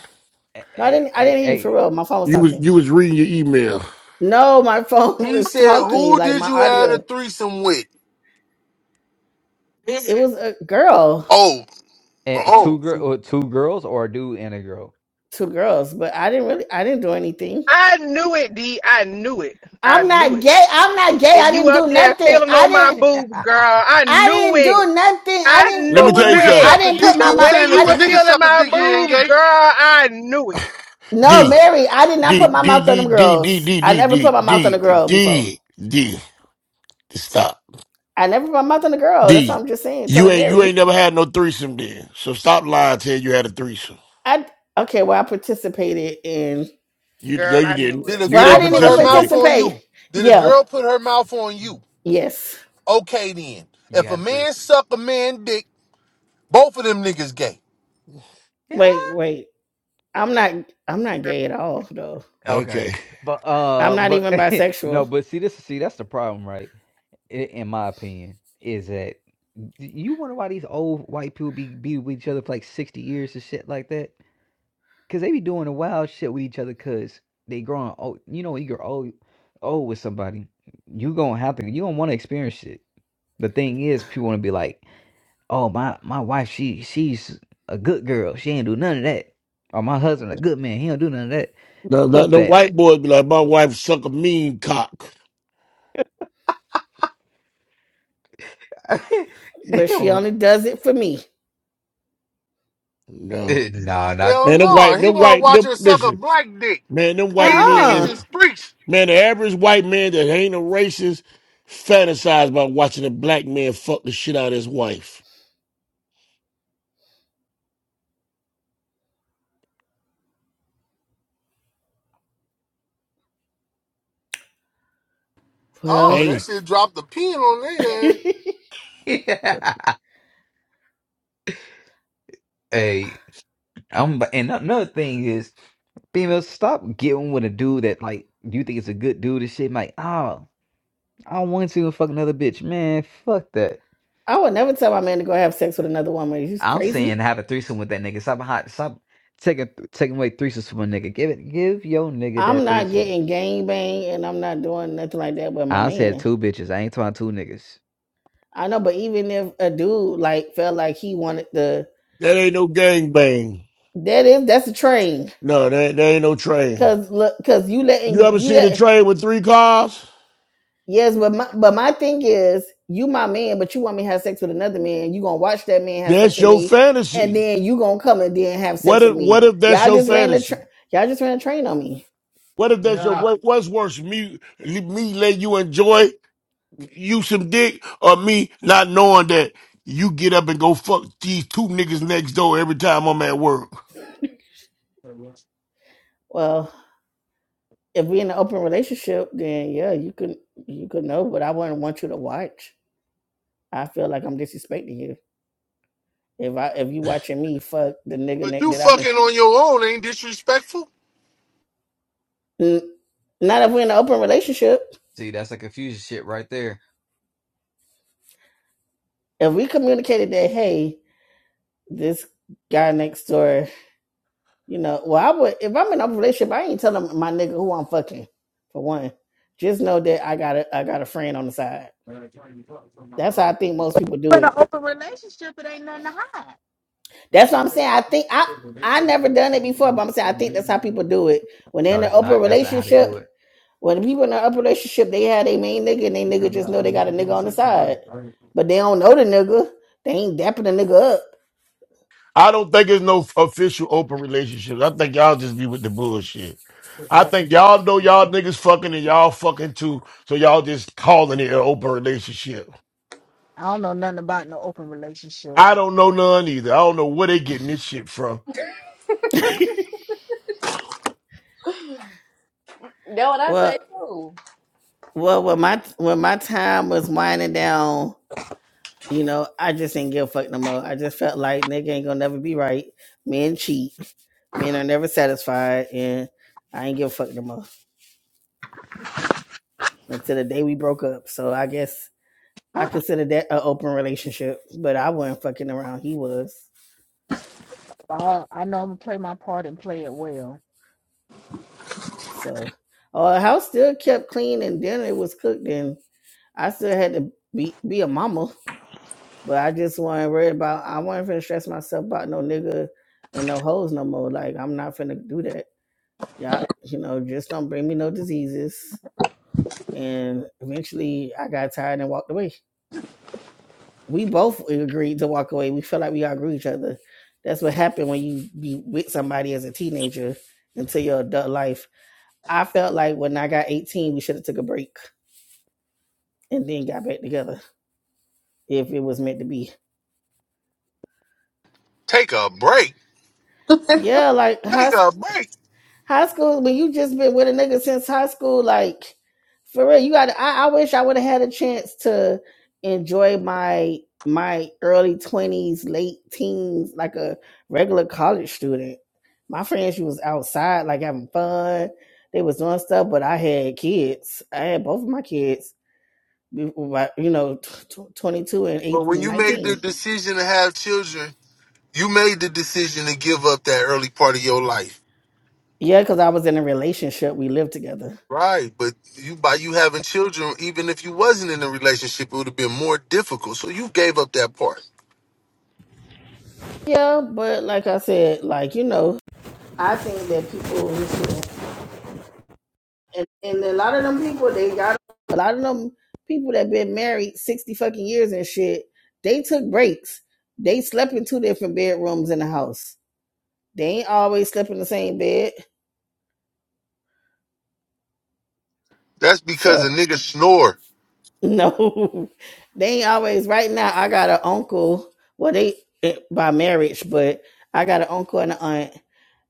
Speaker 10: No, I
Speaker 11: Hey,
Speaker 10: didn't. I didn't hear you
Speaker 11: Hey,
Speaker 10: for real. My phone was
Speaker 1: You was
Speaker 10: talking.
Speaker 1: you was reading your email.
Speaker 10: No, my phone *laughs*
Speaker 16: He
Speaker 10: was
Speaker 16: said,
Speaker 10: talking.
Speaker 16: "Who
Speaker 10: Like
Speaker 16: did
Speaker 10: my
Speaker 16: you have a
Speaker 10: audio.
Speaker 16: threesome with?"
Speaker 10: It was a girl,
Speaker 16: Oh,
Speaker 11: And two
Speaker 16: oh.
Speaker 11: girl, uh, two girls, or a dude and a girl.
Speaker 10: two girls, but I didn't really. I didn't do anything.
Speaker 14: I knew it, D. I knew it. I
Speaker 10: I'm
Speaker 14: knew
Speaker 10: not
Speaker 14: it.
Speaker 10: gay. I'm not gay.
Speaker 14: And
Speaker 10: I
Speaker 14: you
Speaker 10: didn't
Speaker 14: up
Speaker 10: do
Speaker 14: there
Speaker 10: nothing.
Speaker 14: feeling
Speaker 10: I
Speaker 14: on my
Speaker 11: *laughs*
Speaker 10: didn't.
Speaker 11: you
Speaker 14: boobs, girl. I
Speaker 10: I
Speaker 14: knew
Speaker 10: didn't
Speaker 14: it.
Speaker 10: do nothing. I
Speaker 14: I
Speaker 10: didn't.
Speaker 16: So
Speaker 1: Let me
Speaker 16: if a
Speaker 1: tell
Speaker 14: knew
Speaker 1: you
Speaker 16: nigga
Speaker 10: I
Speaker 14: it.
Speaker 1: something.
Speaker 16: suck a
Speaker 10: didn't put
Speaker 16: dick,
Speaker 10: my
Speaker 14: The
Speaker 16: you
Speaker 10: mouth.
Speaker 14: way
Speaker 16: saying
Speaker 14: you
Speaker 10: I
Speaker 16: if a
Speaker 14: were
Speaker 16: nigga
Speaker 10: didn't. *sighs*
Speaker 14: feeling
Speaker 16: suck a
Speaker 14: my
Speaker 16: dick, he ain't
Speaker 14: boobs,
Speaker 16: gay?
Speaker 14: girl, I knew it.
Speaker 10: No,
Speaker 1: D
Speaker 10: Mary. I did not
Speaker 1: D
Speaker 10: put my
Speaker 1: D
Speaker 10: mouth on
Speaker 1: D
Speaker 10: them
Speaker 1: D D
Speaker 10: girls.
Speaker 1: D
Speaker 10: I
Speaker 1: D
Speaker 10: never put
Speaker 1: D
Speaker 10: my mouth on a
Speaker 1: D
Speaker 10: girl before.
Speaker 1: D D. Stop.
Speaker 10: I never put my mouth on the girl. That's what
Speaker 1: D.
Speaker 10: I'm just saying. Tell her
Speaker 1: You ain't you
Speaker 10: Mary.
Speaker 1: ain't never had no threesome then. So stop lying. Tell you had a threesome.
Speaker 10: I okay. Well, I participated in.
Speaker 1: You no,
Speaker 14: Girl,
Speaker 1: you
Speaker 14: I knew
Speaker 1: didn't.
Speaker 14: it.
Speaker 16: Did a
Speaker 1: You
Speaker 10: Well, I
Speaker 1: didn't
Speaker 16: girl
Speaker 10: didn't
Speaker 16: put
Speaker 10: even
Speaker 16: her mouth
Speaker 1: participate.
Speaker 16: on
Speaker 10: participate.
Speaker 16: you? Did a
Speaker 10: Yo,
Speaker 16: girl put her mouth on you?
Speaker 10: yes.
Speaker 16: Okay then. If a
Speaker 11: had a
Speaker 16: man
Speaker 11: threesome.
Speaker 16: suck a man dick, both of them niggas gay.
Speaker 11: Yeah.
Speaker 10: Wait, wait. I'm not. I'm not gay at all, though.
Speaker 11: Okay.
Speaker 1: Okay.
Speaker 11: But
Speaker 10: I'm
Speaker 11: um,
Speaker 10: not
Speaker 11: but
Speaker 10: even
Speaker 11: *laughs* no,
Speaker 10: bisexual.
Speaker 11: but see this, see that's the problem, right? I- In my opinion, is that you wonder why these old white people be be with each other for like sixty years and shit like that? Cause they be doing the wild shit with each other, cause they growing old. You know, when you grow old, old with somebody, you gonna have to. You don't want to experience it. The thing is, people want to be like. oh my my wife she she's a good girl she ain't do none of that or my husband a good man he don't do none of that
Speaker 1: No, no,
Speaker 11: fuck
Speaker 1: the
Speaker 11: that
Speaker 1: white boys be like, my wife suck a mean cock.
Speaker 11: *laughs* He
Speaker 10: But she
Speaker 11: don't-
Speaker 10: only does it for me.
Speaker 1: No.
Speaker 11: Eh, Nah, not.
Speaker 16: Hell
Speaker 1: Man, them
Speaker 16: no.
Speaker 1: white,
Speaker 16: He
Speaker 1: them
Speaker 16: want to
Speaker 1: white,
Speaker 16: watch
Speaker 1: them,
Speaker 16: her suck a
Speaker 1: listen,
Speaker 16: black dick.
Speaker 1: man, them white
Speaker 16: These
Speaker 1: men,
Speaker 16: niggas
Speaker 10: Uh uh
Speaker 16: is preach.
Speaker 1: man, the average white man that ain't a racist fantasize about watching a black man fuck the shit out of his wife.
Speaker 16: Oh,
Speaker 10: Well,
Speaker 16: that
Speaker 1: Hey,
Speaker 16: shit dropped the pin on
Speaker 10: *laughs*
Speaker 16: there.
Speaker 11: *laughs* Hey, I'm and another thing is females stop getting with a dude that like you think is a good dude and shit like oh I don't want to fuck another bitch man fuck that
Speaker 10: I would never tell my man to go have sex with another woman. He's
Speaker 11: I'm saying
Speaker 10: crazy.
Speaker 11: have a threesome with that nigga stop hot stop taking taking away threesomes from a nigga give it give your nigga
Speaker 10: I'm
Speaker 11: that
Speaker 10: not
Speaker 11: threesome
Speaker 10: getting gang bang, and I'm not doing nothing like that with my
Speaker 11: I said
Speaker 10: man.
Speaker 11: two bitches. I ain't talking two niggas.
Speaker 10: I know, but even if a dude like felt like he wanted to
Speaker 1: that ain't no gangbang.
Speaker 10: That is that's a train.
Speaker 1: No, that, that ain't no train.
Speaker 10: Cause look, cause you letting
Speaker 1: You ever
Speaker 10: you
Speaker 1: seen a
Speaker 10: let
Speaker 1: train with three cars?
Speaker 10: yes, but my but my thing is you my man, but you want me to have sex with another man. You gonna watch that man have sex
Speaker 1: That's
Speaker 10: with
Speaker 1: your
Speaker 10: me, and
Speaker 1: fantasy.
Speaker 10: then you gonna come and then have
Speaker 1: What
Speaker 10: sex with
Speaker 1: if,
Speaker 10: me.
Speaker 1: what if that's
Speaker 10: Y'all
Speaker 1: your
Speaker 10: just ran the train.
Speaker 1: fantasy?
Speaker 10: Y'all just ran a train on me.
Speaker 1: What if that's your,
Speaker 5: Yeah.
Speaker 1: what, what's worse, me, me let you enjoy you some dick or me not knowing that you get up and go fuck these two niggas next door every time I'm at work.
Speaker 10: Well, if we in an open relationship, then yeah, you could you could know, but I wouldn't want you to watch. I feel like I'm disrespecting you if I if you watching me fuck the nigga
Speaker 16: But
Speaker 10: neck
Speaker 16: you
Speaker 10: that I've been.
Speaker 16: fucking on your own ain't disrespectful.
Speaker 10: N- Not if we're in an open relationship.
Speaker 11: See, that's a confusion shit right there.
Speaker 10: if we communicated that, hey, this guy next door, you know, well, I would if I'm in a relationship, I ain't telling my nigga who I'm fucking. For one, just know that I got a I got a friend on the side. That's how I think most people do
Speaker 15: in an
Speaker 10: it.
Speaker 15: open relationship, it ain't nothing to hide.
Speaker 5: No,
Speaker 10: That's what I'm saying. I think I
Speaker 5: that
Speaker 10: I never done it before, but I'm saying I think that's how people do it when they're
Speaker 11: No,
Speaker 10: in an
Speaker 11: that's
Speaker 10: open
Speaker 11: not. That's not how they do
Speaker 10: relationship.
Speaker 11: it.
Speaker 10: When the people in an open relationship, they have their main nigga, and they nigga just know they got a nigga on the side, but they don't know the nigga. They ain't dapping the nigga
Speaker 1: I don't think it's no official open relationship. I think y'all just be with the bullshit. I
Speaker 15: Yeah,
Speaker 1: think y'all know y'all niggas fucking and y'all fucking too, so y'all just calling it an open relationship.
Speaker 15: I don't know nothing about no open relationship.
Speaker 1: I don't know none either. I don't know where they getting this shit from.
Speaker 10: up. *laughs*
Speaker 8: That what I
Speaker 10: Well,
Speaker 8: say too.
Speaker 10: Well, when my when my time was winding down, you know, I just didn't give a fuck no more. I just felt like nigga ain't gonna never be right. Men cheat. Men are never satisfied, and I ain't give a fuck no more until the day we broke up. So I guess I consider that an open relationship, but I wasn't fucking around. He was.
Speaker 15: I I know I'm gonna play my part and play it well.
Speaker 10: So our house still kept clean, and dinner was cooked, and I still had to be be a mama. But I just wasn't worried about. I wasn't finna stress myself about no nigga and no hoes no more. Like I'm not finna do that. Yeah, you know, just don't bring me no diseases. And eventually, I got tired and walked away. We both agreed to walk away. We felt like we outgrew each other. That's what happened when you be with somebody as a teenager until your adult life. I felt like when I got 18, we should have took a break and then got back together if it was meant to be.
Speaker 16: Take a break.
Speaker 8: *laughs*
Speaker 10: Yeah, like high
Speaker 16: Take
Speaker 10: school.
Speaker 16: a break.
Speaker 10: High school, but you just been with a nigga since high school. Like, for real, you got. I, I wish I would have had a chance to enjoy my my early twenties, late teens, like a regular college student. My friends, she was outside, like having fun. They was doing stuff, but I had kids. I had both of my kids, you know, twenty-two and eight,
Speaker 16: But when you made the
Speaker 10: nineteen.
Speaker 16: decision to have children, you made the decision to give up that early part of your life.
Speaker 10: Yeah, because I was in a relationship. We lived together.
Speaker 16: Right. But you by you having children, even if you wasn't in a relationship, it would have been more difficult. So you gave up that part.
Speaker 10: Yeah, but like I said, like you know. I think that people and, and a lot of them people they got a lot of them people that been married sixty fucking years and shit. They took breaks. They slept in two different bedrooms in the house. They ain't always slept in the same bed.
Speaker 16: That's because a
Speaker 10: So
Speaker 16: nigga snore.
Speaker 10: no, *laughs* they ain't always. Right now, I got an uncle. Well, they eh, by marriage, but I got an uncle and an aunt.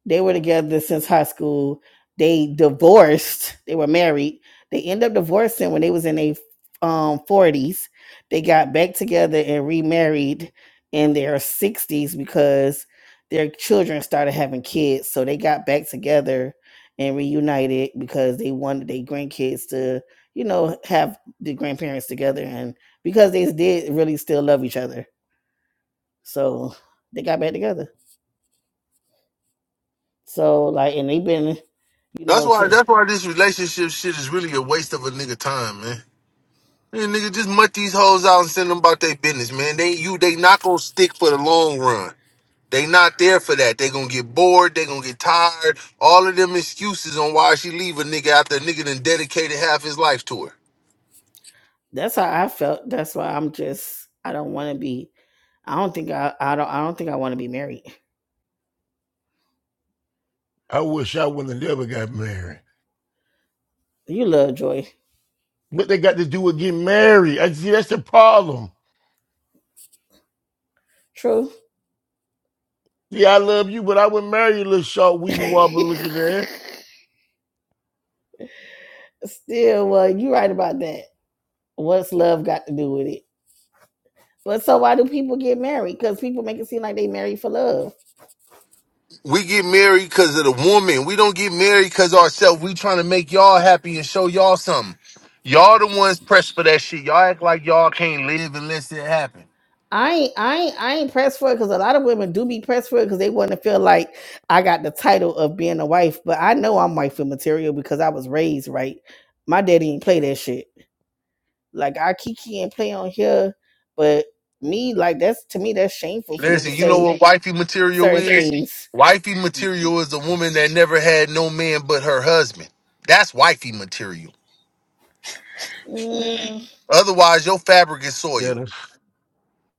Speaker 10: They were together since high school. They divorced. They were married. They end up divorcing when they was in their um, 40s. They got back together and remarried in their 60s because their children started having kids. So they got back together and reunited because they wanted their grandkids to, you know, have the grandparents together and because they did really still love each other. So they got back together. So like, and they've been, you
Speaker 16: That's
Speaker 10: know,
Speaker 16: why
Speaker 10: to,
Speaker 16: that's why this relationship shit is really a waste of a nigga time, man. Hey, nigga, just mutt these hoes out and send them about their business, man. They you they not gonna stick for the long run. They not there for that. They gonna get bored. They gonna get tired. All of them excuses on why she leave a nigga after a nigga done dedicated half his life to her.
Speaker 10: That's how I felt. That's why I'm just I don't want to be. I don't think I I don't I don't think I want to be married.
Speaker 1: I wish I wouldn't have never got married.
Speaker 10: You love joy.
Speaker 1: What they got to do with getting married? I see that's the problem.
Speaker 10: True.
Speaker 1: Yeah, I love you, but I wouldn't marry you, little short
Speaker 10: *laughs*
Speaker 1: weeby wobble looking there.
Speaker 10: Still, well, you are right about that. What's love got to do with it? But so why do people get married? Because people make it seem like they married for love.
Speaker 16: We get married because of the woman. We don't get married because ourselves. We trying to make y'all happy and show y'all something. Y'all the ones pressed for that shit. Y'all act like y'all can't live unless it happen.
Speaker 10: I ain't, I ain't, I ain't pressed for it because a lot of women do be pressed for it because they want to feel like I got the title of being a wife. But I know I'm wife material because I was raised right. My daddy didn't play that shit. Like our Kiki and play on here, but me like that's to me that's shameful for me to
Speaker 16: Listen, you know
Speaker 10: say
Speaker 16: what wifey material
Speaker 10: certain
Speaker 16: is?
Speaker 10: things.
Speaker 16: Wifey material is a woman that never had no man but her husband. That's wifey material.
Speaker 10: Mm,
Speaker 16: Otherwise, your fabric is
Speaker 1: Yeah,
Speaker 16: soiled.
Speaker 1: that's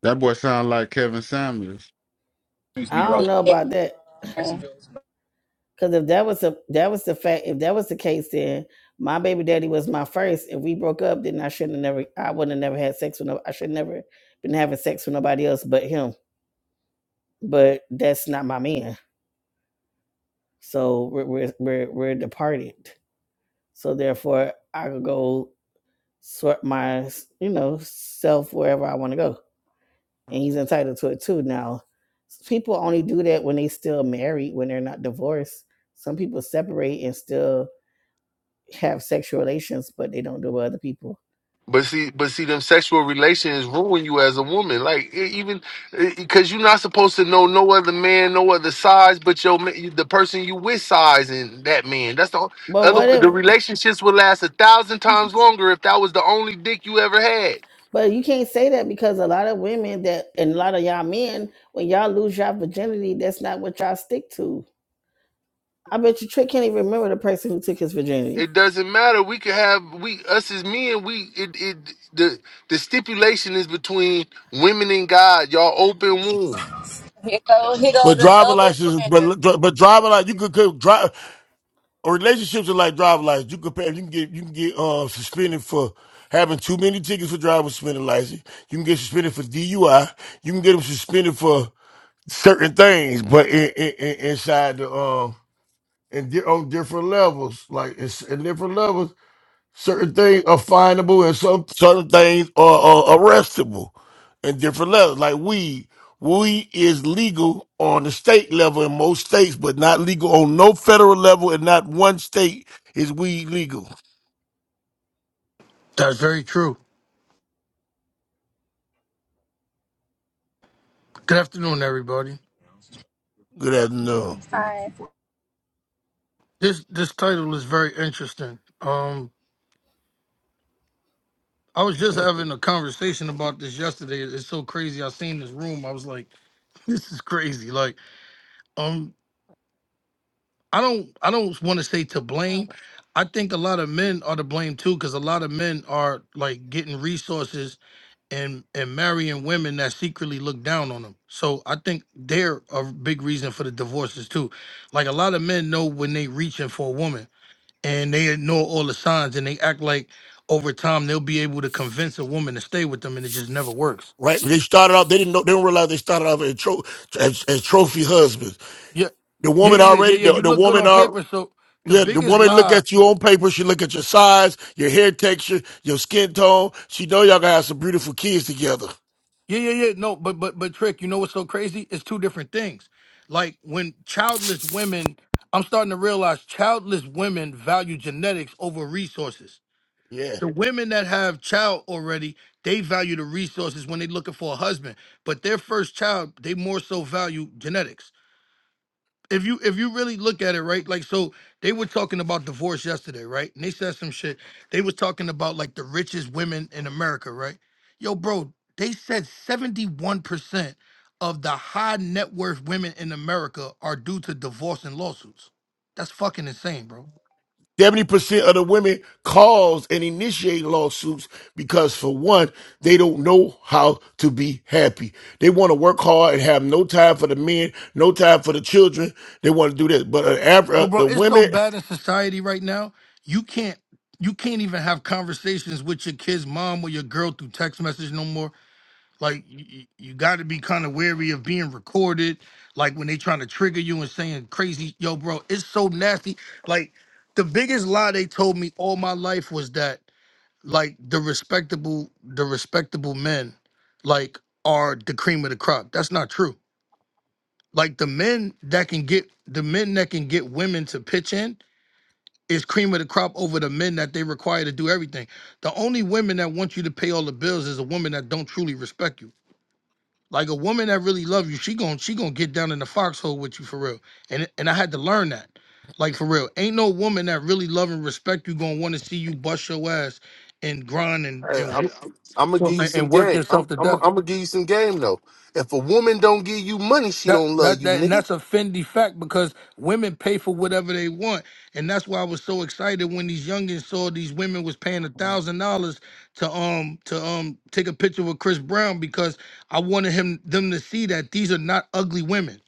Speaker 5: That boy sound like Kevin Samuels.
Speaker 10: I
Speaker 8: you
Speaker 10: don't know about that
Speaker 8: Yeah.
Speaker 10: because if that was a that was the fact if that was the case then my baby daddy was my first. If we broke up, then I shouldn't have never I wouldn't have never had sex with no I should never been having sex with nobody else but him. But that's not my man. So we're we're we're, we're departed. So therefore I could go sort my you know self wherever I want to go. and he's entitled to it too. Now, people only do that when they still married, when they're not divorced. Some people separate and still have sexual relations, but they don't do it with other people.
Speaker 16: But see, but see, them sexual relations ruin you as a woman. Like e- even because you're not supposed to know no other man, no other size, but your ma- the person you with size and that man. That's the
Speaker 10: But
Speaker 16: other.
Speaker 10: what
Speaker 16: The
Speaker 10: if?
Speaker 16: relationships would last a thousand times longer if that was the only dick you ever had.
Speaker 10: But you can't say that because a lot of women that and a lot of y'all men, when y'all lose y'all virginity, that's not what y'all stick to. I bet you Trick can't even remember the person who took his virginity.
Speaker 16: It doesn't matter. We could have we us as men. We it it the the stipulation is between women and God. Y'all open womb.
Speaker 8: Here go here go
Speaker 1: But
Speaker 8: the
Speaker 1: driver
Speaker 8: double
Speaker 1: license,
Speaker 8: standard.
Speaker 1: but but driver license, you could, could drive. Or relationships are like driver license. You compare, you can get you can get uh, suspended for having too many tickets for driver's suspended license. You can get suspended for DUI. You can get them suspended for certain things, but in, in, in, inside the um and di- on different levels, like it's in different levels. Certain things are findable and some certain things are, are arrestable in different levels. Like weed. Weed is legal on the state level in most states, but not legal on no federal level and not one state is weed legal.
Speaker 17: That's very true. Good afternoon, everybody.
Speaker 1: Good afternoon.
Speaker 8: Hi.
Speaker 17: This this title is very interesting. Um, I was just having a conversation about this yesterday. It's so crazy. I seen this room. I was like, *laughs* this is crazy. Like, um, I don't I don't want to say to blame. I think a lot of men are to blame too, because a lot of men are like getting resources and and marrying women that secretly look down on them. So I think they're a big reason for the divorces too. Like a lot of men know when they reaching for a woman and they ignore all the signs and they act like over time they'll be able to convince a woman to stay with them and it just never works.
Speaker 1: Right? They started off, they didn't know, they didn't realize they started off as, tro- as, as trophy husbands.
Speaker 17: Yeah.
Speaker 1: The
Speaker 17: Yeah,
Speaker 1: woman
Speaker 17: yeah, yeah, yeah,
Speaker 1: already,
Speaker 17: yeah.
Speaker 1: the,
Speaker 17: You
Speaker 1: the
Speaker 17: look good
Speaker 1: woman
Speaker 17: on
Speaker 1: are,
Speaker 17: paper, so the
Speaker 1: yeah, the
Speaker 17: biggest
Speaker 1: woman look
Speaker 17: lie.
Speaker 1: at you on paper. She look at your size, your hair texture, your skin tone. She know y'all gonna have some beautiful kids together.
Speaker 17: Yeah, yeah, yeah. No, but but but trick, you know what's so crazy? It's two different things. Like when childless women, I'm starting to realize childless women value genetics over resources.
Speaker 1: Yeah.
Speaker 17: The women that have child already, they value the resources when they're looking for a husband. But their first child, they more so value genetics. if you if you really look at it right like so they were talking about divorce yesterday right and they said some shit they was talking about like the richest women in america right yo bro they said 71% of the high net worth women in america are due to divorce and lawsuits that's fucking insane bro
Speaker 1: 70% of the women cause and initiate lawsuits because for one, they don't know how to be happy. They want to work hard and have no time for the men, no time for the children. They want to do this. But an Afri-
Speaker 17: yo
Speaker 1: uh,
Speaker 17: bro
Speaker 1: the
Speaker 17: it's so
Speaker 1: women,
Speaker 17: bad in society right now you can't you can't even have conversations with your kid's mom or your girl through text message no more Like you, you got to be kind of wary of being recorded. Like when they trying to trigger you and saying crazy, yo, bro, it's so nasty. Like the biggest lie they told me all my life was that like the respectable, the respectable men, like are the cream of the crop. That's not true. Like the men that can get the men that can get women to pitch in is cream of the crop over the men that they require to do everything. The only women that want you to pay all the bills is a woman that don't truly respect you. Like a woman that really love you, she gon' she gonna get down in the foxhole with you for real. And and I had to learn that. Like for real. Ain't no woman that really love and respect you gonna wanna see you bust your ass and grind and
Speaker 16: Hey, I'm,
Speaker 17: and,
Speaker 16: I'm gonna
Speaker 17: wo-
Speaker 16: give you
Speaker 17: and
Speaker 16: some
Speaker 17: and work
Speaker 16: game. I'm,
Speaker 17: yourself to
Speaker 16: I'm, I'm
Speaker 17: death.
Speaker 16: gonna give you some game though. If a woman don't give you money, she
Speaker 17: That
Speaker 16: don't love
Speaker 17: that
Speaker 16: you,
Speaker 17: that and
Speaker 16: nigga.
Speaker 17: that's a Fendi fact because women pay for whatever they want, and that's why I was so excited when these youngins saw these women was paying a thousand dollars to um to um take a picture with Chris Brown because I wanted him them to see that these are not ugly women,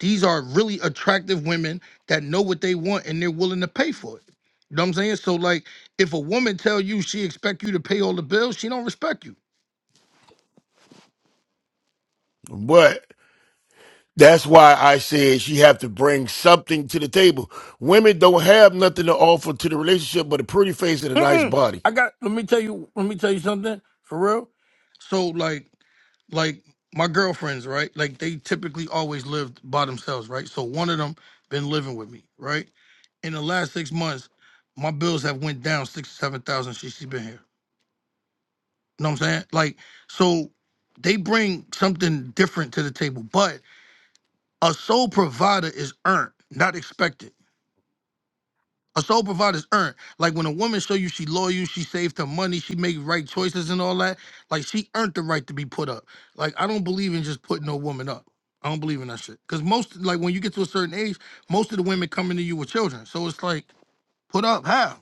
Speaker 17: these are really attractive women that know what they want and they're willing to pay for it. You know what I'm saying? So like, if a woman tell you she expect you to pay all the bills, she don't respect you.
Speaker 1: but that's why I said she have to bring something to the table. Women don't have nothing to offer to the relationship but a pretty face and a nice
Speaker 17: Mm-mm.
Speaker 1: body.
Speaker 17: I got. Let me tell you. Let me tell you something for real. So like, like my girlfriends, right? Like they typically always lived by themselves, right? So one of them been living with me, right? In the last six months, my bills have went down six seven thousand since she's been here. You know what I'm saying? Like, so they bring something different to the table, but a sole provider is earned, not expected. A sole provider's earned. Like when a woman show you she loyal, she saved her money, she make right choices and all that. Like she earned the right to be put up. Like I don't believe in just putting no woman up. I don't believe in that shit. Cause most like when you get to a certain age, most of the women coming to you with children. So it's like put up how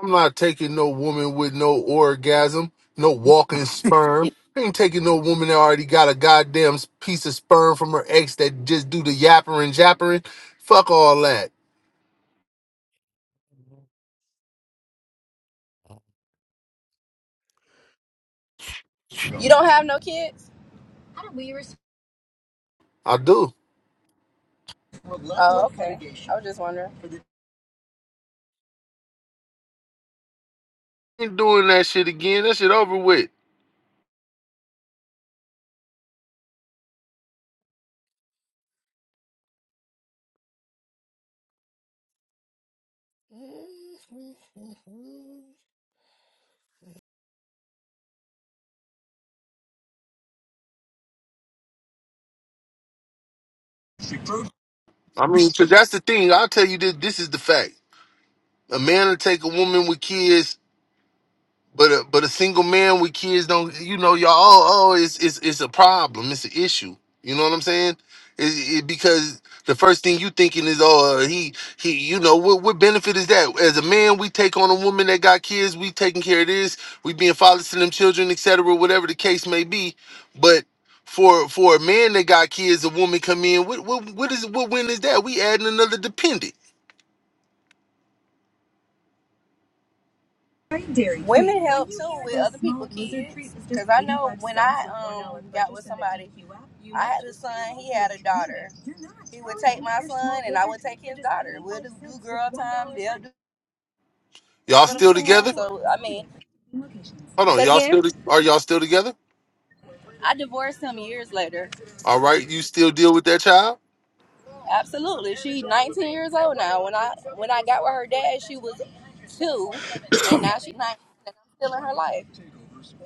Speaker 16: I'm not taking no woman with no orgasm, no walking sperm. I ain't taking no woman that already got a goddamn piece of sperm from her ex that just do the yapper and jappering. Fuck all that.
Speaker 8: You don't have no kids?
Speaker 16: I do.
Speaker 8: Oh, okay. I was just wondering.
Speaker 16: Ain't doing that shit again. That shit over with. I mean, 'cause that's the thing. I'll tell you this. This is the fact. A man will take a woman with kids But a, but a single man with kids don't you know y'all oh, oh it's it's it's a problem it's an issue you know what I'm saying it, it, because the first thing you thinking is oh uh, he he you know what what benefit is that as a man we take on a woman that got kids we taking care of this we being fathers to them children etc whatever the case may be but for for a man that got kids a woman come in what what what is what win is that we adding another dependent y'all
Speaker 8: What I'm
Speaker 16: still
Speaker 8: saying.
Speaker 16: together
Speaker 8: So I mean,
Speaker 16: hold on
Speaker 8: say it
Speaker 16: y'all still
Speaker 8: again.
Speaker 16: to- are y'all still together
Speaker 8: I divorced him years later.
Speaker 16: All right, you still deal with that child?
Speaker 8: Absolutely. She 19 years old now. When I when I got with her dad, she was two, and now she's 19, and I'm still in her life.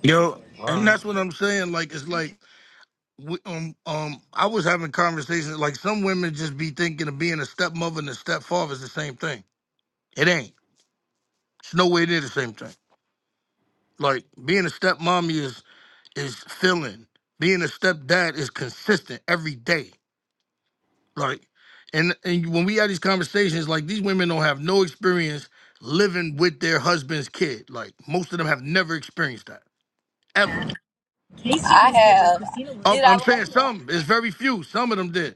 Speaker 17: yo, and that's what I'm saying. Like it's like we- um um I was having conversations like some women just be thinking of being a stepmother and a stepfather is the same thing. It ain't. It's nowhere near the same thing. Like being a stepmommy is is filling. Being a stepdad is consistent every day. Like, and and when we have these conversations, like these women don't have no experience living with their husband's kid. Like most of them have never experienced that ever.
Speaker 8: I have.
Speaker 17: Um,
Speaker 8: Did I
Speaker 17: I'm
Speaker 8: like?
Speaker 17: saying some. It's very few. Some of them did.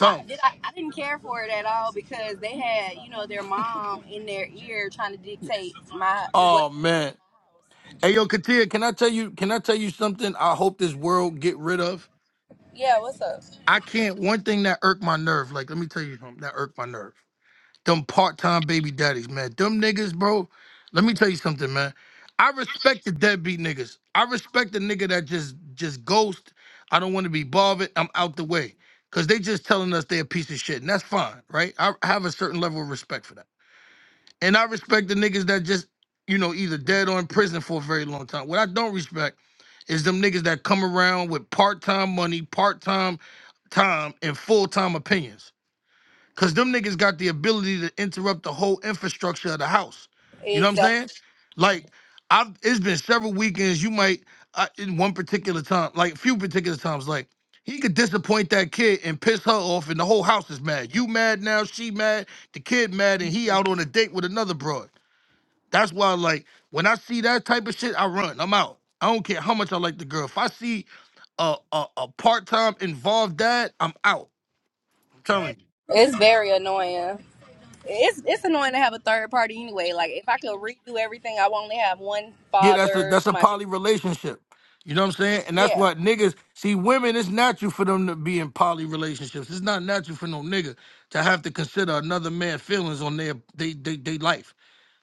Speaker 8: I, did I? I didn't care for it at all because they had, you know, their mom in their ear trying to dictate my what.
Speaker 17: Oh man. Hey yo, Katia, can I tell you? Can I tell you something? I hope this world get rid of.
Speaker 8: Yeah, what's up?
Speaker 17: I can't. One thing that irked my nerve. Like, let me tell you something that irked my nerve them part-time baby daddies, man. Them niggas, bro. Let me tell you something, man. I respect the deadbeat niggas. I respect the nigga that just just ghost. I don't want to be bothered. I'm out the way. Cause they just telling us they're a piece of shit. And that's fine, right? I have a certain level of respect for that. And I respect the niggas that just, you know, either dead or in prison for a very long time. What I don't respect is them niggas that come around with part-time money, part-time time, and full-time opinions. Cause them niggas got the ability to interrupt the whole infrastructure of the house. You know what I'm saying?
Speaker 8: Exactly.
Speaker 17: Like, I've it's been several weekends. You might uh, in one particular time, like a few particular times, like he could disappoint that kid and piss her off, and the whole house is mad. You mad now? She mad? The kid mad, and he out on a date with another broad. That's why, like, when I see that type of shit, I run. I'm out. I don't care how much I like the girl. If I see a a, a part time involved dad, I'm out. I'm telling you.
Speaker 8: It's very annoying. it's it's annoying to have a third party anyway. Like if I could redo everything, I would only have one
Speaker 17: Yeah, that's a
Speaker 8: father
Speaker 17: that's
Speaker 8: to
Speaker 17: a
Speaker 8: my children.
Speaker 17: poly relationship. You know what I'm saying? And that's
Speaker 8: Yeah,
Speaker 17: why niggas see women. It's natural for them to be in poly relationships. It's not natural for no nigga to have to consider another man's feelings on their they they they life.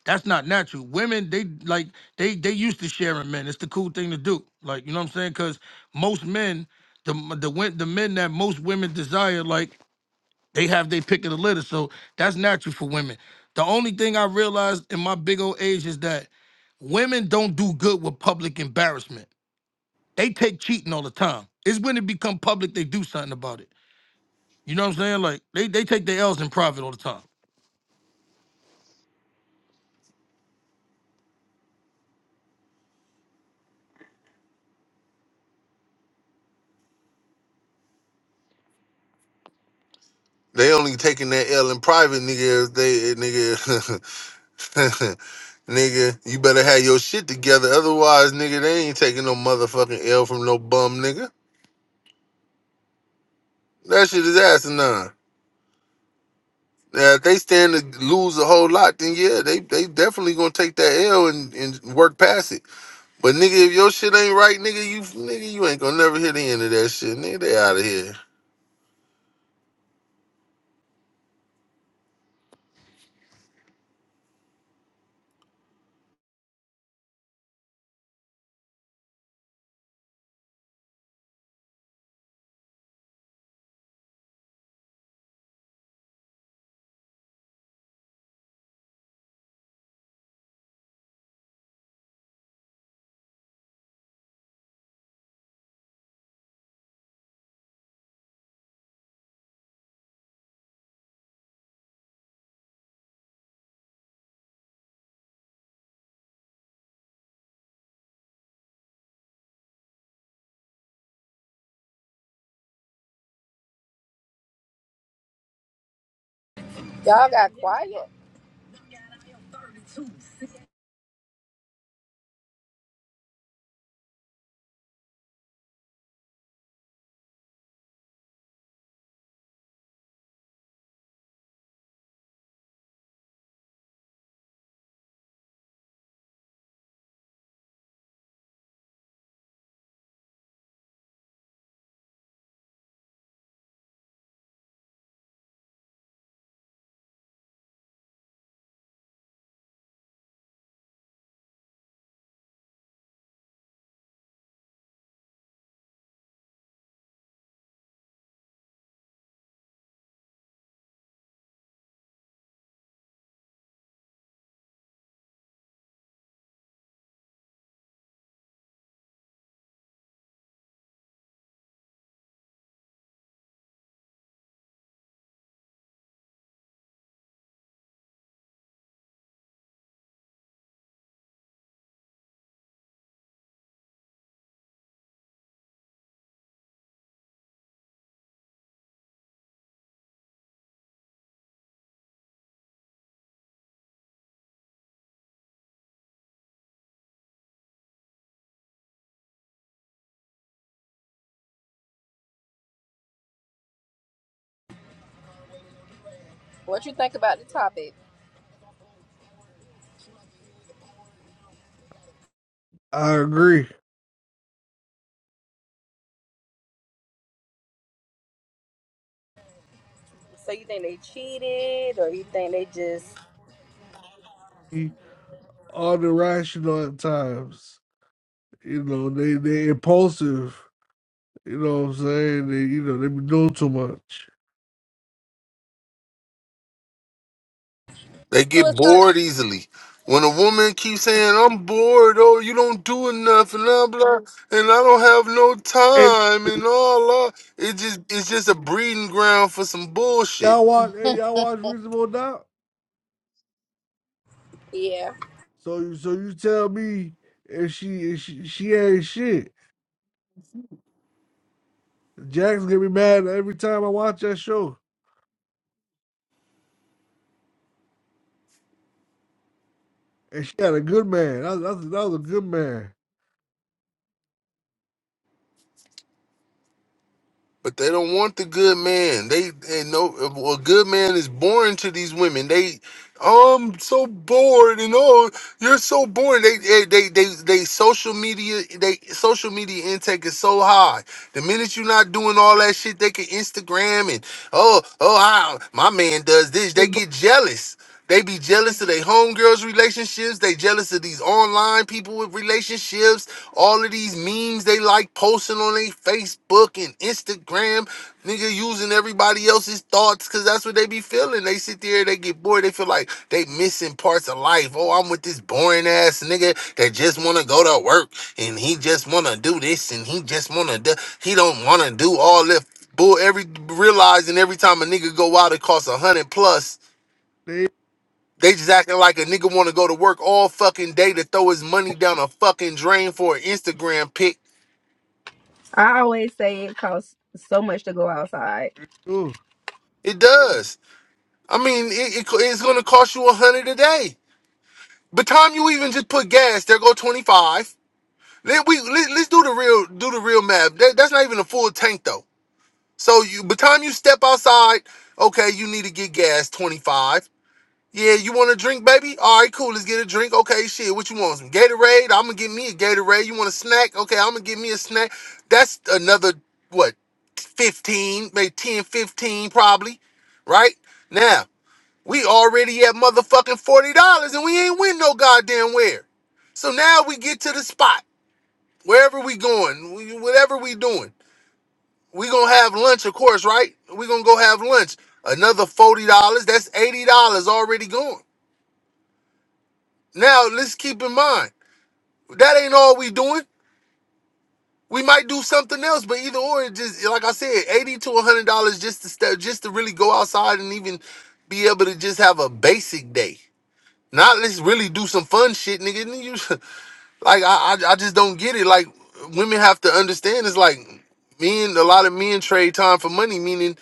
Speaker 17: That's not natural. Women they like they they used to sharing men. It's the cool thing to do. Like you know what I'm saying? Because most men the the win- the men that most women desire like they have their pick of the litter, so that's natural for women. The only thing I realized in my big old age is that women don't do good with public embarrassment. They take cheating all the time. It's when it become public they do something about it. You know what I'm saying? Like they, they take their L's in private all the time.
Speaker 16: They only taking that L in private, nigga. if They nigga, *laughs* nigga. You better have your shit together, otherwise, nigga, they ain't taking no motherfucking L from no bum, nigga. That shit is asinine. Now, if they stand to lose a whole lot, then yeah, they they definitely gonna take that L and, and work past it. But nigga, if your shit ain't right, nigga, you nigga, you ain't gonna never hear the end of that shit, nigga. They out of here.
Speaker 8: y'all got quiet. What you think about the topic?
Speaker 18: I agree.
Speaker 8: So you think they cheated, or you think they just
Speaker 18: All the rational at times. You know, they they impulsive. You know what I'm saying? They you know they be doing too much.
Speaker 16: They
Speaker 8: to
Speaker 16: get
Speaker 8: a certain?
Speaker 16: bored easily. When a woman keeps saying, I'm bored, oh, you don't do enough, and blah blah, and I don't have no
Speaker 18: And
Speaker 16: time and all that, it just it's just a breeding ground for some bullshit.
Speaker 18: y'all watch and y'all watch Reasonable Doubt.
Speaker 8: Yeah,
Speaker 18: So you so you tell me if she if she, she ain't shit. Jack's gonna be mad every time I watch that show. And she had a good man. That, was- that, was- that was a good man.
Speaker 16: But they don't want the good man. They they know well, a good man is boring to these women. They "Oh, I'm so bored and oh you're so boring. They they they they, they social media they social media intake is so high. The minute you're not doing all that shit, they can Instagram it. oh, oh, how my man does this. They get jealous. They be jealous of their homegirls' relationships. They jealous of these online people with relationships. All of these memes they like posting on their Facebook and Instagram. Nigga using everybody else's thoughts because that's what they be feeling. They sit there, they get bored. They feel like they missing parts of life. Oh, I'm with this boring ass nigga that just want to go to work and he just want to do this and he just want to do. He don't want to do all that. Bull every realizing every time a nigga go out it costs a hundred plus.
Speaker 18: They ain't
Speaker 16: They just acting like a nigga want to go to work all fucking day to throw his money down a fucking drain for an Instagram pic.
Speaker 8: I always say it costs so much to go outside.
Speaker 18: good.
Speaker 16: It does. I mean, it, it it's gonna cost you a hundred a day. By the time you even just put gas, there go twenty five. Let we let, us do the real do the real math. That, that's not even a full tank though. So you by the time you step outside, okay, you need to get gas 25. Yeah, you want a drink, baby? All right, cool. Let's get a drink. Okay, shit. What you want? Some Gatorade? I'm gonna get me a Gatorade. You want a snack? Okay, I'm gonna get me a snack. That's another what? 15, maybe 10, 15, probably, right? Now, we already at motherfucking $40 and we ain't win no goddamn where. So now we get to the spot, wherever we going, we- whatever we doing. We gonna have lunch, of course, right? We gonna go have lunch. Another $40, that's $80 already gone. Now let's keep in mind that ain't all we doing. We might do something else, but either or, it just like I said, eighty to hundred dollars just to step, just to really go outside and even be able to just have a basic day. Not let's really do some fun shit, nigga. And You, *laughs* like I, I, I just don't get it. Like women have to understand. It's like men, a lot of men trade time for money. Meaning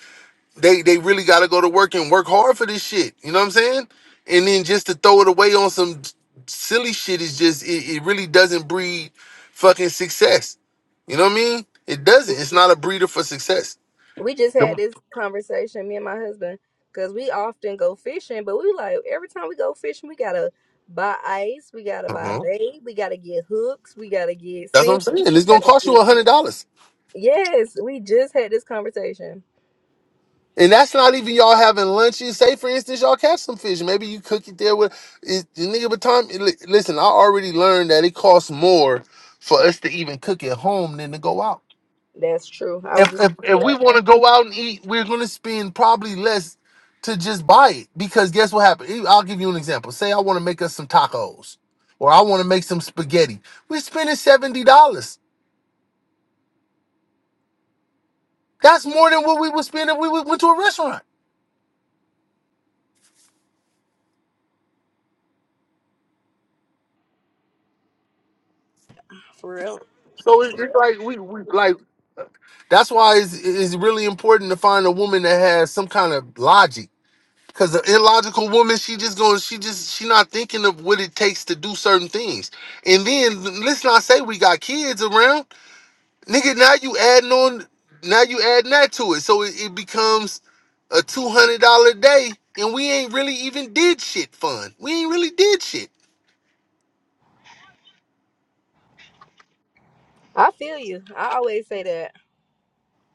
Speaker 16: they they really got to go to work and work hard for this shit. You know what I'm saying? And then just to throw it away on some silly shit is just it, it really doesn't breed fucking success. You know what I mean? It doesn't. It's not a breeder for success.
Speaker 8: we just had this conversation, me and my husband, because we often go fishing, but we like every time we go fishing, we gotta buy ice, we gotta buy
Speaker 16: uh
Speaker 8: bait, we gotta get hooks, we gotta get
Speaker 16: That's what I'm
Speaker 8: sink,
Speaker 16: saying. It's
Speaker 8: we
Speaker 16: gonna
Speaker 8: gotta
Speaker 16: cost
Speaker 8: get
Speaker 16: you a hundred dollars.
Speaker 8: yes. conversation.
Speaker 16: And that's not even y'all having lunches. Say, for instance, y'all catch some fish. Maybe you cook it there with it, the nigga. But time, li- listen, I already learned that it costs more for us to even cook at home than to go out.
Speaker 8: That's true. I was
Speaker 16: if
Speaker 8: just
Speaker 16: if, if we
Speaker 8: that.
Speaker 16: want to go out and eat, we're going to spend probably less to just buy it because guess what happened? E, I'll give you an example. Say I want to make us some tacos or I want to make some spaghetti. We're spending seventy dollars. That's more than what we would spend if we would- went to a restaurant. So it- it's like we, we like that's why it's, it's really important to find a woman that has some kind of logic. Cause the illogical woman, she just going, she just, she not thinking of what it takes to do certain things. And then let's not say we got kids around. Nigga, now you adding on, now you adding that to it, so it, it becomes a two hundred dollar day, and we ain't really even did shit fun. We ain't really did shit.
Speaker 8: I feel you. I always say that.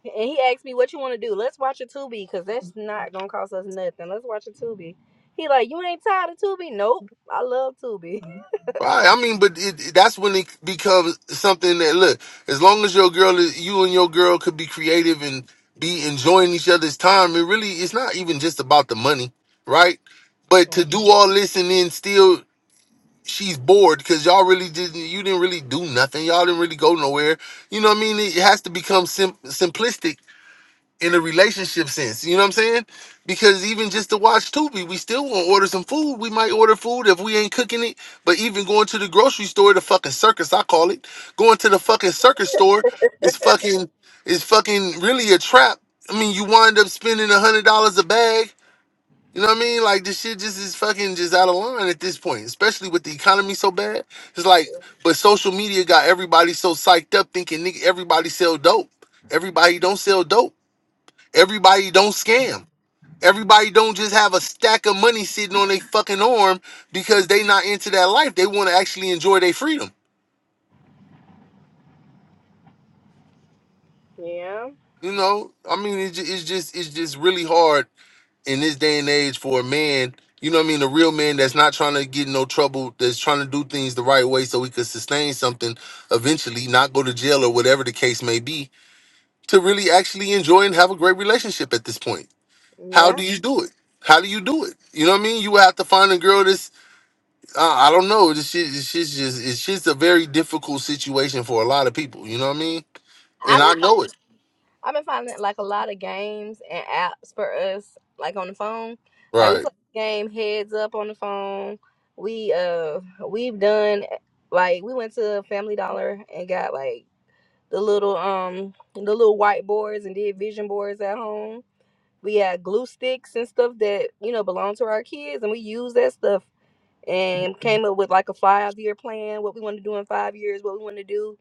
Speaker 8: And he asked me what you want to do. Let's watch a Tubi because that's not gonna cost us nothing. Let's watch a Tubi. He like you ain't tired of Tubi? Nope. I love Tubi.
Speaker 16: Right, I mean, but it, it- that's when it becomes something that look. As long as your girl, is, you and your girl could be creative and be enjoying each other's time, it really it's not even just about the money, right? But
Speaker 8: Mm,
Speaker 16: to do all this and then still she's bored because y'all really didn't you didn't really do nothing y'all didn't really go nowhere you know what i mean it has to become sim- simplistic in a relationship sense you know what i'm saying because even just to watch Tubi, we still want to order some food we might order food if we ain't cooking it but even going to the grocery store the fucking circus i call it going to the fucking circus store is fucking is fucking really a trap i mean you wind up spending a hundred dollars a bag you know what I mean? Like this shit just is fucking just out of line at this point, especially with the economy so bad. It's like, but social media got everybody so psyched up thinking nigga everybody sell dope. Everybody don't sell dope. Everybody don't scam. Everybody don't just have a stack of money sitting on their fucking arm because they not into that life. They want to actually enjoy their freedom.
Speaker 8: Yeah,
Speaker 16: You know, I mean, it, ju- it's just it's just really hard in this day and age for a man, you know what I mean, a real man that's not trying to get in no trouble, that's trying to do things the right way so he could sustain something eventually, not go to jail or whatever the case may be, to really actually enjoy and have a great relationship at this point. How do
Speaker 8: yeah.
Speaker 16: you do it? How do you do it? You know what I mean? You have to find a girl that's uh, I don't know. This shit, this shit's just it's just a very difficult situation for a lot of people. You know what I mean? And
Speaker 8: I've
Speaker 16: I
Speaker 8: been
Speaker 16: know
Speaker 8: finding,
Speaker 16: it,
Speaker 8: I've been finding like a lot of games and apps for us like on the phone. Like we
Speaker 16: right?
Speaker 8: play the game Heads Up on the phone. We uh we've done like we went to Family Dollar and got like the little um the little whiteboards and did vision boards at home. We had glue sticks and stuff that you know belong to our kids, and we used that stuff and came up with like a five year plan, what we want to do in five years, what we want to do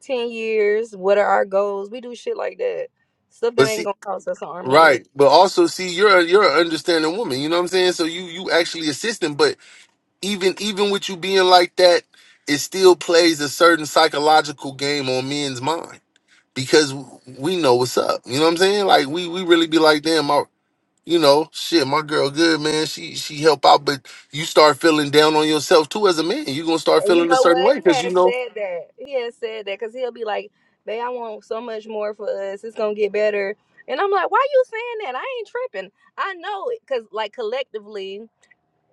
Speaker 8: ten years, what are our goals. We do shit like that, stuff that
Speaker 16: But
Speaker 8: ain't
Speaker 16: see,
Speaker 8: gonna cost us an arm and a leg.
Speaker 16: Right, but also see, you're a, you're an understanding woman. You know what I'm saying? So you you actually assist them, but even even with you being like that, it still plays a certain psychological game on men's mind because we know what's up. You know what I'm saying? Like we we really be like, damn, my you know, shit, my girl, good man. She she help out, but you start feeling down on yourself too as a man. You're gonna start
Speaker 8: And you
Speaker 16: feeling a
Speaker 8: know
Speaker 16: certain
Speaker 8: what?
Speaker 16: way
Speaker 8: He
Speaker 16: because you
Speaker 8: has
Speaker 16: know.
Speaker 8: said that. He has said that because he'll be like, "Babe, I want so much more for us. It's gonna get better." And I'm like, "Why you saying that? I ain't tripping. I know it because like collectively."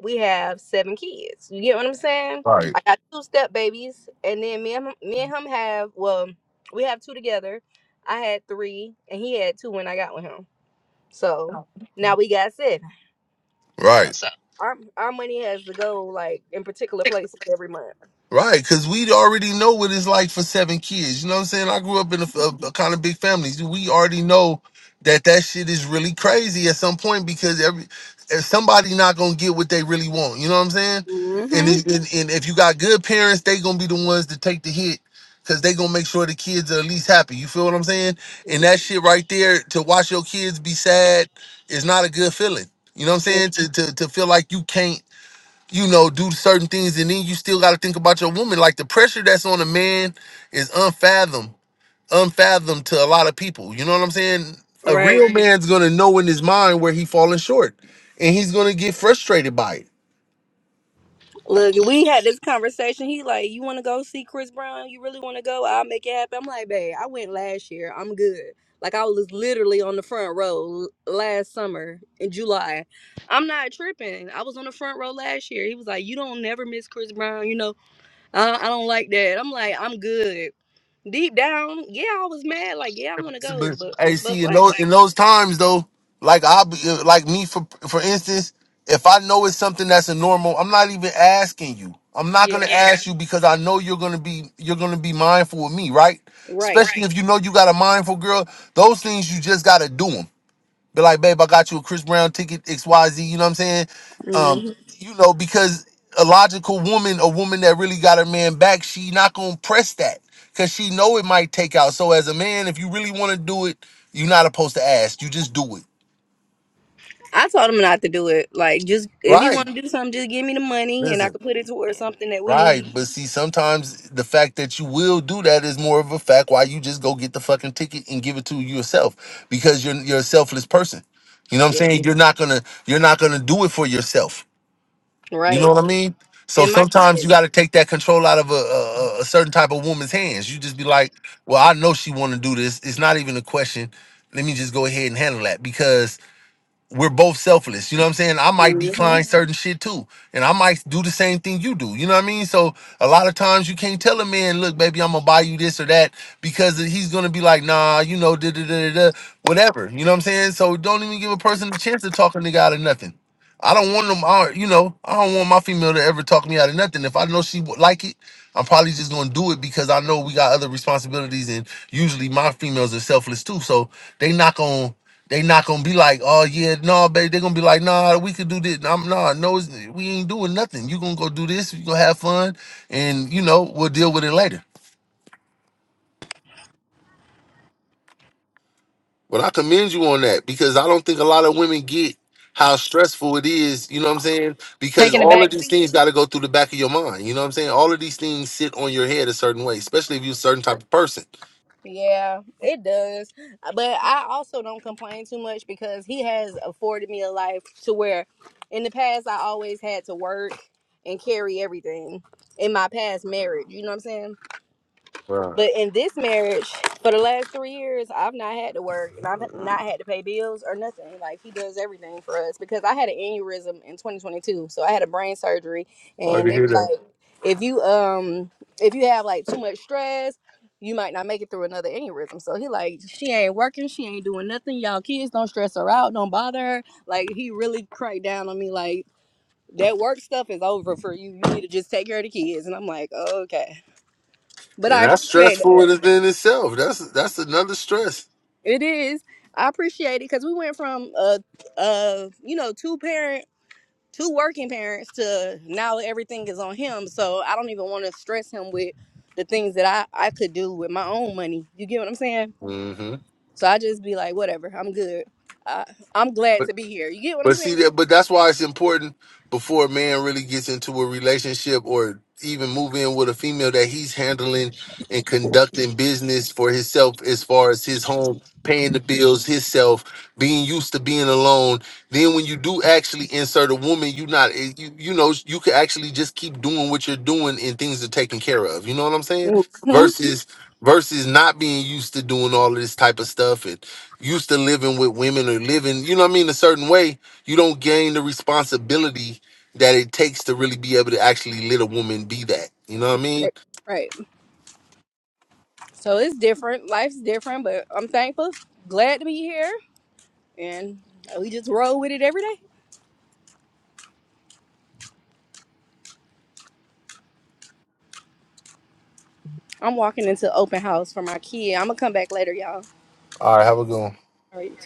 Speaker 8: we have seven kids. You get what I'm saying?
Speaker 16: Right,
Speaker 8: I got two step babies, and then me and him, me and him have well, we have two together. I had three, and he had two when I got with him. So now we got seven. So
Speaker 16: right.
Speaker 8: our our money has to go like in particular places every month.
Speaker 16: Right, because we already know what it's like for seven kids. You know what I'm saying? I grew up in a, a, a kind of big family. We already know that that shit is really crazy at some point because every if somebody not gonna get what they really want. You know what I'm saying? And,
Speaker 8: Mm-hmm.
Speaker 16: it, and and if you got good parents, they gonna be the ones to take the hit because they gonna make sure the kids are at least happy. You feel what I'm saying? And that shit right there to watch your kids be sad is not a good feeling. You know what I'm saying? To to to feel like you can't you know, do certain things, and then you still got to think about your woman. Like the pressure that's on a man is unfathom, unfathom to a lot of people. You know what I'm saying? A
Speaker 8: Right.
Speaker 16: real Right. man's gonna know in his mind where he falling short, and he's gonna get frustrated by it.
Speaker 8: Look, we had this conversation. He like, you want to go see Chris Brown? You really want to go? I'll make it happen. I'm like, babe, I went last year. I'm good. Like I was literally on the front row l- last summer in July. I'm not tripping. I was on the front row last year. He was like, you don't never miss Chris Brown. You know, I, I don't like that. I'm like, I'm good. Deep down, yeah, I was mad. Like, yeah, I want to go,
Speaker 16: But
Speaker 8: but
Speaker 16: hey,
Speaker 8: but
Speaker 16: see, in
Speaker 8: like,
Speaker 16: those in those times though, like I like me for for instance, if I know it's something that's a normal, I'm not even asking you. I'm not gonna
Speaker 8: yeah,
Speaker 16: Yeah. ask you because I know you're gonna be you're gonna be mindful of me, right?
Speaker 8: right.
Speaker 16: Especially Right. if you know you got a mindful girl. Those things you just gotta do 'em. Be like, babe, I got you a Chris Brown ticket, XYZ, you know what I'm saying?
Speaker 8: Mm-hmm.
Speaker 16: Um, you know, because a logical woman, a woman that really got her man back, she not gonna press that. Cause she know it might take out. So as a man, if you really wanna do it, you're not supposed to ask. You just do it.
Speaker 8: I told him not to do it. Like, just if he
Speaker 16: Right.
Speaker 8: want to do something, just give me the money and I
Speaker 16: Listen.
Speaker 8: could put it towards something that we
Speaker 16: Right.
Speaker 8: need.
Speaker 16: But see, sometimes the fact that you will do that is more of a fact why you just go get the fucking ticket and give it to yourself. Because you're you're a selfless person. You know what
Speaker 8: Yeah,
Speaker 16: I'm saying? You're not gonna you're not gonna do it for yourself. You know
Speaker 8: right.
Speaker 16: what I mean? So
Speaker 8: And my kid
Speaker 16: sometimes you got to take that control out of a, a, a a certain type of woman's hands. You just be like, "Well, I know she want to do this. It's not even a question. Let me just go ahead and handle that because we're both selfless." You know what I'm saying? I might decline certain shit too, and I might do the same thing you do. You know what I mean? So a lot of times you can't tell a man, "Look, baby, I'm gonna buy you this or that," because he's gonna be like, "Nah, you know, da da da da, da, whatever." You know what I'm saying? So don't even give a person a chance to talk a nigga out of nothing. I don't want them. I, you know, I don't want my female to ever talk me out of nothing. If I know she would like it, I'm probably just gonna do it because I know we got other responsibilities, and usually my females are selfless too. So they not gonna they not gonna be like, oh yeah, no, babe. They're gonna be like, nah, we could do this. Nah, I'm nah, no, it's- we ain't doing nothing. You gonna go do this. You gonna have fun, and you know we'll deal with it later. But I commend you on that because I don't think a lot of women get how stressful it is, you know what I'm saying? Because
Speaker 8: taking the
Speaker 16: all of
Speaker 8: back.
Speaker 16: these things gotta go through the back of your mind. You know what I'm saying? All of these things sit on your head a certain way, especially if you're a certain type of person.
Speaker 8: Yeah, it does. But I also don't complain too much because he has afforded me a life to where, in the past, I always had to work and carry everything in my past marriage. You know what I'm saying?
Speaker 16: Right.
Speaker 8: But in this marriage, for the last three years, I've not had to work and I've not had to pay bills or nothing. Like he does everything for us because I had an aneurysm in 2022, so I had a brain surgery,
Speaker 16: Sorry
Speaker 8: and
Speaker 16: to
Speaker 8: they
Speaker 16: hear
Speaker 8: were
Speaker 16: that.
Speaker 8: like, if you um if you have like too much stress, you might not make it through another aneurysm. So he like she ain't working, she ain't doing nothing. Y'all kids don't stress her out, don't bother her. Like he really cracked down on me like. That work stuff is over for you. You need to just take care of the kids. And I'm like, okay. But
Speaker 16: And
Speaker 8: I
Speaker 16: that's
Speaker 8: appreciate that.
Speaker 16: stressful in in itself. That's that's another stress.
Speaker 8: It is. I appreciate it because we went from uh uh you know two parent two working parents to now everything is on him. So I don't even want to stress him with the things that I I could do with my own money. You get what I'm saying?
Speaker 16: hmm
Speaker 8: So I just be like, whatever, I'm good. I, I'm glad to be here. You get what I'm
Speaker 16: But see
Speaker 8: saying?
Speaker 16: that, but that's why it's important before a man really gets into a relationship or even move in with a female that he's handling and conducting business for himself as far as his home, paying the bills himself, being used to being alone. Then when you do actually insert a woman, you not eh, you you know you can actually just keep doing what you're doing and things are taken care of. You know what I'm saying?
Speaker 8: hmm
Speaker 16: Versus versus not being used to doing all of this type of stuff and used to living with women or living, you know what I mean, a certain way you don't gain the responsibility that it takes to really be able to actually let a woman be that. You know what I mean?
Speaker 8: Right. right. So it's different. Life's different, but I'm thankful, glad to be here, and we just roll with it every day. I'm walking into open house for my kid. I'm gonna come back later, y'all.
Speaker 16: All right, have a good one.
Speaker 8: All right, you too.